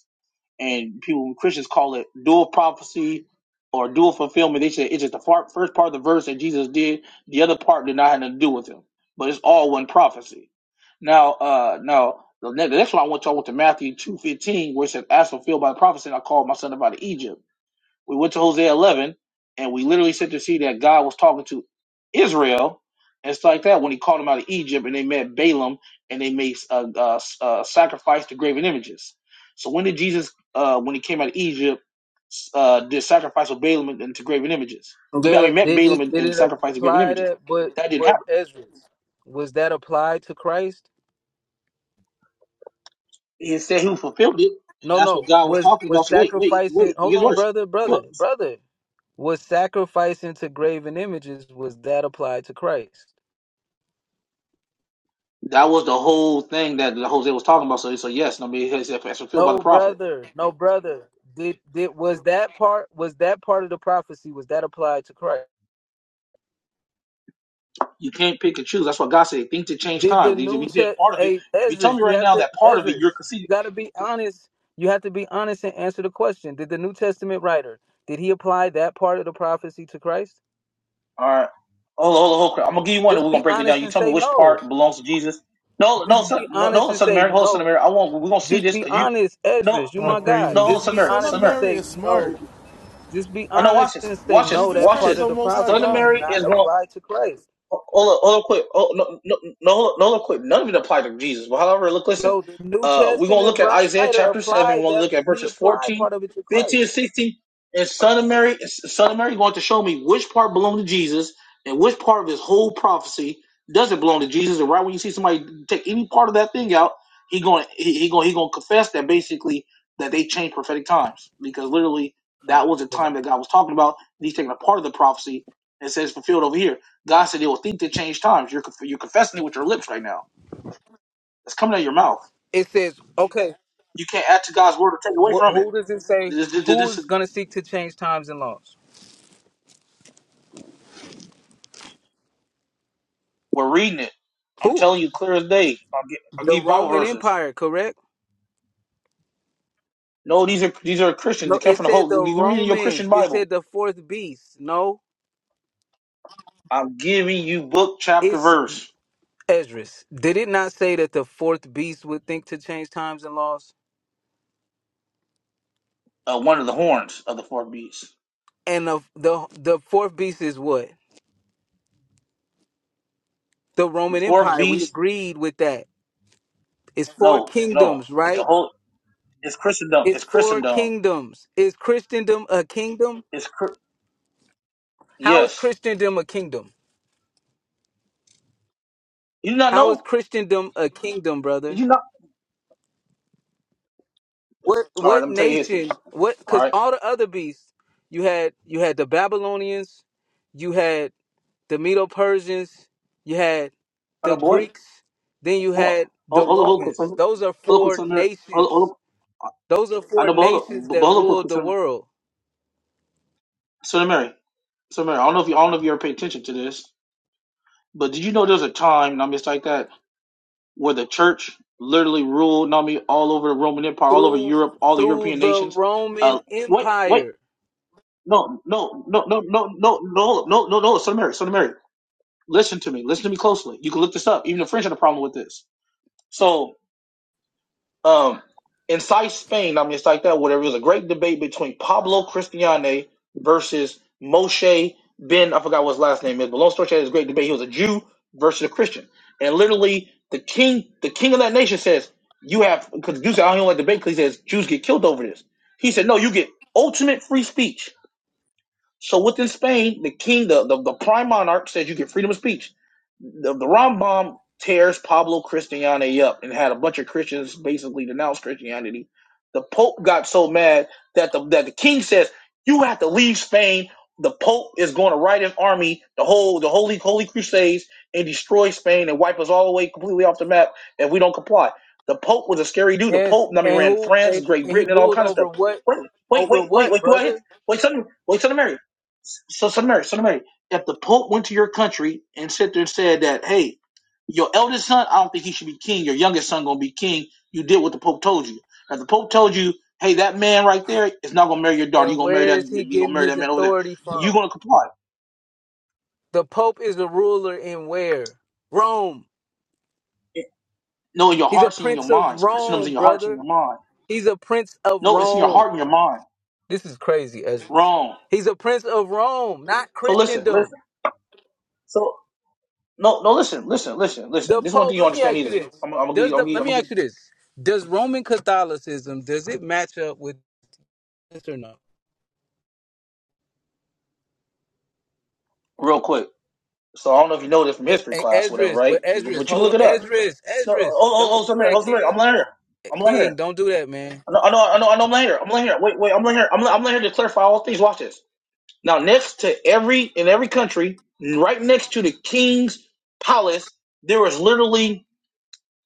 and people Christians call it dual prophecy or dual fulfillment. They say it's just the part, first part of the verse that Jesus did. The other part did not have nothing to do with him, but it's all one prophecy. Now, uh, now the next, the next one I want to, I went to Matthew two fifteen, where it says, "As fulfilled by prophecy, I called my son out of Egypt." We went to Hosea 11, and we literally said to see that God was talking to Israel and it's like that when He called them out of Egypt, and they met Balaam, and they made uh, uh, uh, sacrifice to graven images. So when did Jesus, uh, when He came out of Egypt, uh, did sacrifice of Balaam and, and to graven images? I
Yeah,
mean, met
they
Balaam
did.
and,
They
and
didn't
sacrificed to graven
apply
images.
that, but
That didn't
but
happen.
Ezra, was that applied to Christ?
He said He fulfilled it, and
No,
that's
no.
what God was
Was
talking
was
about. So wait, wait,
sacrificing?
wait. It
Hold
gets
on,
worse.
brother, brother,
Look,
brother. Was sacrificing to graven images? Was that applied to Christ?
that was the whole thing that Hosea was talking about. So, so yes, I mean, it's, it's fulfilled by
No,
the prophet.
brother, no, brother. Did did was that part? Was that part of the prophecy? Was that applied to Christ?
You can't pick and choose. That's why God said, think to change
Did the
times. If
New
you said
Test?
part of it,
Hey,
if you tell
Ezra,
me
you
right
have
now
to
that part of
Ezra.
it,
You
you're conceding.
got to be honest. You have to be honest and answer the question. Did the New Testament writer did he apply that part of the prophecy to Christ?
All right. Hold on, hold on, hold on. crap. I'm gonna give you one, and
Just
we're
be
gonna break it
honest
down. You
and
tell me
say
which
no.
part belongs to Jesus. No, no,
Just be
son, no,
honest
no,
and
son of
say
Mary, hold on, son of
no.
Mary. I want. We're gonna see
Just
this
be
because you.
honest, Ezra.
No,
You
no,
All
my guy.
no, hold
praises.
on,
Just
son of
be
Mary,
Son of
son
honest
of
and
Mary
say
is smart.
Mary.
no. Just be
Oh no, watch
honest
this,
and say
watch this,
no.
Jesus
That
watch
Christ is
part
this.
of
the
the
Most High
Son
prophecy
of
was
God.
Mary
not
is going.
applied to Christ.
Hold on, hold on, quick. Oh, no, no, no, hold on, hold on, quick. None of it apply to Jesus. But however, look, listen.
No, the New
Uh, we're gonna
Testament
look at Isaiah
writer
chapter seven.
applied
We're gonna
that.
look at
He
verses
applied
14,
part of it to
fifteen,
Christ.
and 16. And son of Mary, son of Mary, going to show me which part belonged to Jesus and which part of his whole prophecy doesn't belong to Jesus. And right when you see somebody take any part of that thing out, he going he, he going he going to confess that basically that they changed prophetic times because literally that was the
Because
time that God was talking about. And he's taking a part of the prophecy and says fulfilled over here. God said it will think to change times. You're conf- you're confessing it with your lips right now. It's coming out of your mouth.
It says, okay,
You can't add to God's word or take away
wh-
from it.
who does it say?
This, this,
Who
this
is
is,
going to seek to change times and laws?
we're reading it. I'm
Who?
telling you, clear as day. I'll, get, I'll
The
give you Bible
Roman
verses.
Empire, correct?
No, these are these are Christians. They
No,
come
it
from the
said the
whole. You are reading your Christian
Romans. It
Bible.
said the fourth beast. No,
I'm giving you book, chapter,
it's
verse.
Esdras. Did it not say that the fourth beast would think to change times and laws?
Uh, one of the horns of the fourth beast.
And the the, the fourth beast is what? The
The
Roman
fourth
Empire. We
beast.
agreed with that. It's four
No, no.
kingdoms,
It's the
right?
whole. It's Christendom.
It's
It's
four
Christendom.
kingdoms. Is Christendom a kingdom?
It's Chri-
How is
yes.
Christendom a kingdom?
You do not
How is
know?
Christendom a kingdom,
Did
brother?
you not?
What
All right.
what
Let me tell you history.
nation? What?
All
Because
right.
all the other beasts, you had you had the Babylonians, you had the Medo Persians, you had
I
the
know, boy.
Greeks, then you
Hold on,
had
hold on,
the
hold on, Hold
Romans.
Sister-
Those are
hold on, quick,
four
Sister Mary. Hold on, hold
nations.
on.
Those are
I I
four
know, but hold
nations
on, but
that
hold on, quick,
ruled the
Sister Mary.
world
Sister Mary, Sister Mary. I don't know if you, I don't know if you ever paid attention to this, but did you know there's a time, and I'm just like that, where the church literally ruled, not me, all over the Roman Empire, all over
through
Europe, all the
through
European
the
nations. Uh,
Roman
wait, wait,
Empire.
no, no, no, no, no, no, no, no, no, no, Sister Mary, Sister Mary. Listen to me, listen to me closely. You can look this up. Even the French had a problem with this. So Um, inside Spain, I mean, it's like that, whatever. It was a great debate between Pablo Cristiane versus Moshe Ben, I forgot what his last name is, but long story short, it was a great debate. He was a Jew versus a Christian. And literally, the king, the king of that nation says, you have, because Jews, I don't even like debate because he says Jews get killed over this. He said, no, you get ultimate free speech so within Spain, the king, the, the, the prime monarch says you get freedom of speech. The, the Rambam tears Pablo Christiane up and had a bunch of Christians basically denounce Christianity. The Pope got so mad that the that the king says you have to leave Spain. The Pope is going to write an army, the whole the holy holy crusades, and destroy Spain and wipe us all away completely off the map if we don't comply. The Pope was a scary dude. The
Yes,
Pope, I mean,
and
ran
who
France,
and,
Great
and he
Britain, and all
ruled
kinds of
over
stuff.
what
Wait, wait,
over
wait, wait,
what,
wait. Do I
brother?
hit? Wait, something. Wait, something, so, so Mary, so Mary, if the Pope went to your country and sit there and said that, hey, your eldest son, I don't think he should be king. Your youngest son gonna be king. You did what the Pope told you. Now, the Pope told you, hey, that man right there is not gonna marry your daughter. You
And
gonna marry
where
that?
is he
You gonna
getting
marry
his
that man over there?
authority
You
from?
gonna comply?
The Pope is a ruler in where? Rome.
No, in your
He's a
hearts and in your
prince of
minds. Christendom's in
Rome,
your hearts and
brother.
your mind.
He's a prince of
No, it's in your
Rome.
heart and your mind.
This is crazy, Ezra.
Wrong.
He's a prince of Rome, not
So listen, listen.
Christendom.
So, no, no, listen, listen, listen,
The
listen. This is one thing
Pope,
you don't
let me
understand
ask you
either.
this.
I'm, I'm gonna give,
Does
you- I'm gonna
the
give, you-
let
I'm
me
gonna give
ask you this. Does Roman Catholicism does it match up with this or no?
you real quick. So I don't know if you know this from
The,
history class, or whatever,
Ezra's, but
right?
Ezra's,
But you can
hold on.
look it up.
Ezra's,
No, oh,
Ezra's, don't
oh, oh, oh,
do
Samir,
that,
oh, Samir,
King.
I'm laying here. I'm laying
King,
here.
don't do that, man.
I know, I know, I know, I know I'm laying here. I'm laying here. Wait, wait, I'm laying here. I'm, I'm laying here to clarify all things. Watch this. Now, next to every in every country, right next to the king's palace, there was literally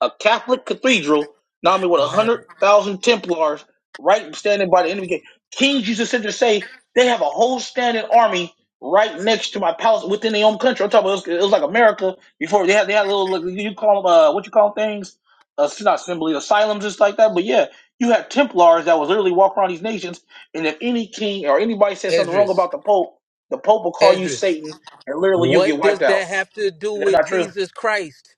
a Catholic cathedral, not only with a
Don't have
hundred thousand Templars, right standing by the enemy gate. King Jesus said to say they have a whole standing army right next to my palace within their own country. I'm talking about it was, it was like America before they had they had little like, you call them uh, what you call things uh, it's not assembly asylums and stuff like that. But yeah, you had Templars that was literally walking around these nations, and if any king or anybody said something wrong
Ezra's.
about the Pope, the Pope will call you
Ezra.
Satan, and literally you'll
What
get
does
wiped out.
that have to do
Is that
with
not true?
Jesus Christ?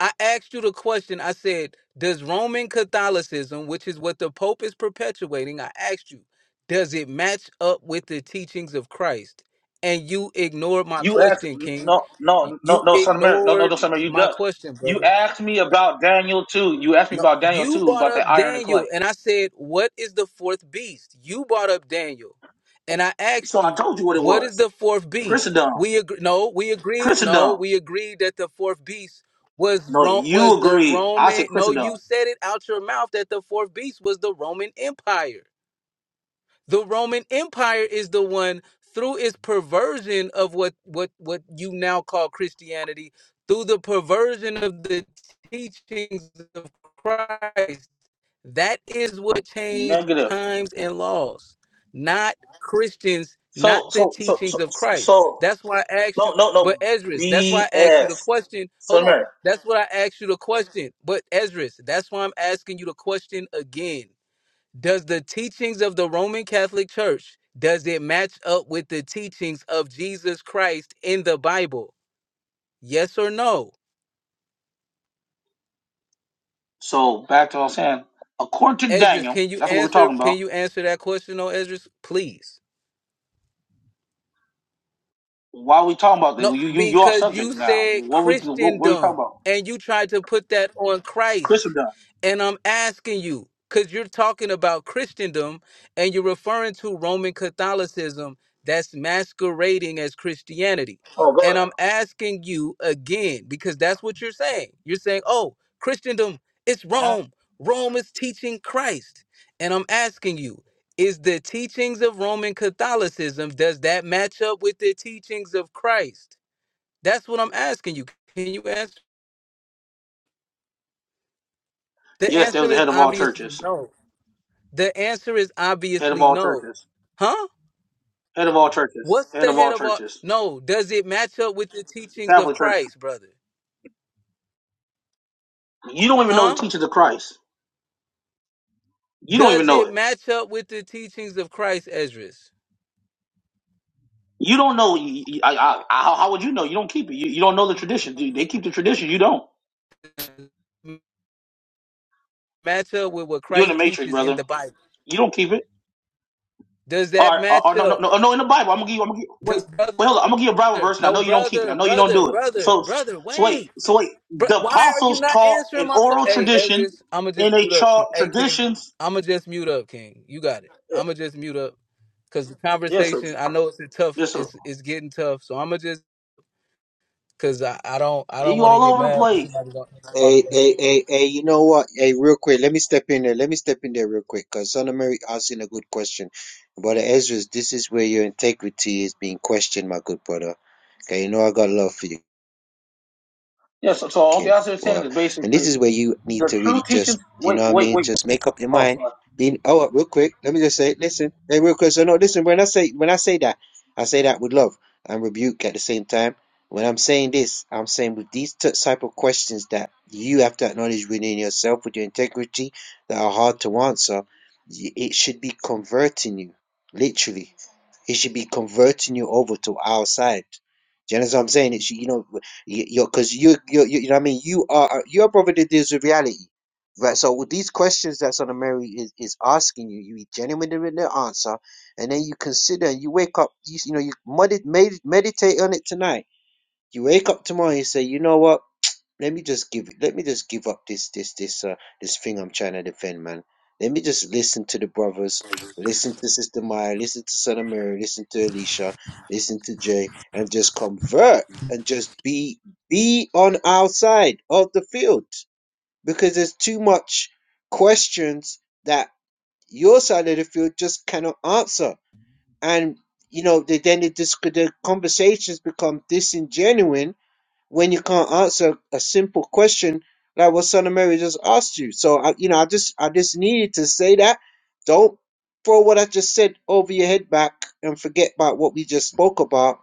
I asked you the question. I said, Does Roman Catholicism, which is what the Pope is perpetuating, I asked you, does it match up with the teachings of Christ? And you ignored my
You asked
question, King.
no, no, no,
You
no, son of Mary, no, no,
ignored
no, son of Mary. You
my
duck.
question,
You
brother.
asked me about Daniel two. You asked me
No,
about Daniel
you
two
brought
about the
up
iron and
Daniel,
clay.
and I said, "What is the fourth beast?" You brought up Daniel, and I
So
asked
I
you,
told you what it
"What is
was.
the fourth beast?"
Christendom,
We agree. No, we agreed. No,
Christendom.
we agreed that the fourth beast was
No,
Rome. Was
you
the
agree. I
Roman?
said
No, you
Christendom.
said it out your mouth that the fourth beast was the Roman Empire. The Roman Empire is the one through its perversion of what what what you now call Christianity, through the perversion of the teachings of Christ that is what changed
Negative.
times and laws, not Christians, not
So,
the
so, so,
teachings
so,
of Christ.
so.
That's why I asked
No,
you,
no, no.
but Ezra's, that's why I asked you
BS.
the question.
Son
Hold
of
on.
Mary.
That's what I asked you the question. But Ezra's, that's why I'm asking you the question again. Does the teachings of the Roman Catholic Church does it match up with the teachings of Jesus Christ in the Bible? Yes or no?
So back to what I was saying. According to
Ezra's,
Daniel,
can you
that's what we're
answer
talking
can
about.
you answer that question, oh Ezra's? Please.
Why are we talking about that?
No,
You, you, you off
because
subject
you
now.
said
What we, what, what are you
Christendom
talking about?
and you tried to put that on Christ.
Christendom.
And I'm asking you, because you're talking about Christendom and you're referring to Roman Catholicism that's masquerading as Christianity.
Oh, go ahead.
And I'm asking you again, because that's what you're saying. You're saying, oh, Christendom, it's
Uh-huh.
Rome. Rome is teaching Christ. And I'm asking you, is the teachings of Roman Catholicism, does that match up with the teachings of Christ? That's what I'm asking you. Can you answer? The
Yes, they was
answer
the
is
head of all
obviously
churches.
no. The answer is
Head of
obviously
all
no.
churches.
Huh?
Head of all churches.
What's the
Head of
head
all
of all?
churches.
No. Does it match up with the
The
teachings of
Catholic Church.
Christ, brother?
You don't even know the
Huh?
teachings of Christ. You don't
Does
even know
it
it.
match up with the teachings of Christ, Esdras?
You don't know. y- y- I, I, I- how, how would you know? You don't keep it. You, you don't know the tradition. Dude, they keep the tradition. You don't.
M- Match up with what
You in the
Christ
matrix,
teaches in
brother.
the Bible?
You don't keep it.
Does that
Or, or, or
match
no, no,
up?
no, uh, no. In the Bible, I'm gonna give. you- I'm gonna give, wait.
Does brother
Wait, hold on. I'm gonna give you a Bible verse, and I
no
know you don't keep it. I
brother,
know you don't
brother,
do it.
brother,
So,
brother.
so wait.
Wait,
So wait.
bro,
The
why are you
apostles
not
taught
answering
an
my question?
oral
Hey,
tradition
Ezris, I'ma
in
just
a
mute up, King.
chart
Hey, King,
traditions.
I'ma just mute up, King. You got it.
Yeah,
I'ma just mute up, cause the
yes, sir.
conversation. I know it's a tough.
Yes, sir.
It's it's getting tough. So I'ma just, cause I, I don't I
Yeah,
don't
You
want to
all
get
over the
mad. When
place.
somebody don't answer my
Hey,
question.
hey, hey, hey, you know what? Hey, real quick, let me step in there. Let me step in there real quick because Son of Mary asking a good question. Brother Ezra, this is where your integrity is being questioned, my good brother. Okay, you know I got love for you.
Yes. Yeah, so, so all the
can.
answer is saying
But
is
and this
basically
is where you need
the
to
true
really just,
teachings.
you
Wait,
know what I
wait,
mean,
wait.
just make up your
Oh,
mind.
sorry.
Being, oh, uh, real quick, let me just say, listen, hey, real quick. So no, listen. When I say when I say that, I say that with love and rebuke at the same time. When I'm saying this, I'm saying with these t- type of questions that you have to acknowledge within yourself, with your integrity, that are hard to answer. y- It should be converting you, literally. He should be converting you over to our side. Do you know what I'm saying? It's you know, you- you're because you you you you know what I mean. You are you're a brother that with reality, right? So with these questions that Son of Mary is, is asking you, you be genuine in the answer, and then you consider and you wake up. You, you know you med- med- meditate on it tonight. You wake up tomorrow and you say, you know what? let me just give let me just give up this this this uh this thing I'm trying to defend, man. Let me just listen to the brothers, listen to Sister Maya, listen to Son of Mary, listen to Alicia, listen to Jay, and just convert and just be be on our side of the field because there's too much questions that your side of the field just cannot answer, and you know they, then it just the conversations become disingenuine when you can't answer a simple question like what Son of Mary just asked you. So I, you know, I just I just needed to say that. Don't throw what I just said over your head back and forget about what we just spoke about.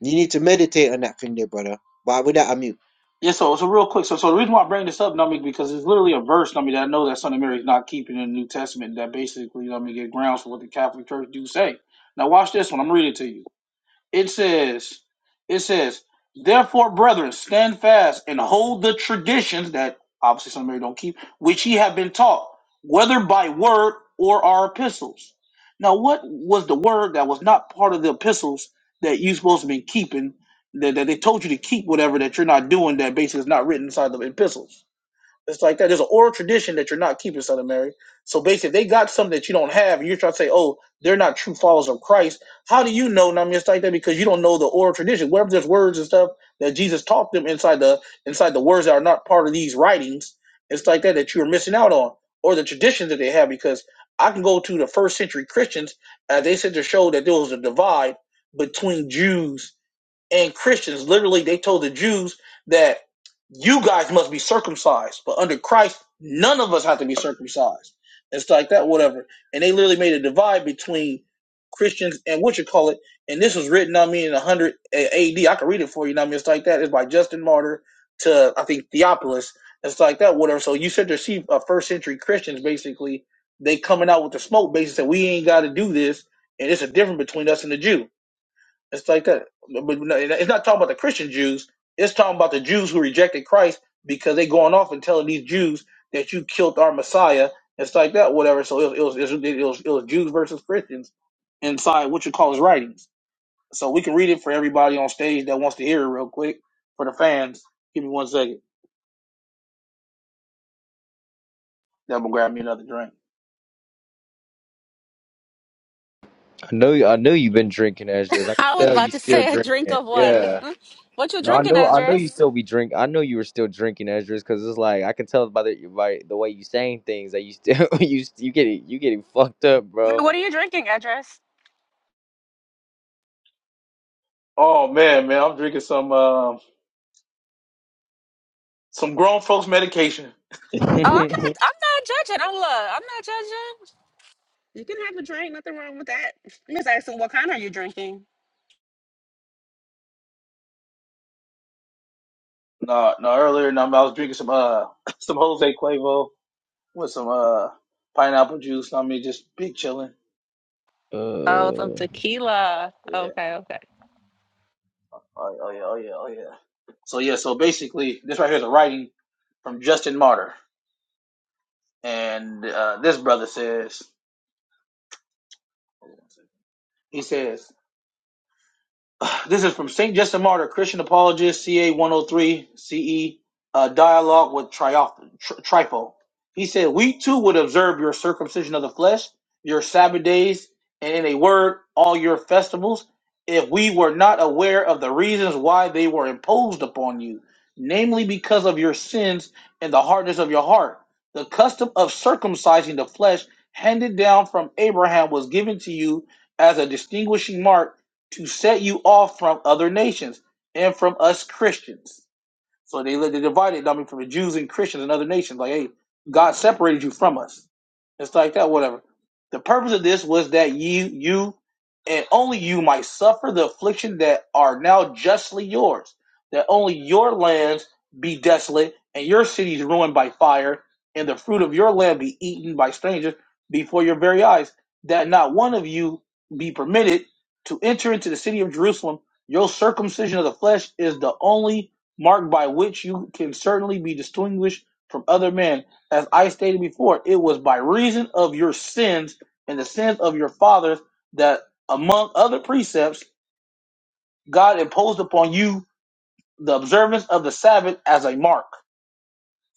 You need to meditate on that thing there, brother. But with that, i mute.
Yeah. So, so real quick. So, so the reason why I bring this up, Nummy, because it's literally a verse, Nummy, that I know that Son of Mary is not keeping in the New Testament. That basically, Nummy, get grounds for what the Catholic Church do say. Now, watch this one. I'm reading it to you. It says, it says, therefore, brethren, stand fast and hold the traditions that obviously some of you don't keep, which ye have been taught, whether by word or our epistles. Now, what was the word that was not part of the epistles that you supposed to be keeping? That, that they told you to keep whatever that you're not doing that basically is not written inside the epistles. It's like that. There's an oral tradition that you're not keeping, Son of Mary. So basically, if they got something that you don't have, and you're trying to say, oh, they're not true followers of Christ, how do you know? And I'm just like that because you don't know the oral tradition. Wherever there's words and stuff that Jesus taught them inside the inside the words that are not part of these writings, it's like that that you're missing out on, or the traditions that they have. Because I can go to the first century Christians, as they said to show that there was a divide between Jews and Christians literally they told the Jews that you guys must be circumcised, but under Christ none of us have to be circumcised. It's like that, whatever. And they literally made a divide between Christians and what you call it. And this was written, I mean, in 100 A- AD. I can read it for you. I mean, it's like that. It's by Justin Martyr to I think Theophilus. It's like that, whatever. So you said to see uh, first century Christians basically they coming out with the smoke, basically said we ain't got to do this, and it's a difference between us and the Jew. It's like that. But no, it's not talking about the Christian Jews. It's talking about the Jews who rejected Christ because they going off and telling these Jews that you killed our Messiah. It's like that, whatever. So it was it was, it was, it was Jews versus Christians inside what you call his writings. So we can read it for everybody on stage that wants to hear it real quick for the fans. Give me one second. That will grab me another drink.
I know you, I know you've been drinking, Ezra. I can
I was
tell you
about to
still
say a drink
drinking.
of what?
Yeah.
what you
No, I
drinking,
know I know you
Edris?
still be drink. I know you were still drinking, Ezra, because it's like I can tell by the by the way you saying things that you still you you getting you getting fucked up, bro.
What are you drinking, Edris?
Oh man, man, I'm drinking some uh, some grown folks medication.
Oh, I'm not. I'm not judging. I'm look. I'm not judging. You can have a drink. Nothing wrong with that. I'm just asking, what kind are you drinking?
No, no, earlier no, I was drinking some uh some Jose Cuervo with some uh pineapple juice. I mean, just big chilling.
Oh, some
uh.
tequila.
Yeah.
Okay, okay.
Oh, oh yeah. Oh yeah. Oh yeah. So yeah. So basically, this right here is a writing from Justin Martyr, and uh, this brother says, he says This is from St. Justin Martyr, Christian Apologist, CA 103 CE, uh, dialogue with Trioph- Tri- Trifo. He said, We too would observe your circumcision of the flesh, your Sabbath days, and in a word, all your festivals, if we were not aware of the reasons why they were imposed upon you, namely because of your sins and the hardness of your heart. The custom of circumcising the flesh handed down from Abraham was given to you as a distinguishing mark to set you off from other nations and from us Christians. So they they divided. I mean, from the Jews and Christians and other nations, like, hey, God separated you from us. It's like that, whatever. The purpose of this was that you, you, and only you might suffer the affliction that are now justly yours. That only your lands be desolate and your cities ruined by fire, and the fruit of your land be eaten by strangers before your very eyes. That not one of you be permitted to enter into the city of Jerusalem. Your circumcision of the flesh is the only mark by which you can certainly be distinguished from other men. As I stated before, it was by reason of your sins and the sins of your fathers that, among other precepts, God imposed upon you the observance of the Sabbath as a mark.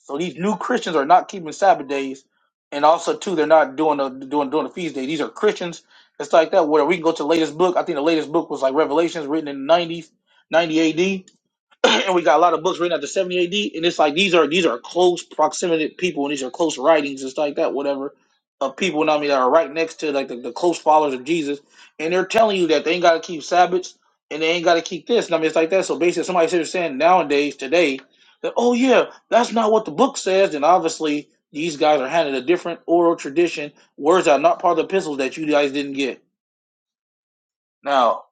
So these new Christians are not keeping Sabbath days, and also too, they're not doing the doing doing the feast day. These are Christians. It's like that. Where we can go to the latest book. I think the latest book was like Revelations, written in the nineties, ninety A.D and we got a lot of books written after 70 AD, and it's like these are these are close proximity people, and these are close writings, it's like that, whatever, of people, you know what I mean, that are right next to like the, the close followers of Jesus, and they're telling you that they ain't got to keep Sabbaths and they ain't got to keep this, and I mean, it's like that. So basically, somebody sitting there saying nowadays, today, that oh yeah, that's not what the book says, and obviously these guys are handed a different oral tradition, words that are not part of the epistles that you guys didn't get. Now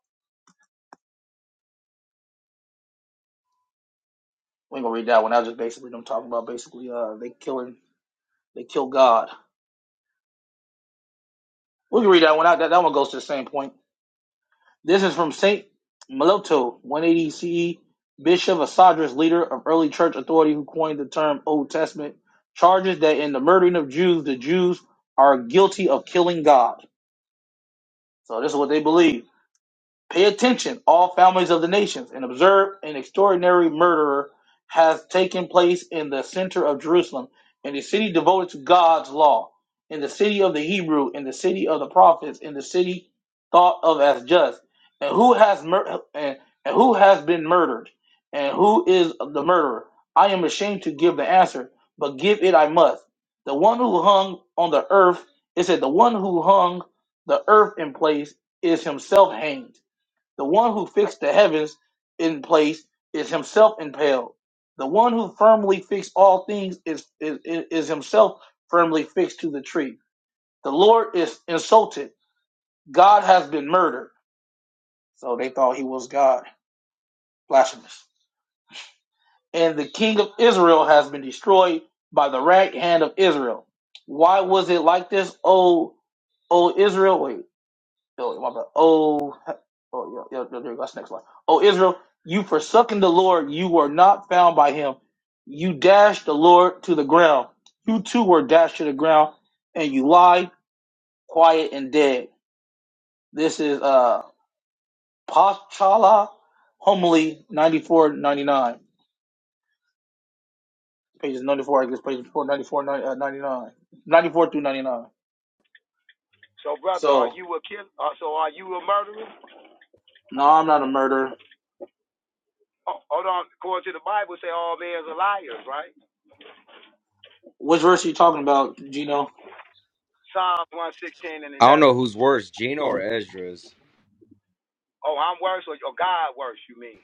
we ain't gonna read that one. I was just basically them talking about basically uh they killing they kill God We can read that one out. That, that one goes to the same point. This is from Saint Meloto, 180 CE, Bishop of Sadras, leader of early church authority who coined the term Old Testament, charges that in the murdering of Jews, the Jews are guilty of killing God. So this is what they believe. Pay attention, all families of the nations, and observe an extraordinary murder has taken place in the center of Jerusalem, in the city devoted to God's law, in the city of the Hebrew, in the city of the prophets, in the city thought of as just. And who has mur- and, and who has been murdered? And who is the murderer? I am ashamed to give the answer, but give it I must. The one who hung on the earth, it said, the one who hung the earth in place is himself hanged the one who fixed the heavens in place is himself impaled. The one who firmly fixed all things is, is, is himself firmly fixed to the tree. The Lord is insulted. God has been murdered. So they thought he was God. Blasphemous. And the king of Israel has been destroyed by the right hand of Israel. Why was it like this, O, o Israel? Wait. Oh, my bad. Oh, he- oh, yo, yo, yo, there you go. That's the next line. Oh, Israel, you forsaken the Lord, you were not found by him. You dashed the Lord to the ground. You too were dashed to the ground, and you lie quiet and dead. This is uh Paschala Homily 9499. Pages 94, I guess, pages 4, 94, nine- uh, 99. 94 through 99.
So, brother, are
So,
you a killer? Uh, so, are you a murderer?
no, I'm not a murderer.
Oh, hold on. According to the Bible, say all men are liars, right?
Which verse are you talking about, Gino?
Psalms 116 and
I don't
11.
know who's worse, Gino or Ezra's.
Oh, I'm worse, or, or God worse, you mean?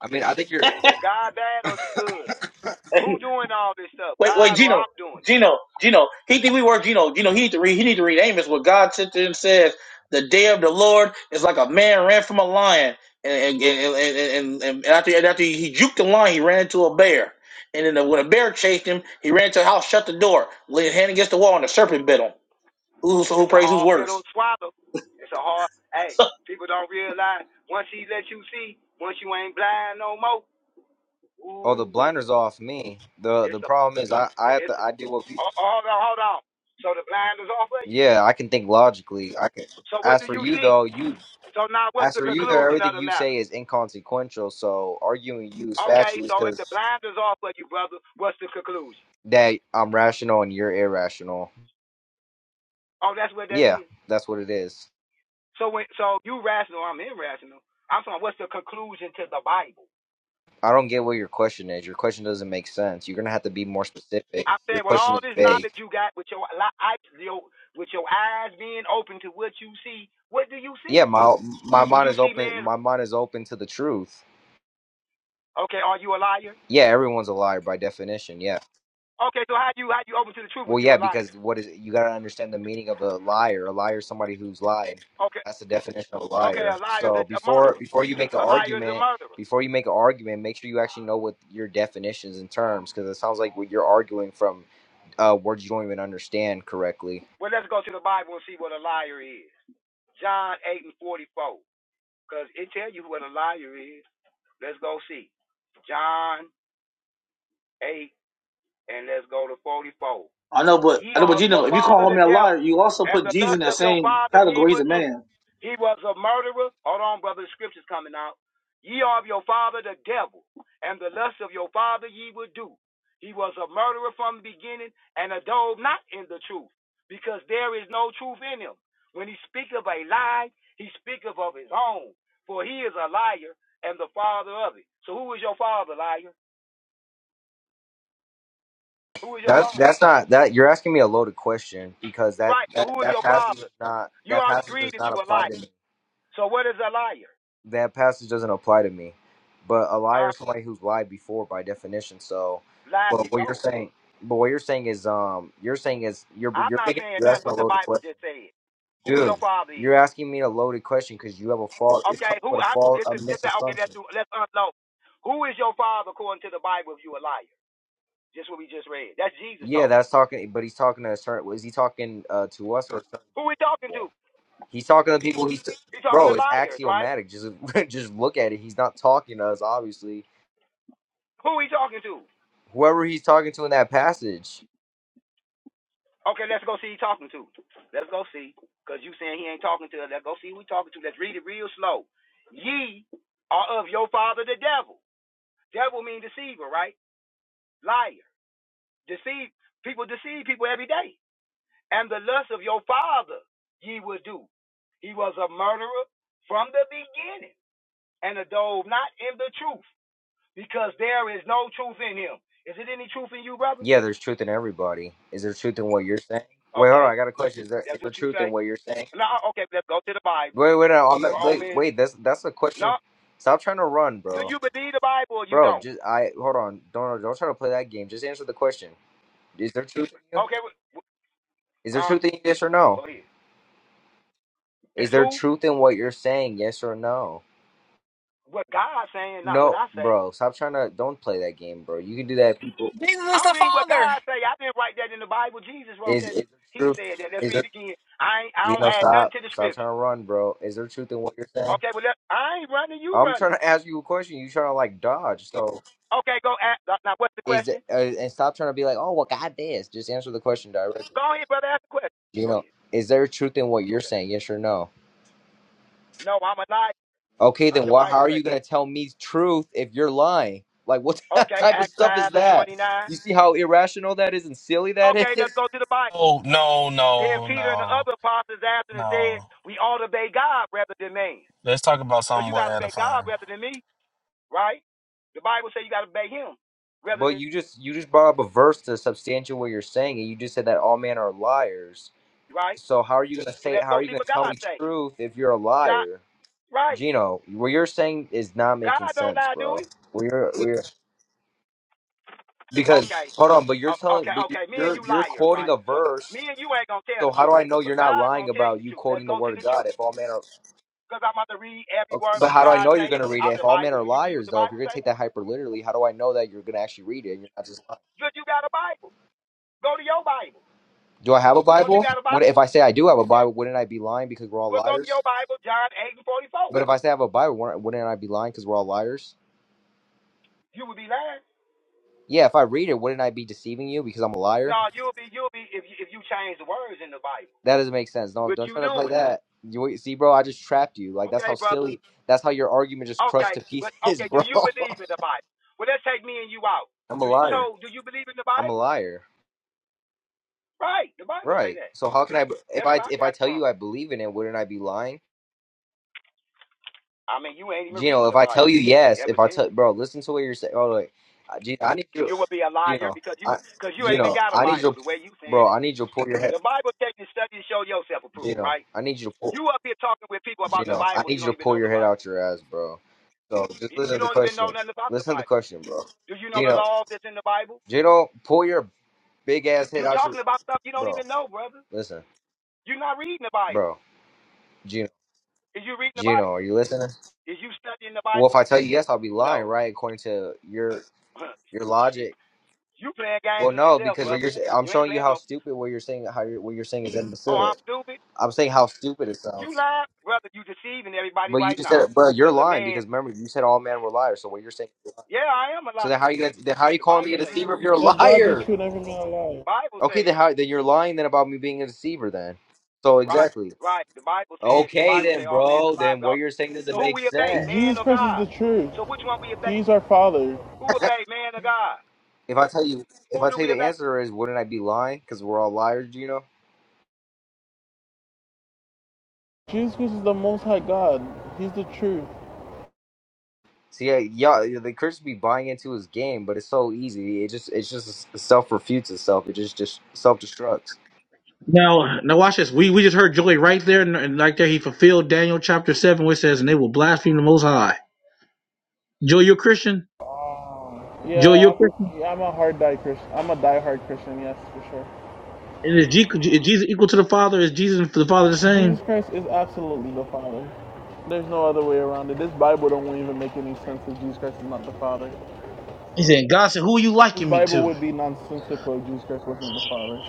I mean, I think you're.
Is God bad or is he good? Who doing all this stuff?
Wait, wait,
God or
Gino,
I'm doing it?
Gino, Gino. He think we work, Gino. Gino, he need to read. He need to read Amos. What God said to him says, "The day of the Lord is like a man ran from a lion, and and and and, and, and after and after he juked the lion, he ran into a bear, and then when a bear chased him, he ran to a house, shut the door, laid his hand against the wall, and the serpent bit him. Who so who
It's a
prays? Who's
hard pill
worse?
to swallow. It's a hard, hey, people don't realize once he let you see, once you ain't blind no more,
Oh, the
ooh wee.
blinders off me. the
It's
The
a,
problem is, I I have to.
it's a,
I do what. People,
oh, hold on, hold on. So the blind is off of you?
yeah, I can think logically. I can.
So what
As
do
for
you
you
see?
though, you.
So now what's
As
the
for you though,
conclusion
everything
of the
you
matter?
say is inconsequential. So arguing you is
Okay,
fatuous
so if the
because
blinders off of you, brother, what's the conclusion?
that I'm rational and you're irrational.
Oh, that's what that
Yeah,
is.
that's what it is.
So when so you rational, I'm irrational. I'm saying what's the conclusion to the Bible?
I don't get what your question is. Your question doesn't make sense. You're gonna have to be more specific.
I'm
Your
saying with
question
all
is
this
vague.
knowledge you got with your eyes, your, with your eyes being open to what you see, what do you
Yeah,
see?
my my
Do
mind
you
is
see
open.
man?
My mind is open to the truth.
Okay, are you a liar?
Yeah, everyone's a liar by definition. Yeah.
Okay, so how you how you open to the truth if
Well,
you
yeah,
a liar?
because what is you got to understand the meaning of a liar. A liar is somebody who's lied.
Okay,
That's the definition of a
okay, a
liar.
liar is
So
a
before
murderer.
before you make an
A liar is a
argument,
murderer.
before you make an argument, make sure you actually know what your definitions and terms, because it sounds like what you're arguing from uh, words you don't even understand correctly.
Well, let's go to the Bible and see what a liar is. John 8 and 44. Because it tell you what a liar is. Let's go see. John 8 and let's go to 44.
I know, but
Ye
I know,
are
but
of your
Gino, if you
father
call
the
me a liar,
devil,
you also
and
put
the
Jesus in
lust
that
of your
same
father ye
category. He's
will
a
do.
man.
He was a murderer. Hold on, brother, the scripture's coming out. Ye are of your father the devil, and the lust of your father ye will do. He was a murderer from the beginning, and abode not in the truth, because there is no truth in him. When he speaketh of a lie, he speaketh of his own, for he is a liar and the father of it. So who is your father, liar? Who is your
That's
father?
that's not that you're asking me a loaded question because that
Right, so who
that,
is
that
your
passage is
father?
not
You
that
already
passage does
agreed that
not
you a liar.
apply to me.
So what is a liar?
that passage doesn't apply to me. But a liar
Huh?
is somebody who's lied before by definition. So,
Lied
but what you're
before.
saying, but what you're saying is, um, you're saying is you're
I'm
you're
not
making
saying
you're
nothing
asking a
what the
loaded
Bible
question,
just said. Who your
dude.
father
You're
is.
asking me a loaded question because you have a fault. It's
Okay,
coming with
who
a
I
fault,
this
a
is this, okay, let's
misassumption.
do let's unload. Who is your father according to the Bible if you a liar? Just what we just read. That's Jesus
Yeah,
talking.
that's talking, but he's talking to a certain. Is he talking uh, to us or certain
Who we talking
people?
to?
He's talking to people. He's
He talking
bro.
to
It's
liars, right?
axiomatic. Just just look at it. He's not talking to us, obviously.
Who he talking to?
Whoever he's talking to in that passage.
Okay, let's go see he talking to. Let's go see. Cause you saying he ain't talking to us. Let's go see who he talking to. Let's read it real slow. Ye are of your father the devil. Devil mean deceiver, right? Liar. Deceive people deceive people every day. And the lust of your father ye will do. He was a murderer from the beginning, and a dove not in the truth, because there is no truth in him. Is it any truth in you, brother?
Yeah, there's truth in everybody. Is there truth in what you're saying? Wait, hold on.
Okay,
I got a question. Is there is
that's
there
what you
truth in
say.
what you're saying?
No, okay, let's go to the Bible.
Wait, wait, no, I'm not, wait,
Romans.
wait. That's that's a
No,
question. Stop trying to run,
do
bro.
you believe the Bible or you
Bro,
don't?
just I hold on. Don't don't try to play that game. Just answer the question. Is there truth in you?
Okay, wh-
Is
wh-
there
uh,
truth in you? Yes or no?
go ahead.
Is
Is
there
who?
truth in what you're saying? Yes or no?
What God saying, not what
No,
I say.
bro. Stop trying to. Don't play that game, bro. You can do that. People
Jesus is
I'm
the
reading what
Father.
God say. I didn't write that in the Bible. Jesus wrote
is is
that.
there
He
truth?
said that. Let's
Is
read
there?
it again. I ain't, I
You
don't
know,
add nothing
stop.
to the
Stop trying
scripture.
to run, bro. Is there truth in what you're saying?
Okay, well, let, I ain't running. You
I'm trying
running.
to ask you a question. You trying to like dodge? So
Okay, go ask. uh, Now, what's the
is it,
question?
uh, and stop trying to be like, oh well, God this. Just answer the question directly.
Go ahead, brother. Ask the question.
You
Go
know,
ahead.
is there truth in what you're
Okay.
saying? Yes or no?
No, I'm a liar,
Okay,
like
then
the
why? How
Bible
are you
says.
gonna tell me truth if you're lying? Like what
Okay,
type of
Acts
stuff is
5 and
that?
29.
You see how irrational that is and silly that
Okay,
is.
let's go to the Bible.
Oh no,
Then
no,
Peter and the
no,
other apostles answered and said,
no.
we ought to obey God rather than man.
Let's talk about
So
something
you
more
got to obey
edifying.
God rather than me, right? The Bible says you got to obey him rather
But
than,
you just you just brought up a verse to substantiate what you're saying, and you just said that all men are liars.
me, right?
So how are you gonna
So
say? How
let's
are
go
you
see
gonna
what
tell
God
me
say.
truth if you're a
John,
liar?
right?
Gino, what you're saying is not
God
making
don't
sense,
lie,
bro.
do we?
We're we're because
Okay,
hold on, but you're
O-
telling,
okay,
but you're
okay. Me and
you're,
you
you're
liars,
quoting
right?
a
So me
verse.
and you ain't gonna tell
So
the
how do
truth,
I know
but
you're not
God
lying
gonna tell you
about
the
you
truth. Let's
quoting the
go to
word of
the
God?
truth,
If all men are,
cause I'm about to read every
okay,
word
but
what
how do I
God
know you're
say
gonna read it?
out
If
the
all men
Bible.
are
Do you believe what
liars,
the
though, if
Bible
you're gonna
say?
take that hyper literally, how do I know that you're gonna actually read it? You're not just. lying?
Good, you got a Bible. Go to your Bible.
Do I have a
Don't you
Bible?
got a
What if
Bible?
I say I do have a
Yeah.
Bible? Wouldn't I be lying because we're all
Well, go to
liars?
your Bible, John 8 and 44.
But if I say I have a Bible, wouldn't wouldn't I be lying because we're all liars?
You would be lying.
Yeah, if I read it, wouldn't I be deceiving you because I'm a liar?
No, you'll be you'll be if you, if you change the words in the Bible.
That doesn't make sense. No,
What
don't
you
try to play
doing?
that. You wait- see, bro, I just trapped you. Like that's
Okay,
how
brother.
silly. That's how your argument just crushed
Okay,
to
but
pieces,
okay, do
bro.
you believe in the Bible? Well, let's take me and you out.
I'm a
Do you,
liar.
so? Do you believe in the
I'm a
Bible?
liar.
Right, the Bible say
Right.
that.
So how can I? If
That's
I
where I
if I
got it
tell you
from.
I believe in it, wouldn't I be lying?
I mean, you ain't even
Gino,
reading
if
the
I tell
Bible.
you yes, if I
Evidently,
tell bro, listen to what you're saying. Oh wait, Uh, Gino, I need you.
you would be a liar
Gino,
because
I,
you because you ain't even
Gino,
got a
I need
Bible
you,
the way you
bro.
saying it.
I need you to pull your head.
The Bible take the study and show yourself approved,
Gino,
right?
I need you to pull.
You up here talking with people about the
Gino, I
Bible,
need
you
you to
don't even
pull
know
your
the
head
Bible.
out your ass, bro. So just
You, you
listen to the
don't even
question.
know nothing about the
Listen to the
Bible.
question, bro.
Do you know the
Gino.
laws that's in the Bible?
Gino, pull your big ass head
You
out your
talking about stuff you don't
bro.
even know, brother.
Listen,
You're not reading the
bro.
Bible.
Gino,
Is you reading the Bible?
Gino, are you listening?
Is you studying the
Well, if
Bible?
I tell you yes, I'll be lying,
No.
right? According to your your
Shit.
logic.
You playing
Well,
games with
no,
yourself,
because what
brother.
you're sa- I'm
You ain't
showing you
playing
how
no,
stupid what you're saying how you're, what you're saying is
oh, I'm
imbecilic.
stupid.
I'm saying how stupid it
You
sounds.
lying, brother. You deceiving everybody
But you
right
just
now.
said, bro, you're
Because a
lying
man,
because remember you said all men were liars. So what you're saying, is lying.
yeah, I am a
so then how
liar.
you gonna then how you
The
calling me a
Bible say that.
deceiver if you're a
Let God be
liar?
true and every man a
The
liar.
Bible
Okay, then
says,
how then you're lying then about me being a deceiver then. So
right,
exactly.
right. The Bible said, the
Okay
Bible
then,
say all man's
bro.
a liar.
Then what you're saying
So
doesn't
who
make
we obey,
Jesus
man
sense.
or
Christ is the
God?
truth.
So which one we obey?
He's our Father.
Who obey, man or God?
If I tell you, if I
Who do
tell you
we
the
obey?
answer is, wouldn't I be lying? Because we're all liars, you know.
Jesus Christ is the Most High God. He's the truth.
So yeah, yeah, the Chris be buying into his game, but it's so easy. It just, it just self refutes itself. It just, just self destructs.
Now, now watch this. We we just heard Joey right there, and, and right there he fulfilled Daniel chapter seven, which says, "And they will blaspheme the Most High." Joey, you're a Christian. Joey,
Yeah,
you're a Christian.
I'm, yeah, I'm a hard die Christian. I'm a die-hard Christian, yes, for sure.
And is, G, is Jesus equal to the Father? Is Jesus and the Father the same?
Jesus Christ is absolutely the Father. There's no other way around it. This Bible don't even make any sense if Jesus Christ is not the Father.
He said, "God said, who are you
This
liking me to?"
Bible would be nonsensical if Jesus Christ wasn't the Father.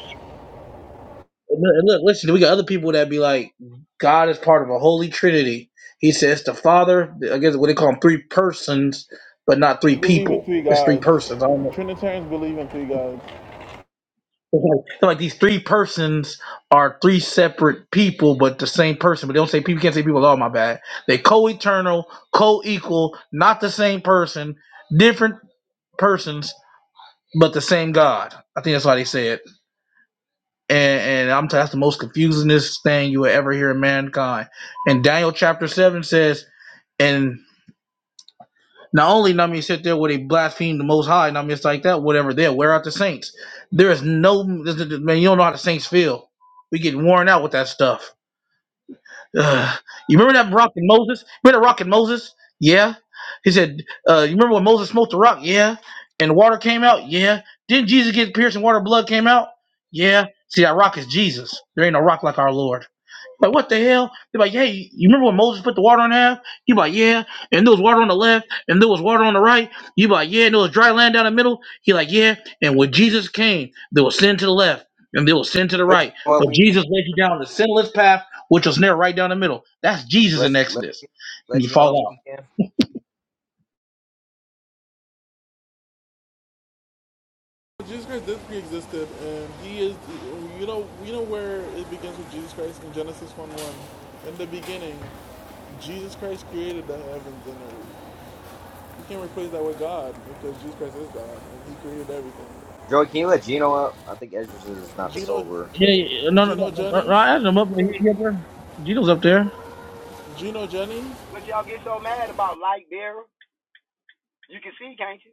And look, and look, listen, we got other people that be like, "God is part of a holy trinity." He says the Father. I guess what they call them, three persons, but not three
We Believe in
people.
three
It's three
gods.
persons. I don't know.
Trinitarians believe in three gods.
It's like, it's like these three persons are three separate people, but the same person. But they don't say people can't say people. Oh my bad. They co-eternal, co-equal, not the same person, different persons, but the same God. I think that's why they say it. And, and I'm telling you, that's the most confusingest thing you will ever hear in mankind. And Daniel chapter seven says, and Not only I mean sit there where they blaspheme the Most High, and I mean it's like that, whatever. They'll wear out the saints. There is no man. You don't know how the saints feel. We get worn out with that stuff. Ugh. You remember that rock and Moses? Remember that rock and Moses? Yeah. He said, uh, "You remember when Moses smoked the rock? Yeah. And the water came out. Yeah. Didn't Jesus get pierced and water and blood came out? Yeah. See that rock is Jesus. There ain't no rock like our Lord. Like, what the hell? They're like, hey, you remember when Moses put the water in half? You like, yeah, and there was water on the left, and there was water on the right. You like, yeah, and there was dry land down the middle. He like, yeah, and when Jesus came, there was sin to the left, and there was sin to the
Let
right.
Gino up
But
when you can.
Jesus led you down the sinless path, which was narrow right down the middle. That's Jesus
Let
in
let
Exodus. And
let
you
Gino
fall
up
out.
when you can.
Jesus Christ did pre-existed, and he is. You know, you know where it begins with Jesus Christ in Genesis one one. In the beginning, Jesus Christ created the heavens and earth. You can't replace that with God because Jesus Christ is God and He created everything.
Joey, can you let
So,
Gino up? I think Ezra is not
Gino,
sober.
Yeah, yeah, yeah. no, no,
Gino
no, no, no,
Jennings,
I had him up there. He- he up there. Jesus up there.
Gino Jennings,
What y'all get so mad about, light bearer? You can see, can't you?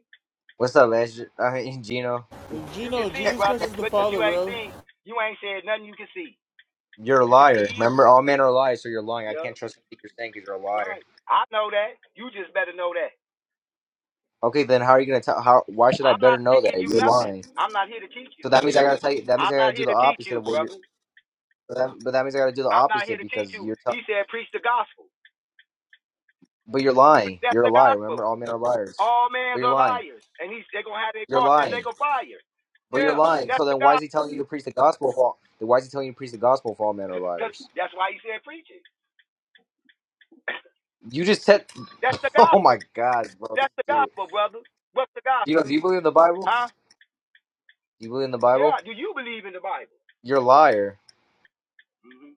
What's up, Ezra? Uh, Gino,
You can
Gino.
see,
Jesus Christ
brother,
is the
but, but
Father,
you ain't
bro.
seen. You ain't said nothing. You can see.
you're a
You can see
liar.
evil.
Remember, all men are liars, so you're lying. I
Yeah,
can't trust anything you're saying because you're a liar.
Right. I know that. You just better know that.
Okay, then how are you gonna tell? How? Why should I
I'm
better
not
know that
teaching you
you're
nothing.
lying?
I'm not here to teach
So
you.
that means I gotta tell you. That means I
I'm
gotta
not
do
here
the
to teach
opposite
you,
of what you're.
brother.
But that, but that means I gotta do the
I'm not here
opposite
to teach
because
you.
you're. T-
He said, preach the gospel.
but you're lying.
That's
You're a
the
liar. Remember,
gospel.
all men are liars.
All
But
men's
you're
are
lying.
liars. And he's, they're going to have their
You're
partner, they're
lying.
going to fire.
But you're
Yeah,
lying. So
that's the
then, why is
gospel.
he telling you to preach the gospel? Of all, then why is he telling you to preach the gospel? If all men are
'Cause
liars.
that's why he said, preach it.
You just said.
that's the
Oh
gospel.
my God, bro,
That's the
dude.
gospel, brother. What's the
You know,
gospel?
do you believe in the Bible?
Huh?
Do you believe in the Bible?
Yeah, do you believe in the Bible?
You're a liar.
hmm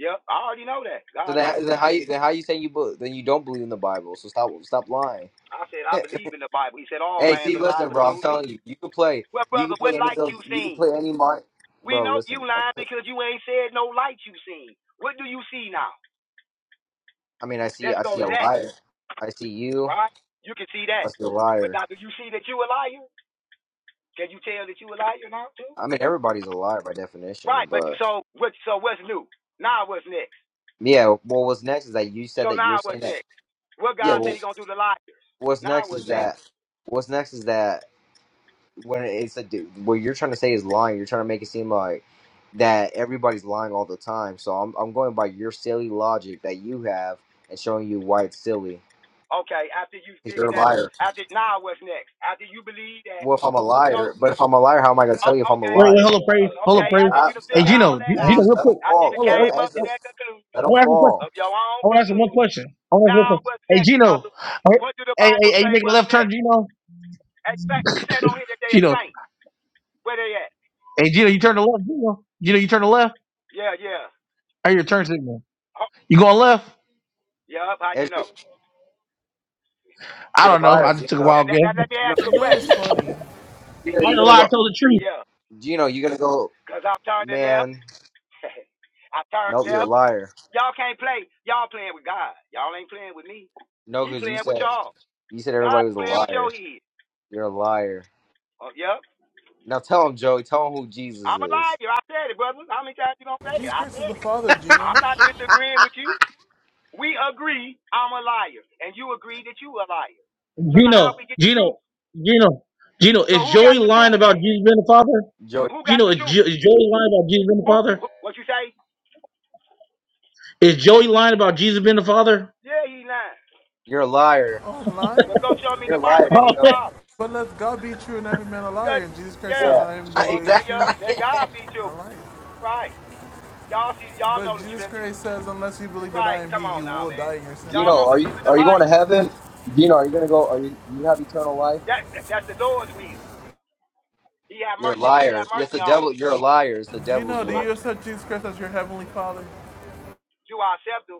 Yep, I already know that.
So
God told
then, then
me that.
how you then how you saying you bel- then you don't believe in the Bible? So stop stop lying.
I said, I believe in the Bible. He said, all
Hey,
man's
see, listen,
alive
bro. I'm
include
telling
me.
you, you can play.
Well,
You can
brother,
play
what
any of
light
those.
you
You can play
seen?
any Mar.
We
Bro,
know you
listen. I'll
lying
put-
because you ain't said no light you seen. What do you see now?
I mean, I see.
Let's
I
go
see
to
a
that,
liar. I see you.
right? You can see that.
I see a
But
liar.
now, do you see that you a liar? Can you tell that you a liar now, too?
I mean, everybody's a liar by definition.
Right, but
But
so what? so what's new? Now what's next?
yeah. Well, what's next is that you said
So
that you're
now
saying
what's
that.
next? What
Yeah.
God said
Well,
he going to do to liars?
what's
Now
next
what's
is
next?
that. What's next is that when it's a dude, what you're trying to say is lying. You're trying to make it seem like that everybody's lying all the time. So I'm I'm going by your silly logic that you have and showing you why it's silly.
Okay, after you
'Cause You're
figure
a
that,
liar.
after now what's next? After you believe that,
Well, if I'm a
so
liar,
o
but if I'm a liar, how am I gonna tell you if I'm a
okay,
Wait, wait,
liar?
hold up, praise,
uh,
hold
Hey,
up,
okay,
praise.
after you
Stop,
done
Hey,
figured
stop.
all
Gino, G-
that
That's
Gino,
out,
just
real
let them
quick.
after you
fall.
done
Hold on,
Let
hold
came
on,
that's
up to
hold on.
just
that conclusion
let
I
them
want to ask a question.
fall.
of your own
I want to ask him one
conclusion,
question. I want to ask
now
one question.
what's
Hey,
next,
Gino.
brother?
Hey,
What do the
hey, hey,
Bible
hey,
say
you making a
what's
left turn,
next?
Gino?
Hey, thank, who said on here that they are
Gino.
saints? Where they at?
Hey, Gino, you turn to left, Gino. Gino, you turn to left.
Yeah, yeah.
I hear your turn signal.
Oh,
You going left?
yeah, how do
That's
you know?
just,
I
you're a
don't know.
liar,
I just took a
Gino.
That,
wild
that,
guess.
that, let me
Gino,
ask you a
you,
Gino
question.
is
you,
funny.
yeah,
Why
you're
the
gonna
lie? I
go.
told the truth.
yeah,
Gino, you're gonna go.
because I turned it left.
Man,
I turned
nope, you're a
left.
liar.
Y'all can't play. Y'all playing with God. Y'all ain't playing with me.
No,
He
because you
playing with
said
y'all.
you said
God
everybody was a
playing with
liar.
your head.
You're a liar.
Oh, yep.
Now tell him, Joey. Tell him who Jesus
I'm a
is.
liar. I said it, brother. How many times you gonna say it?
Jesus
I
Christ is
said
the
it.
Father,
I'm
Gino.
not disagreeing with you. We agree I'm a liar, and you agree that you a liar. So now how
Gino,
we get the truth?
Gino, Gino, Gino.
So
Is
who got
Joey
the
lying
truth
about
then?
Jesus being the Father?
Joey,
Well, who got
Gino,
the
is,
truth?
jo- is Joey lying about Jesus being the
Who,
Father?
who? What you say?
Is Joey lying about Jesus being the Father?
Yeah, he lying.
you're a liar.
Oh, I'm lying.
But go show me in
You're a
the Bible
liar,
that he the
Gino.
father.
But let God be true and every man a
Cause
liar. And Jesus Christ
yeah,
says,
Yeah,
I am the way,
okay, yeah.
truth,
exactly.
Let God be true,
and life.
right? Y'all see, y'all
But
know the
Jesus
scriptures,
Christ says, unless you believe that I
right?
am
Come
He,
on
you
now,
will
man.
die in your
Y'all
Gino,
sins.
don't
are
believe
you
in the
are you going to
Bible.
heaven? Gino, are you gonna go? Are you do you have eternal life?
That, that that's the Lord's will. He have
You're a
mercy on, we
liar.
have
Yes,
mercy
the
on.
devil. You're a liar. It's the devil's
Gino, do
will.
Right?
you accept Jesus Christ as your heavenly Father?
Do our scepter.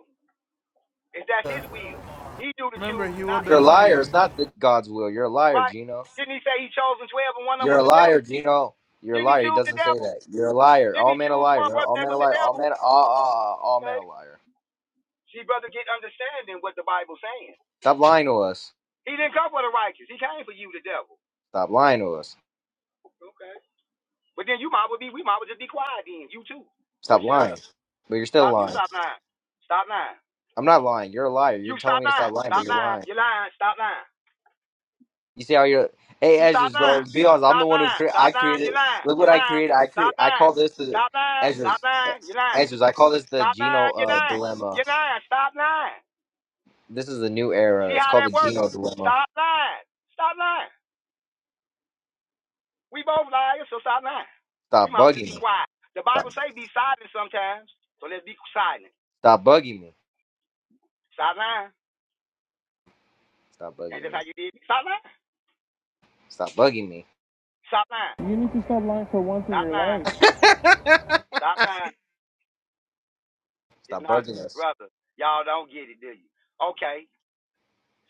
Is that's His will? He do the
Remember, He
choosing,
will
not
You're a
me.
deny
liar.
you.
It's not the, God's will. You're a liar,
Right?
Gino.
Didn't He say He chosen twelve and one of them
You're
was
a
the
liar,
devil?
Gino. You're a
Didn't He
liar. He
choose the
doesn't say
devil?
that. You're a liar. All
Didn't He
men a
choose
liar,
one
bro.
brother
All men
that
a
was the
liar. All
devil?
men. Ah, ah, ah. All men
Okay.
a liar.
See, brother, get understanding what the Bible's saying.
Stop lying to us.
He didn't come for the righteous. He came for you, the devil.
Stop lying to us.
Okay. But then you might well be, we might well just be quiet then. You too. So
Stop
shut up.
lying. But you're still
Stop. You
lying.
stop lying. Stop lying.
I'm not lying. You're a liar. You're
You
telling
stop
me to stop
lying.
lying, but
Stop
you're
lying.
lying.
You lying. Stop lying.
You see how you're. Hey,
You stop
Ezra's, bro.
lying.
Be honest. I'm the
Stop
one who
lying.
cre-
Stop
I
lying. You
created.
lying.
Look what
You
I
lying.
created. I create.
Stop
I
lying.
call this the
Stop lying. Stop
Ezra's.
lying. You lying.
Ezra's. I call this the
Stop
Gino
lying. You
uh,
lying.
dilemma.
You lying. Stop lying.
This is a new era.
See
It's
how
called the
that works?
Geno Dilemma.
Stop lying. Stop lying. We both liars, so stop lying. We
Stop
might as well
bugging
just be
me.
quiet. The
Stop.
Bible say be silent sometimes, so let's be silent.
Stop bugging me.
Stop lying.
Stop
That's
bugging
just
me.
how you did. it. Stop lying.
Stop bugging me.
Stop lying.
You need to stop lying for once in
Stop
your
lying.
life.
Stop lying. It's
Stop
not,
bugging us.
brother. Y'all don't get it, do you? Okay.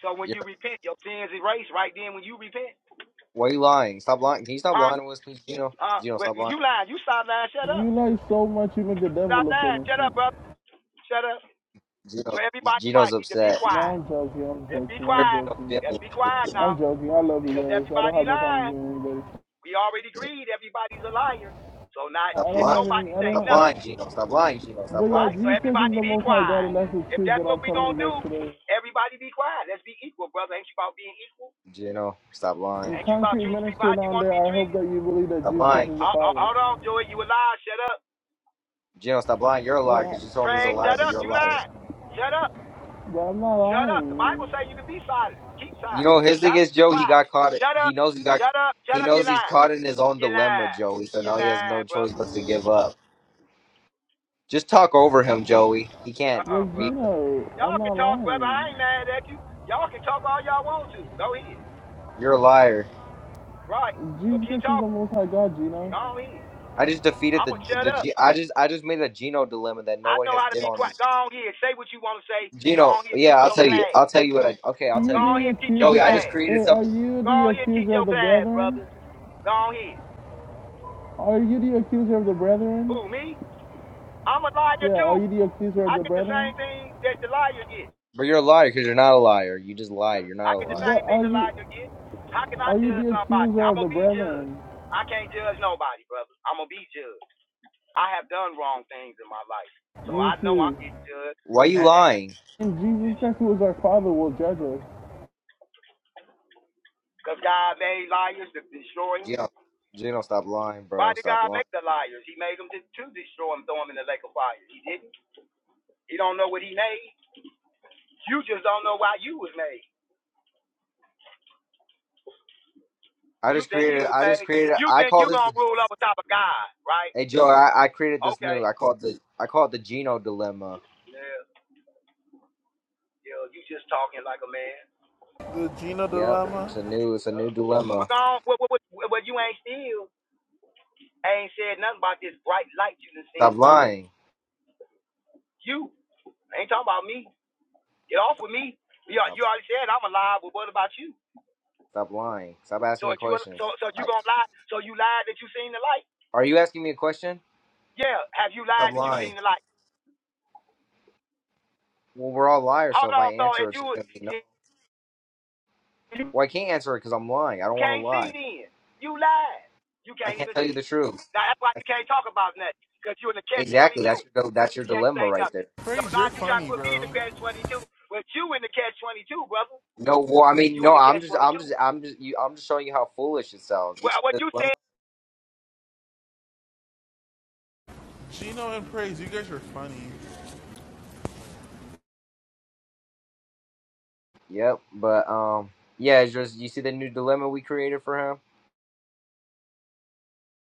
So when
You're,
you repent, your sins erased right then when you repent.
why are you lying? Stop lying. Can you stop
Huh?
lying to us, please, Gino?
Huh?
Gino,
Well,
stop lying.
you lying. You sideline. Shut up.
You like so much, you make the devil
Stop
look
lying. Shut up,
innocent.
brother. Shut up.
Gino,
So everybody
Gino's
right need to be
upset.
No,
quiet.
I'm joking. I'm
Let's be
joking.
Hurt
I'm
quiet.
joking.
Gino's
Let's
feelings.
be quiet now
I'm joking. I love you
because
guys. I don't
everybody
have no problem
lying.
with anybody.
We already agreed everybody's a liar. So not
I
Stop
should
don't
lying.
have any.
nobody
I
say
Stop
don't. have,
nothing,
lying, Gino. Stop lying, Gino.
But
Stop
yeah,
right?
lying.
So
Jesus Christ is
everybody
the
be
Most High God,
quiet.
and that's the
If
truth
that's
that I'm
what we
telling
gonna
you
do,
guys today.
everybody be quiet. Let's be equal, brother. Ain't you about being equal?
Gino, stop lying.
And
Ain't you about
concrete
treating people
minister
how you
down
want to
there,
be
I hope
treated?
that you believe that
Stop
Jesus Christ
lying.
is the
Uh, uh,
Father.
hold on, Joey. You a liar. Shut up.
Gino, stop lying. You're a
Wait,
liar
I,
because you told me he's a
Pray.
liar,
Shut
but
up.
you're a
You
liar.
lying. Shut up.
but I'm not
Shut up. The
lying.
Bible say you can be silent. Keep
You
silent.
know, his thing
Stop.
is
Be
Joe. He
quiet.
got caught.
Shut
He
up.
knows he got.
Shut up.
He
Shut up. You're
knows he's
lying.
caught in his own
You're
dilemma,
lying.
Joey. So now
You're
he has no
lying,
choice
brother.
but to give up. Just talk over him, Joey. He can't
Uh-uh,
But
be.
brother.
Gino, I'm
Y'all
not
can talk, brother.
lying.
I ain't mad at you. Y'all can talk all y'all want to. Go ahead.
You're a liar.
Right. So
Jesus
keep
Christ is
talking.
the Most High God, Gino.
Go on here.
I just defeated
I'm
the
going to shut
the.
up.
G- I just I just made a Gino dilemma that no
I
one
know
has
how to
did
be
on
quiet.
this.
Go on here. Say what you want to say. Go
Gino,
on here and
yeah,
teach
I'll
your
tell you.
class.
I'll tell you what I. Okay,
Are
I'll
you
tell
Go
you.
on
the
here and teach your
Joey,
accuser
I
of?
just
class.
created
Hey, are
something.
you
Go
the
on here and teach
accuser of
your
the
class,
brethren?
brothers. Go on here.
Are you the accuser of the brethren?
Who, me? I'm a liar
Yeah,
too.
are you the accuser of
I
the
get the
brethren?
same thing that the liar gets.
But you're a liar because you're not a liar. You just lied. You're
I
not a
get the
liar.
But
same
are
thing the
you
liar gets. How can I
are you
judge
the
somebody?
accuser
I'm
of the
gonna be judged.
brethren?
I can't judge nobody, brother. I'm gonna be judged. I have done wrong things in my life, so
Me
I know I'm
too.
getting judged.
Why you lying,
And Jesus Christ, who is our Father, will judge us.
Because God made liars to destroy him.
Gino? Gino, stop lying,
Why
bro.
did
Stop
God
lying.
make the liars? He made them to, to destroy him, throw him in the lake of fire. He didn't. He don't know what he made. You just don't know why you was made.
I
You
just
think you
created.
was
I just
made.
created.
You
I
think
call
you
this.
gonna rule up on top of God, right?
Hey Joe, I, I created this
Okay.
new. I call it the I call it the Geno dilemma.
Yeah, yeah. You just talking like a man.
The Gino
Yep,
dilemma.
it's a new it's a new dilemma.
But gone. Well, well, well, well, you ain't still. Ain't said nothing about this bright light you done
Stop
seen.
lying.
You I ain't talking about me. Get off with me. You,
Stop,
you already said I'm alive. But what about you?
stop lying. Stop asking
So
me
if you
questions.
so so you
Like,
gonna lie? So you lied that you seen the light?
are you asking me a question?
Yeah. Have you
Stop
lied that you
lying.
seen the light?
Well, we're all liars, so
Hold
if I
on. So
answer,
if
it's just gonna be no.
you
Well, I can't answer it because I'm lying. I
You
don't want to
can't see
lie.
then. You lied. You
I
can't
can't
even
tell you
see.
the truth.
Now that's why
I-
you can't talk about nothing, because you're in the catch
Exactly.
22.
That's
You
your that's your
can't
dilemma
say
right
nothing.
there.
So
Praise,
now
you're
you try to
funny,
put me in
bro.
the catch 22, but you in the catch 22, brother.
No, well, I mean,
You in
no.
the
I'm
catch
just
22.
I'm just I'm just you, I'm just showing you how foolish it sounds. You
Well,
see
what
the
you said
dilemma?
Gino and Praise, you guys are funny.
Yep, but um, yeah, it's just you see the new dilemma we created for him.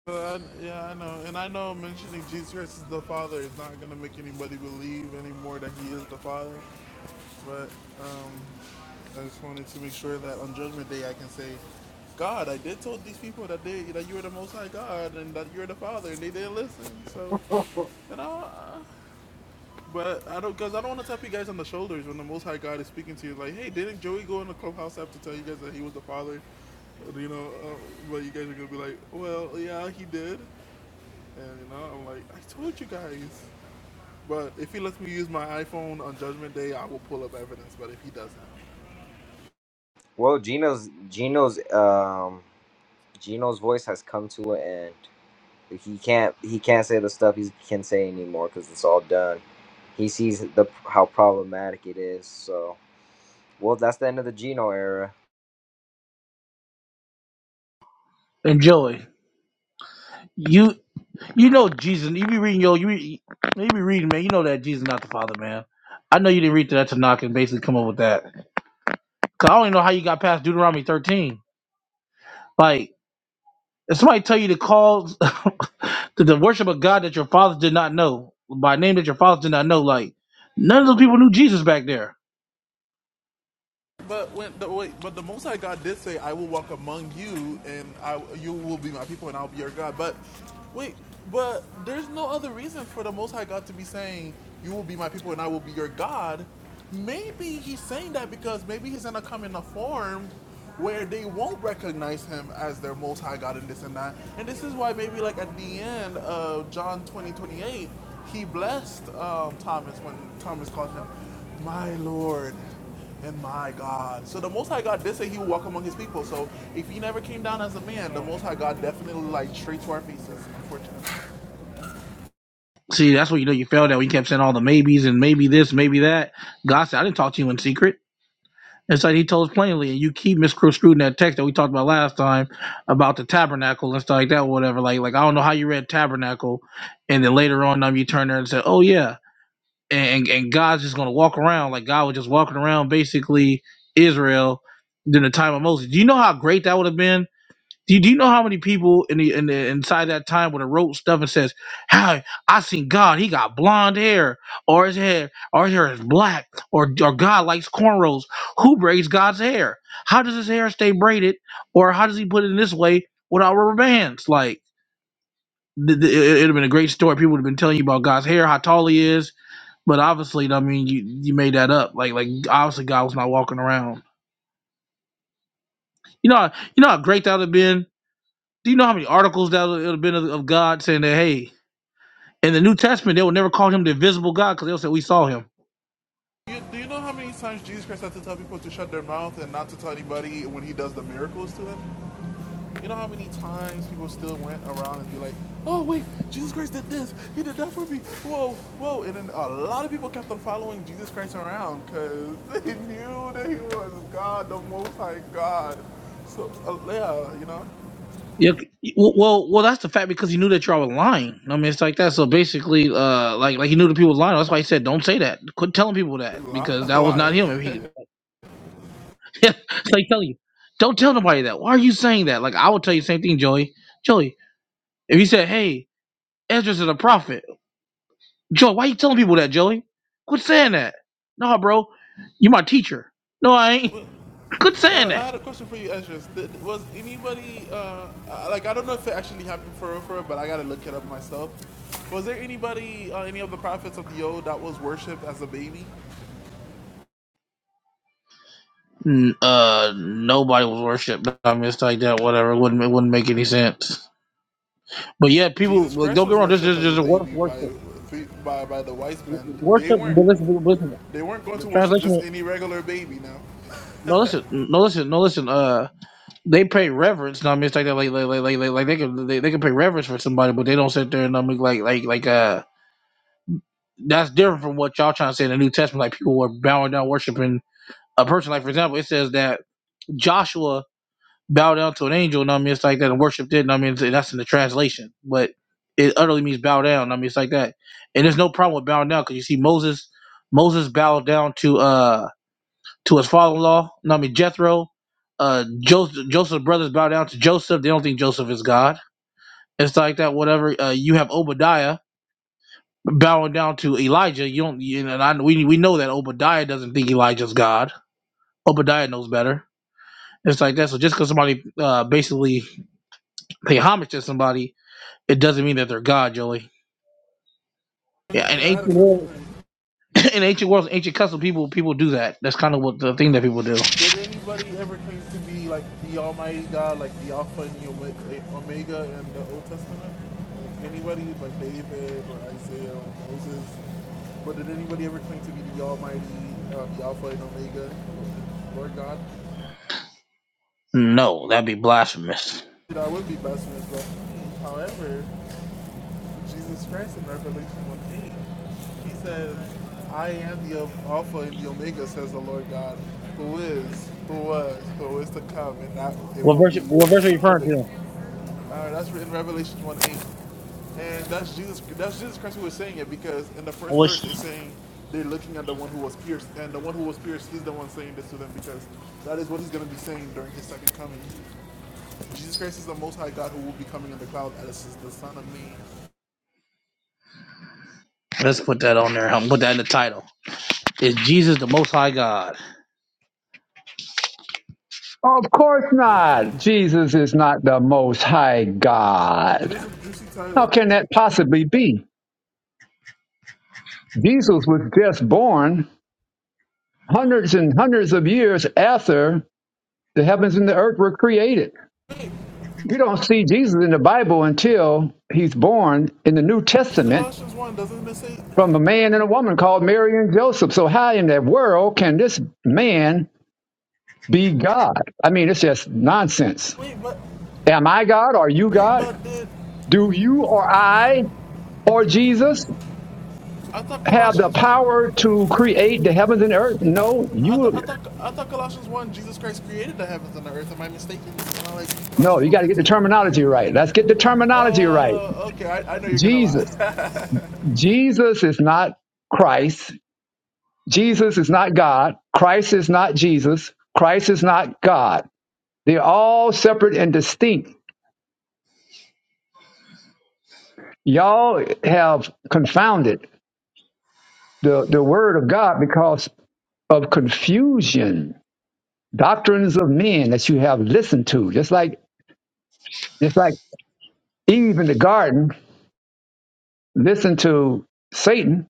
But I, yeah, I know, and I know mentioning Jesus Christ is the Father is not gonna make anybody believe anymore that He is the Father. But um, I just wanted to make sure that on Judgment Day I can say, God, I did told these people that they that you were the Most High God and that you're the Father, and they didn't listen. So, you know, uh, but I don't because I don't want to tap you guys on the shoulders when the Most High God is speaking to you. Like, hey, didn't Joey go in the clubhouse app to tell you guys that he was the Father? You know, uh, but you guys are gonna be like, well, yeah, he did, and you know, I'm like, I told you guys. But if he lets me use my iPhone on Judgment Day, I will pull up evidence. But if he doesn't.
Well, Gino's Gino's um Gino's voice has come to an end. He can't he can't say the stuff he can say anymore because it's all done. He sees the how problematic it is. So, well, that's the end of the Gino era.
and Joey. You You know Jesus. You be reading yo. You be, you be reading man. You know that Jesus not the Father, man. I know you didn't read that to knock and basically come up with that. Cause I don't even know how you got past Deuteronomy thirteen. Like if somebody tell you to call to the worship of God that your fathers did not know by name that your fathers did not know, like none of those people knew Jesus back there.
But when the wait, but the Most High God did say, "I will walk among you, and I you will be my people, and I'll be your God." But wait, but there's no other reason for the Most High God to be saying, "You will be my people, and I will be your God." Maybe he's saying that because maybe he's gonna come in a form where they won't recognize him as their Most High God and this and that. And this is why maybe like at the end of John 20 28, he blessed um, Thomas when Thomas called him, "My Lord." And my God. So the Most High God did say he would walk among his people. So if he never came down as a man, the Most High God definitely lied straight to our faces, unfortunately.
See, that's what you know you failed at. We kept saying all the maybes and maybe this, maybe that. God said, I didn't talk to you in secret. It's like he told us plainly, and you keep misconstruing that text that we talked about last time about the tabernacle and stuff like that, whatever. Like, like I don't know how you read tabernacle, and then later on, um, you turn there and say, "Oh yeah," and and God's just gonna walk around like God was just walking around basically Israel during the time of Moses. Do you know how great that would have been? Do you, do you know how many people in the in the inside that time would have wrote stuff and says, "How I seen God, he got blonde hair, or his hair, or his hair is black, or or God likes cornrows. Who braids God's hair? How does his hair stay braided, or how does he put it in this way without rubber bands? Like th- th- it would have been a great story. People would have been telling you about God's hair, how tall he is, but obviously, I mean, you you made that up. Like like obviously, God was not walking around. You know, how- you know how great that would have been Do you know how many articles that would have been of, of God saying that, hey, in the New Testament, they would never call him the invisible God because they'll say, we saw him.
You, do you know how many times Jesus Christ had to tell people to shut their mouth and not to tell anybody when he does the miracles to them? You know how many times people still went around and be like, oh, wait, Jesus Christ did this. He did that for me. Whoa, whoa. And then a lot of people kept on following Jesus Christ around because they knew that he was God, the Most High God. So, uh, yeah, you know.
Yeah, c- well, well, well, that's the fact because he knew that y'all were lying. I mean, it's like that. So basically, uh, like, like he knew the people were lying. That's why he said, "Don't say that. Quit telling people that
Ly-
because that was not
Lying.
him." If he, it's like telling you, "Don't tell nobody that." Why are you saying that? Like, I would tell you the same thing, Joey. Joey, if you said, "Hey, Ezra's is a prophet," Joey, why you telling people that, Joey? Quit saying that. No, bro, you my teacher. No, I ain't. Quit saying
Uh,
that.
I had a question for you, Esdras. Th- Was anybody uh, I- like I don't know if it actually happened for real, for real, but I gotta look it up myself. Was there anybody, uh, any of the prophets of the old, that was worshipped as a baby?
n- uh nobody was worshipped. I mean, it's like that. Whatever. It wouldn't it wouldn't make any sense. But yeah, people
Jesus
like
Christ
don't get
was
me wrong. This
worshipped
is
as
just
a
a word
baby
for
by
worship.
by by the wise men. They
Worship.
weren't
But listen, but listen.
they weren't going
The
to worship
translation.
just any regular baby. Now.
No, listen. No, listen. No, listen. Uh, they pay reverence. No, I mean, it's like that. Like, like, like, like, like, like they can they, they can pay reverence for somebody, but they don't sit there and I mean, like, like, like, uh, that's different from what y'all trying to say in the New Testament. Like people were bowing down, worshiping a person. Like for example, it says that Joshua bow down to an angel, and I mean? It's like that. And worship it, and I mean? It's- That's in the translation. But it utterly means bow down, I mean? It's like that. And there's no problem with bowing down because you see Moses, Moses bowed down to uh to his father-in-law, know I mean? Jethro, uh Joseph, Joseph's brothers bow down to Joseph. They don't think Joseph is God. It's like that, whatever. Uh, you have Obadiah bowing down to Elijah. You don't, you know, and I, we, we know that Obadiah doesn't think Elijah's God. Obadiah knows better. It's like that. So just because somebody uh, basically pay homage to somebody It doesn't mean that they're God, Joey. Yeah, in
Okay, I had a
ancient
question
world,
for you.
in ancient worlds, ancient custom, people people do that. That's kind of what the thing that people do.
Did anybody ever claim to be like the Almighty God, like the Alpha and the Omega in the Old Testament? Like anybody, like David or Isaiah or Moses? But did anybody ever claim to be the Almighty, uh, the Alpha and Omega, Lord God?
No, that'd be blasphemous.
That would be blasphemous, but however, Jesus Christ in Revelation 1 8. He says, I am the Alpha and the Omega, says the Lord God, who is, who was, who is to come, and that it
What
will
verse?
be
What verse are you referring
predicted.
to?
Uh, that's in Revelation 1 8. And that's Jesus that's Jesus Christ who was saying it because in the
I
first
wish.
verse it's saying they're looking at the one who was pierced, and the one who was pierced, he's the one saying this to them because that is what he's going to be saying during his second coming. Jesus Christ is the Most High God who will be coming in the cloud as the Son of Man.
Let's put that on there. I'm put that in the title. Is Jesus the Most High God?
Of course not. Jesus is not the most high
It is
God.
a juicy title.
How can that possibly be? Jesus was just born hundreds and hundreds of years after the heavens and the earth were created. We don't see Jesus in the Bible until he's born in the New
In
Testament
Colossians 1, doesn't it say,
from a man and a woman called Mary and Joseph. So, how in the world can this man be God? I mean, it's just nonsense.
wait, but,
Am I God? Are you
wait,
God?
but did,
Do you or I or Jesus?
I thought
have the
Colossians 1,
power to create the heavens and earth? No,
I,
you
th- I thought I thought Colossians 1, Jesus Christ created the heavens and the earth. Am I mistaken? Am I like
no,
Colossians
you
one
got to get the
fifteen.
terminology right. Let's get the terminology right.
Uh, okay, I, I know you're gonna
Jesus.
lie.
Jesus is not Christ. Jesus is not God. Christ is not Jesus. Christ is not God. They're all separate and distinct. Y'all have confounded the, the word of God because of confusion, doctrines of men that you have listened to, just like just like Eve in the garden listened to Satan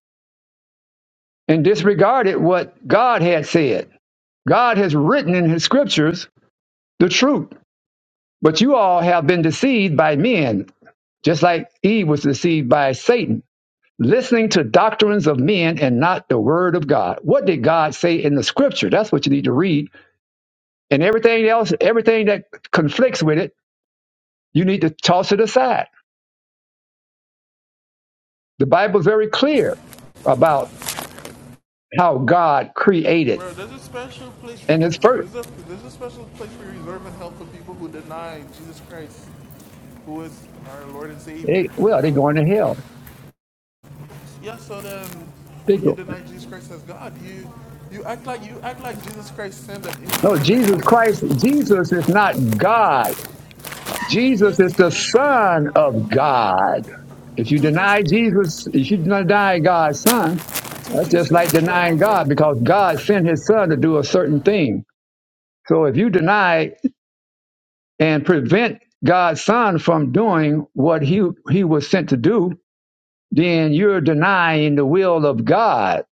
and disregarded what God had said. God has written in his scriptures the truth, but you all have been deceived by men, just like Eve was deceived by Satan, listening to doctrines of men and not the word of God. What did God say in the scripture? That's what you need to read. And everything else, everything that conflicts with it, you need to toss it aside. The Bible is very clear about how God created
Bro, there's a special place,
and his first.
there's a, there's a special place for reserve and help for people who deny Jesus Christ, who is our Lord and Savior,
They,
our
well, they're
God.
going to hell
Yeah, so then
Big-
when you deny Jesus Christ as God, you you act like you act like Jesus Christ sinned at any
No,
time that he
Jesus
was on
Christ,
earth.
Jesus is not God.
He
Jesus
is
is the
the most high God.
Son of God. If you
Two things
deny Jesus, if you deny God's Son,
two
that's
things
just
can
like
be true at
denying
once, right?
God because God sent his Son to do a certain thing. So if you deny and prevent God's Son from doing what he, he was sent to do, then you're denying the will of God.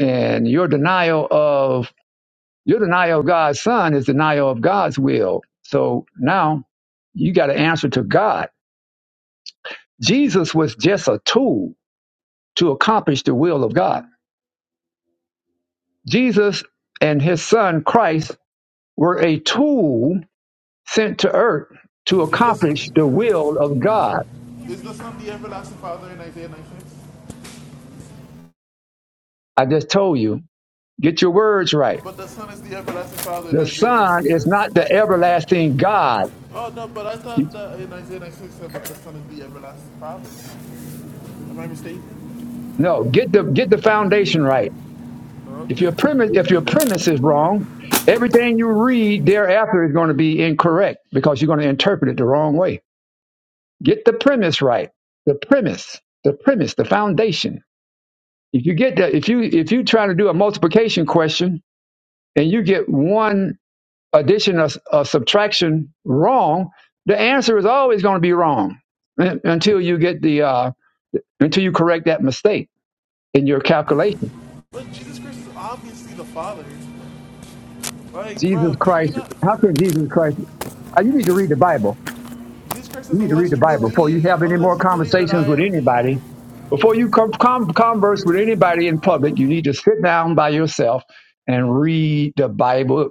And your denial of Your denial of God's son is denial of God's will. So now you got to answer to God. Jesus was just a tool to accomplish the will of God. Jesus and his son Christ were a tool sent to earth to
Is this
accomplish
Do
the will of
you know that?
God.
is the Son the everlasting Father in Isaiah 96?
I just told you, get your words right.
But the Son is the everlasting Father in
The
Isaiah
son
96,
is not
right?
the everlasting God.
Oh no, but I thought that in Isaiah 96 said that the Son is the everlasting Father. Am I mistaken?
No, get the get the foundation right.
Oh,
If
Okay.
your premise, if your premise is wrong, everything you read thereafter is going to be incorrect because you're going to interpret it the wrong way. Get the premise right. The premise, the premise, the foundation. If you get that, if you if you try to do a multiplication question and you get one addition or, or subtraction wrong, the answer is always going to be wrong un- until you get the uh, until you correct that mistake in your calculation.
But Jesus Christ is obviously the Father. Like,
Jesus
bro, you're
Christ,
gonna
how could Jesus Christ? uh, You need to read the Bible.
Jesus Christ says,
You need to read
unless
the
you
Bible before you
believe,
have any more
unless you believe that
conversations
I
with
am He.
anybody. Before you com- com- converse with anybody in public, you need to sit down by yourself and read the Bible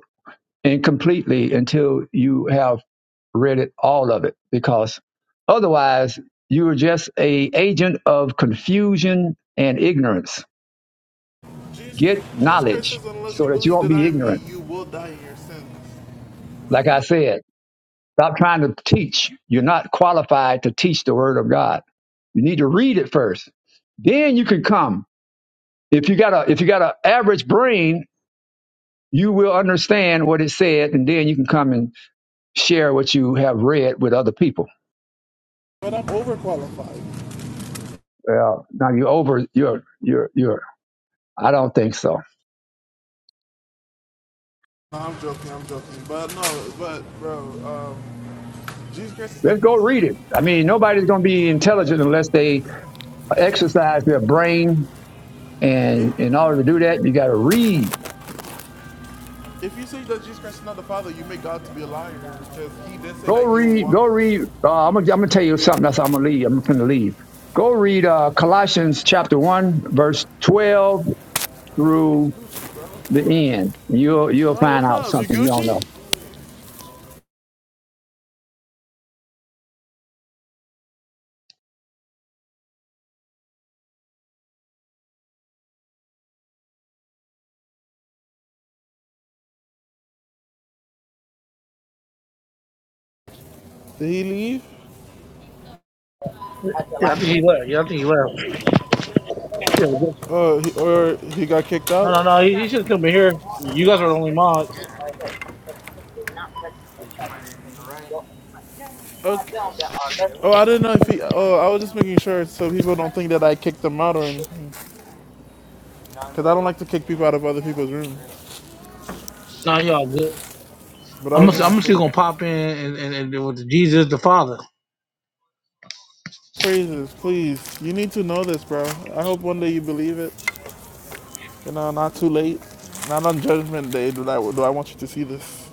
incompletely until you have read it all of it, because otherwise you are just a agent of confusion and ignorance.
Jesus,
Get
Jesus Christ
knowledge
says, unless
so
you
that you
believe
won't
that
be
I am He,
ignorant.
you will die in your sins.
Like I said. Stop trying to teach. You're not qualified to teach the word of God. You need to read it first. Then you can come. If you got a if you got an average brain, you will understand what it said, and then you can come and share what you have read with other people.
But I'm overqualified.
Well, now you're over you're you're you're I don't think so.
No, I'm joking, I'm joking. But no, but bro, um, Jesus Christ is. The,
Let's go read it. I mean, nobody's gonna be intelligent unless they exercise their brain
it,
and in order to do that, you gotta read.
if you say that Jesus Christ is not the Father, you make God to be a liar because He did say
Go
that He will
read,
walk.
go read. Uh, I'm gonna, I'm gonna tell you something. That's how I'm gonna leave. I'm gonna leave. Go read uh, Colossians chapter one, verse twelve through the end. You'll you'll
Oh,
find
what's
out
up? You
something you don't
Gucci?
know.
Did he leave?
I think he left. Yeah, I think he left. Yeah, just-
Uh, he, or he got kicked
no,
out?
no, should have come in here. You guys are the only mods.
Okay. Oh, I didn't know if he. Oh, I was just making sure so people don't think that I kicked him out or anything. Because I don't like to kick people out of other people's rooms.
No, y'all good.
But I
I'm
was
gonna,
making
I'm still
sure.
gonna pop in and and, and do with Jesus the Father.
Praises, please. You need to know this, bro. I hope one day you believe it. You know, not too late. Not on Judgment Day do I, do I want you to see this.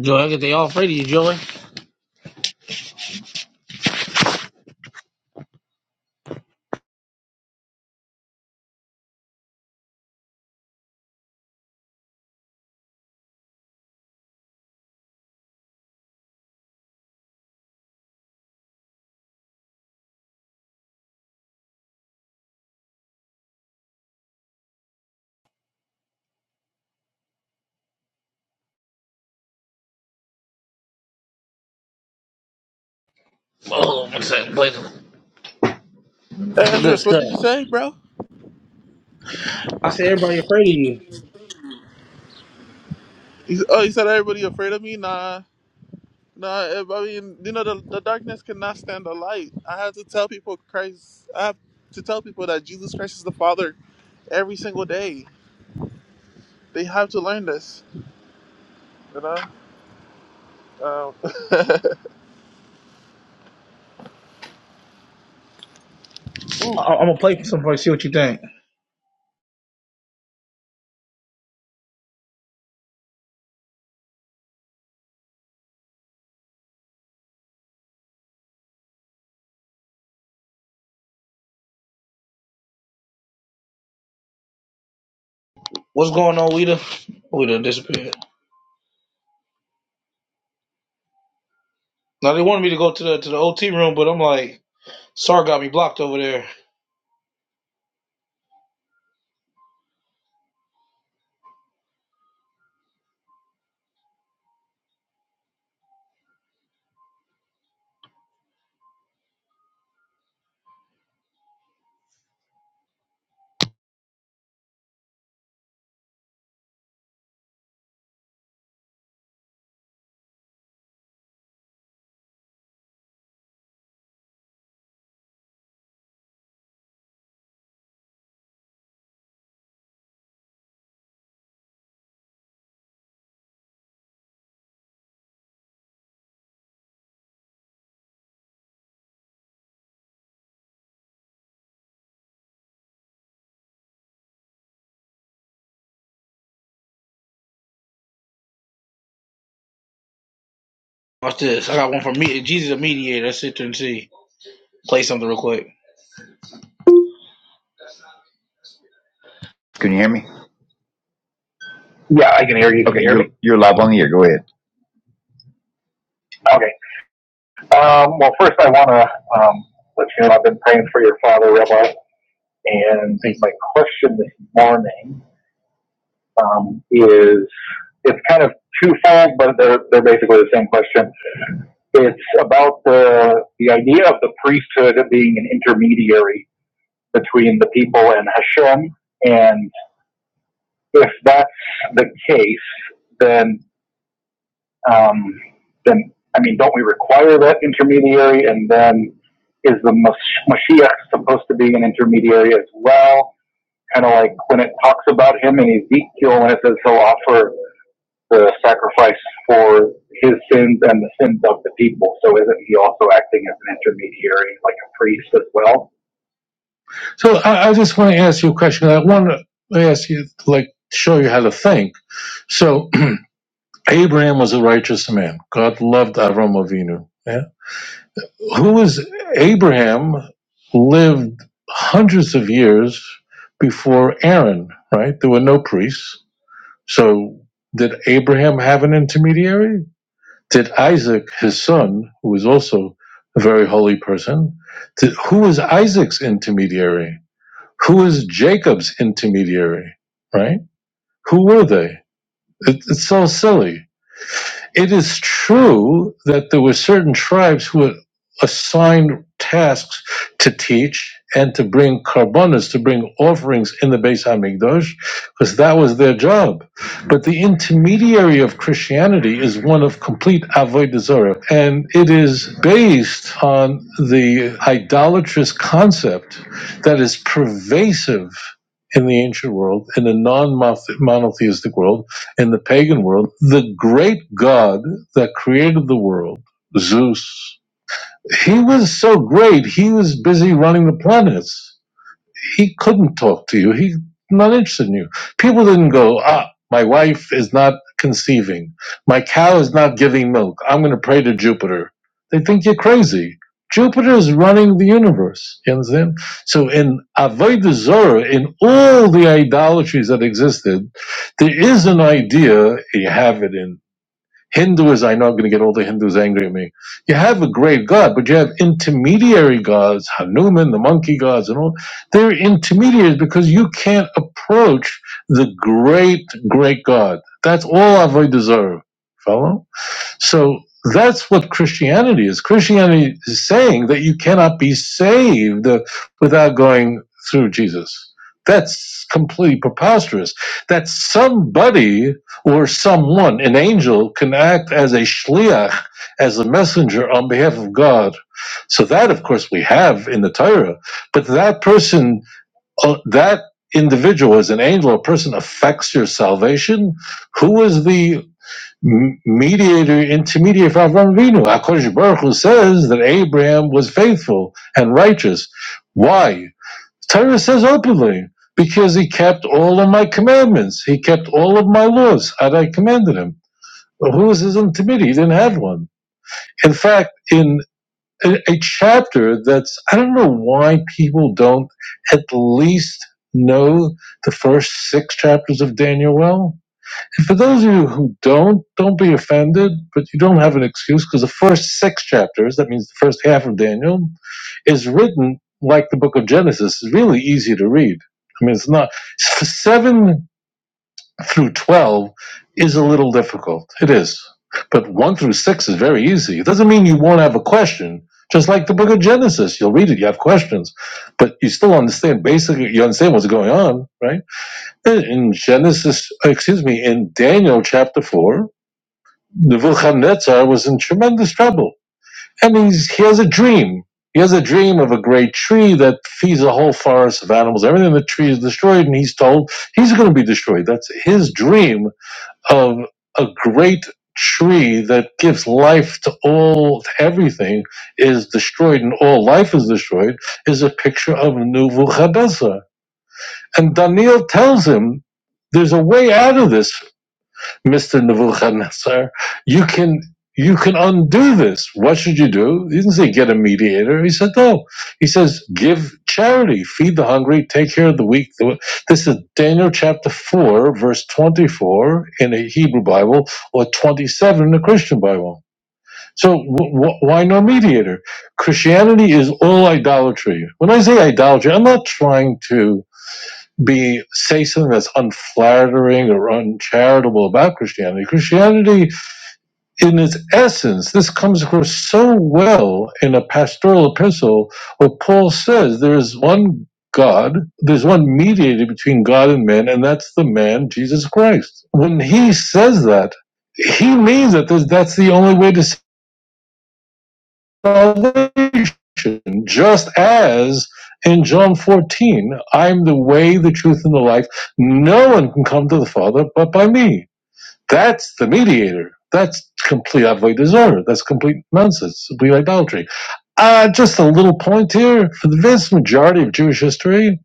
Joey, I get they all afraid of you, Joey. Oh, what's that? Wait,
Ezra,
Good
what
stuff.
did you say, bro?
I said everybody afraid of you.
He oh, he said everybody afraid of me? Nah. Nah, eh, I mean, you know, the, the darkness cannot stand the light. I have to tell people Christ, I have to tell people that Jesus Christ is the Father every single day. They have to learn this, you know? Um, ooh,
I- I'm gonna play for somebody. See what you think. What's going on, Weeda? Weeda disappeared. Now they wanted me to go to the to the OT room, but I'm like, Sar got me blocked over there. Watch this. I got one from me. Jesus, a mediator. Let's sit there and see. Play something real quick. Can you hear me? Yeah, I can hear you. Can Okay, you hear you're me? you're live on the air. Go ahead. Okay. Um, well, first I want to um, let you know I've been praying for your father, Rabbi, and my question this morning um, is it's kind of twofold, but they're they're basically the same question. It's about the, the idea of the priesthood being an intermediary between the people and Hashem. And if that's the case, then, um, then, I mean, don't we require that intermediary? And then is the Mashiach supposed to be an intermediary as well? Kind of like when it talks about him in Ezekiel, when it says he'll offer the sacrifice for his sins and the sins of the people. So isn't he also acting as an intermediary, like a priest as well? So I, I just want to ask you a question. I want to ask you, like, show you how to think. So Abraham was a righteous man. God loved Avram Avinu. Yeah? Who was Abraham? Lived hundreds of years before Aaron. Right? There were no priests. So did Abraham have an intermediary? did Isaac, his son, who was also a very holy person, did, who was Isaac's intermediary? Who was Jacob's intermediary? Right? Who were they? It, it's so silly. It is true that there were certain tribes who were assigned tasks to teach and to bring carbonas, to bring offerings in the Beis Hamikdash, because that was their job. But the intermediary of Christianity is one of complete avodah zarah, and it is based on the idolatrous concept that is pervasive in the ancient world, in the non-monotheistic world, in the pagan world, the great god that created the world, Zeus, he was so great, he was busy running the planets he couldn't talk to you. He's not interested in you. People didn't go, ah, my wife is not conceiving. My cow is not giving milk. I'm going to pray to Jupiter. They think you're crazy. Jupiter is running the universe. You understand? So in Avodah Zorah, in all the idolatries that existed, there is an idea, you have it in Hindus, I know I'm going to get all the Hindus angry at me. You have a great god, but you have intermediary gods, Hanuman, the monkey gods, and all. They're intermediaries because you can't approach the great, great god. That's all I've deserve. Follow? So that's what Christianity is. Christianity is saying that you cannot be saved uh, without going through Jesus. That's completely preposterous. That somebody or someone, an angel, can act as a shliach, as a messenger on behalf of God. So that, of course, we have in the Torah. But that person, uh, that individual as an angel or person affects your salvation. Who is the mediator, intermediary for Avram Avinu. HaKadosh Baruch Hu says that Abraham was faithful and righteous. Why? Torah says openly, because he kept all of my commandments. He kept all of my laws that I commanded him. But who was his intermediary? He didn't have one. In fact, in a, a chapter that's, I don't know why people don't at least know the first six chapters of Daniel well for those of you who don't, don't be offended, but you don't have an excuse because the first six chapters, that means the first half of Daniel, is written like the book of Genesis. It's really easy to read. I mean, it's not. Seven through 12 is a little difficult. It is. But one through six is very easy. It doesn't mean you won't have a question. Just like the book of Genesis, you'll read it, you have questions, but you still understand basically, you understand what's going on, right? In Genesis, uh, excuse me, in Daniel chapter 4, Nebuchadnezzar was in tremendous trouble. And he's, he has a dream. He has a dream of a great tree that feeds a whole forest of animals. Everything in the tree is destroyed, and he's told he's going to be destroyed. That's his dream of a great tree that gives life to all, to everything is destroyed, and all life is destroyed, is a picture of Nebuchadnezzar and Daniel tells him, there's a way out of this, Mr. Nebuchadnezzar. You can, you can undo this. What should you do? He didn't say get a mediator. He said, no. He says, give charity, feed the hungry, take care of the weak. This is Daniel chapter 4, verse 24 in a Hebrew Bible or 27 in a Christian Bible. So w- w- why no mediator? Christianity is all idolatry. When I say idolatry, I'm not trying to be say something that's unflattering or uncharitable about Christianity. Christianity, in its essence, this comes across so well in a pastoral epistle where Paul says there is one God, there's one mediator between God and man, and that's the man Jesus Christ. When he says that, he means that that's the only way to salvation, just as in John 14, I'm the way, the truth, and the life. No one can come to the Father but by me. That's the mediator. That's complete avoid disorder. That's complete nonsense, complete idolatry. Uh, just a little point here. For the vast majority of Jewish history,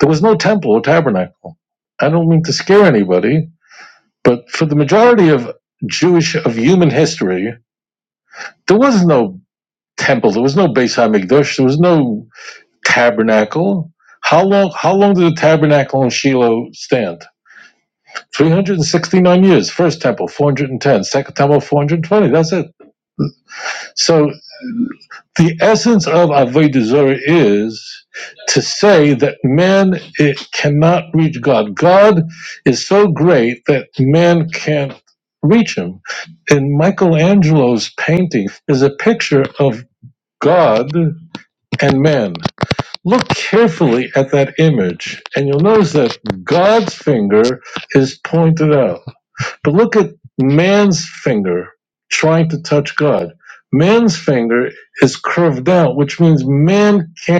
there was no temple or tabernacle. I don't mean to scare anybody, but for the majority of Jewish, of human history, there was no temple. There was no Beis Hamikdash. There was no tabernacle. How long? How long did the tabernacle in Shiloh stand? Three hundred and sixty-nine years. First temple, 410. Second temple, four hundred twenty. That's it. So the essence of avodah zarah is to say that man it cannot reach God. God is so great that man can't reach him. In Michelangelo's painting, there's a picture of God and man. Look carefully at that image, and you'll notice that God's finger is pointed out. But look at man's finger trying to touch God. Man's finger is curved out, which means man can't.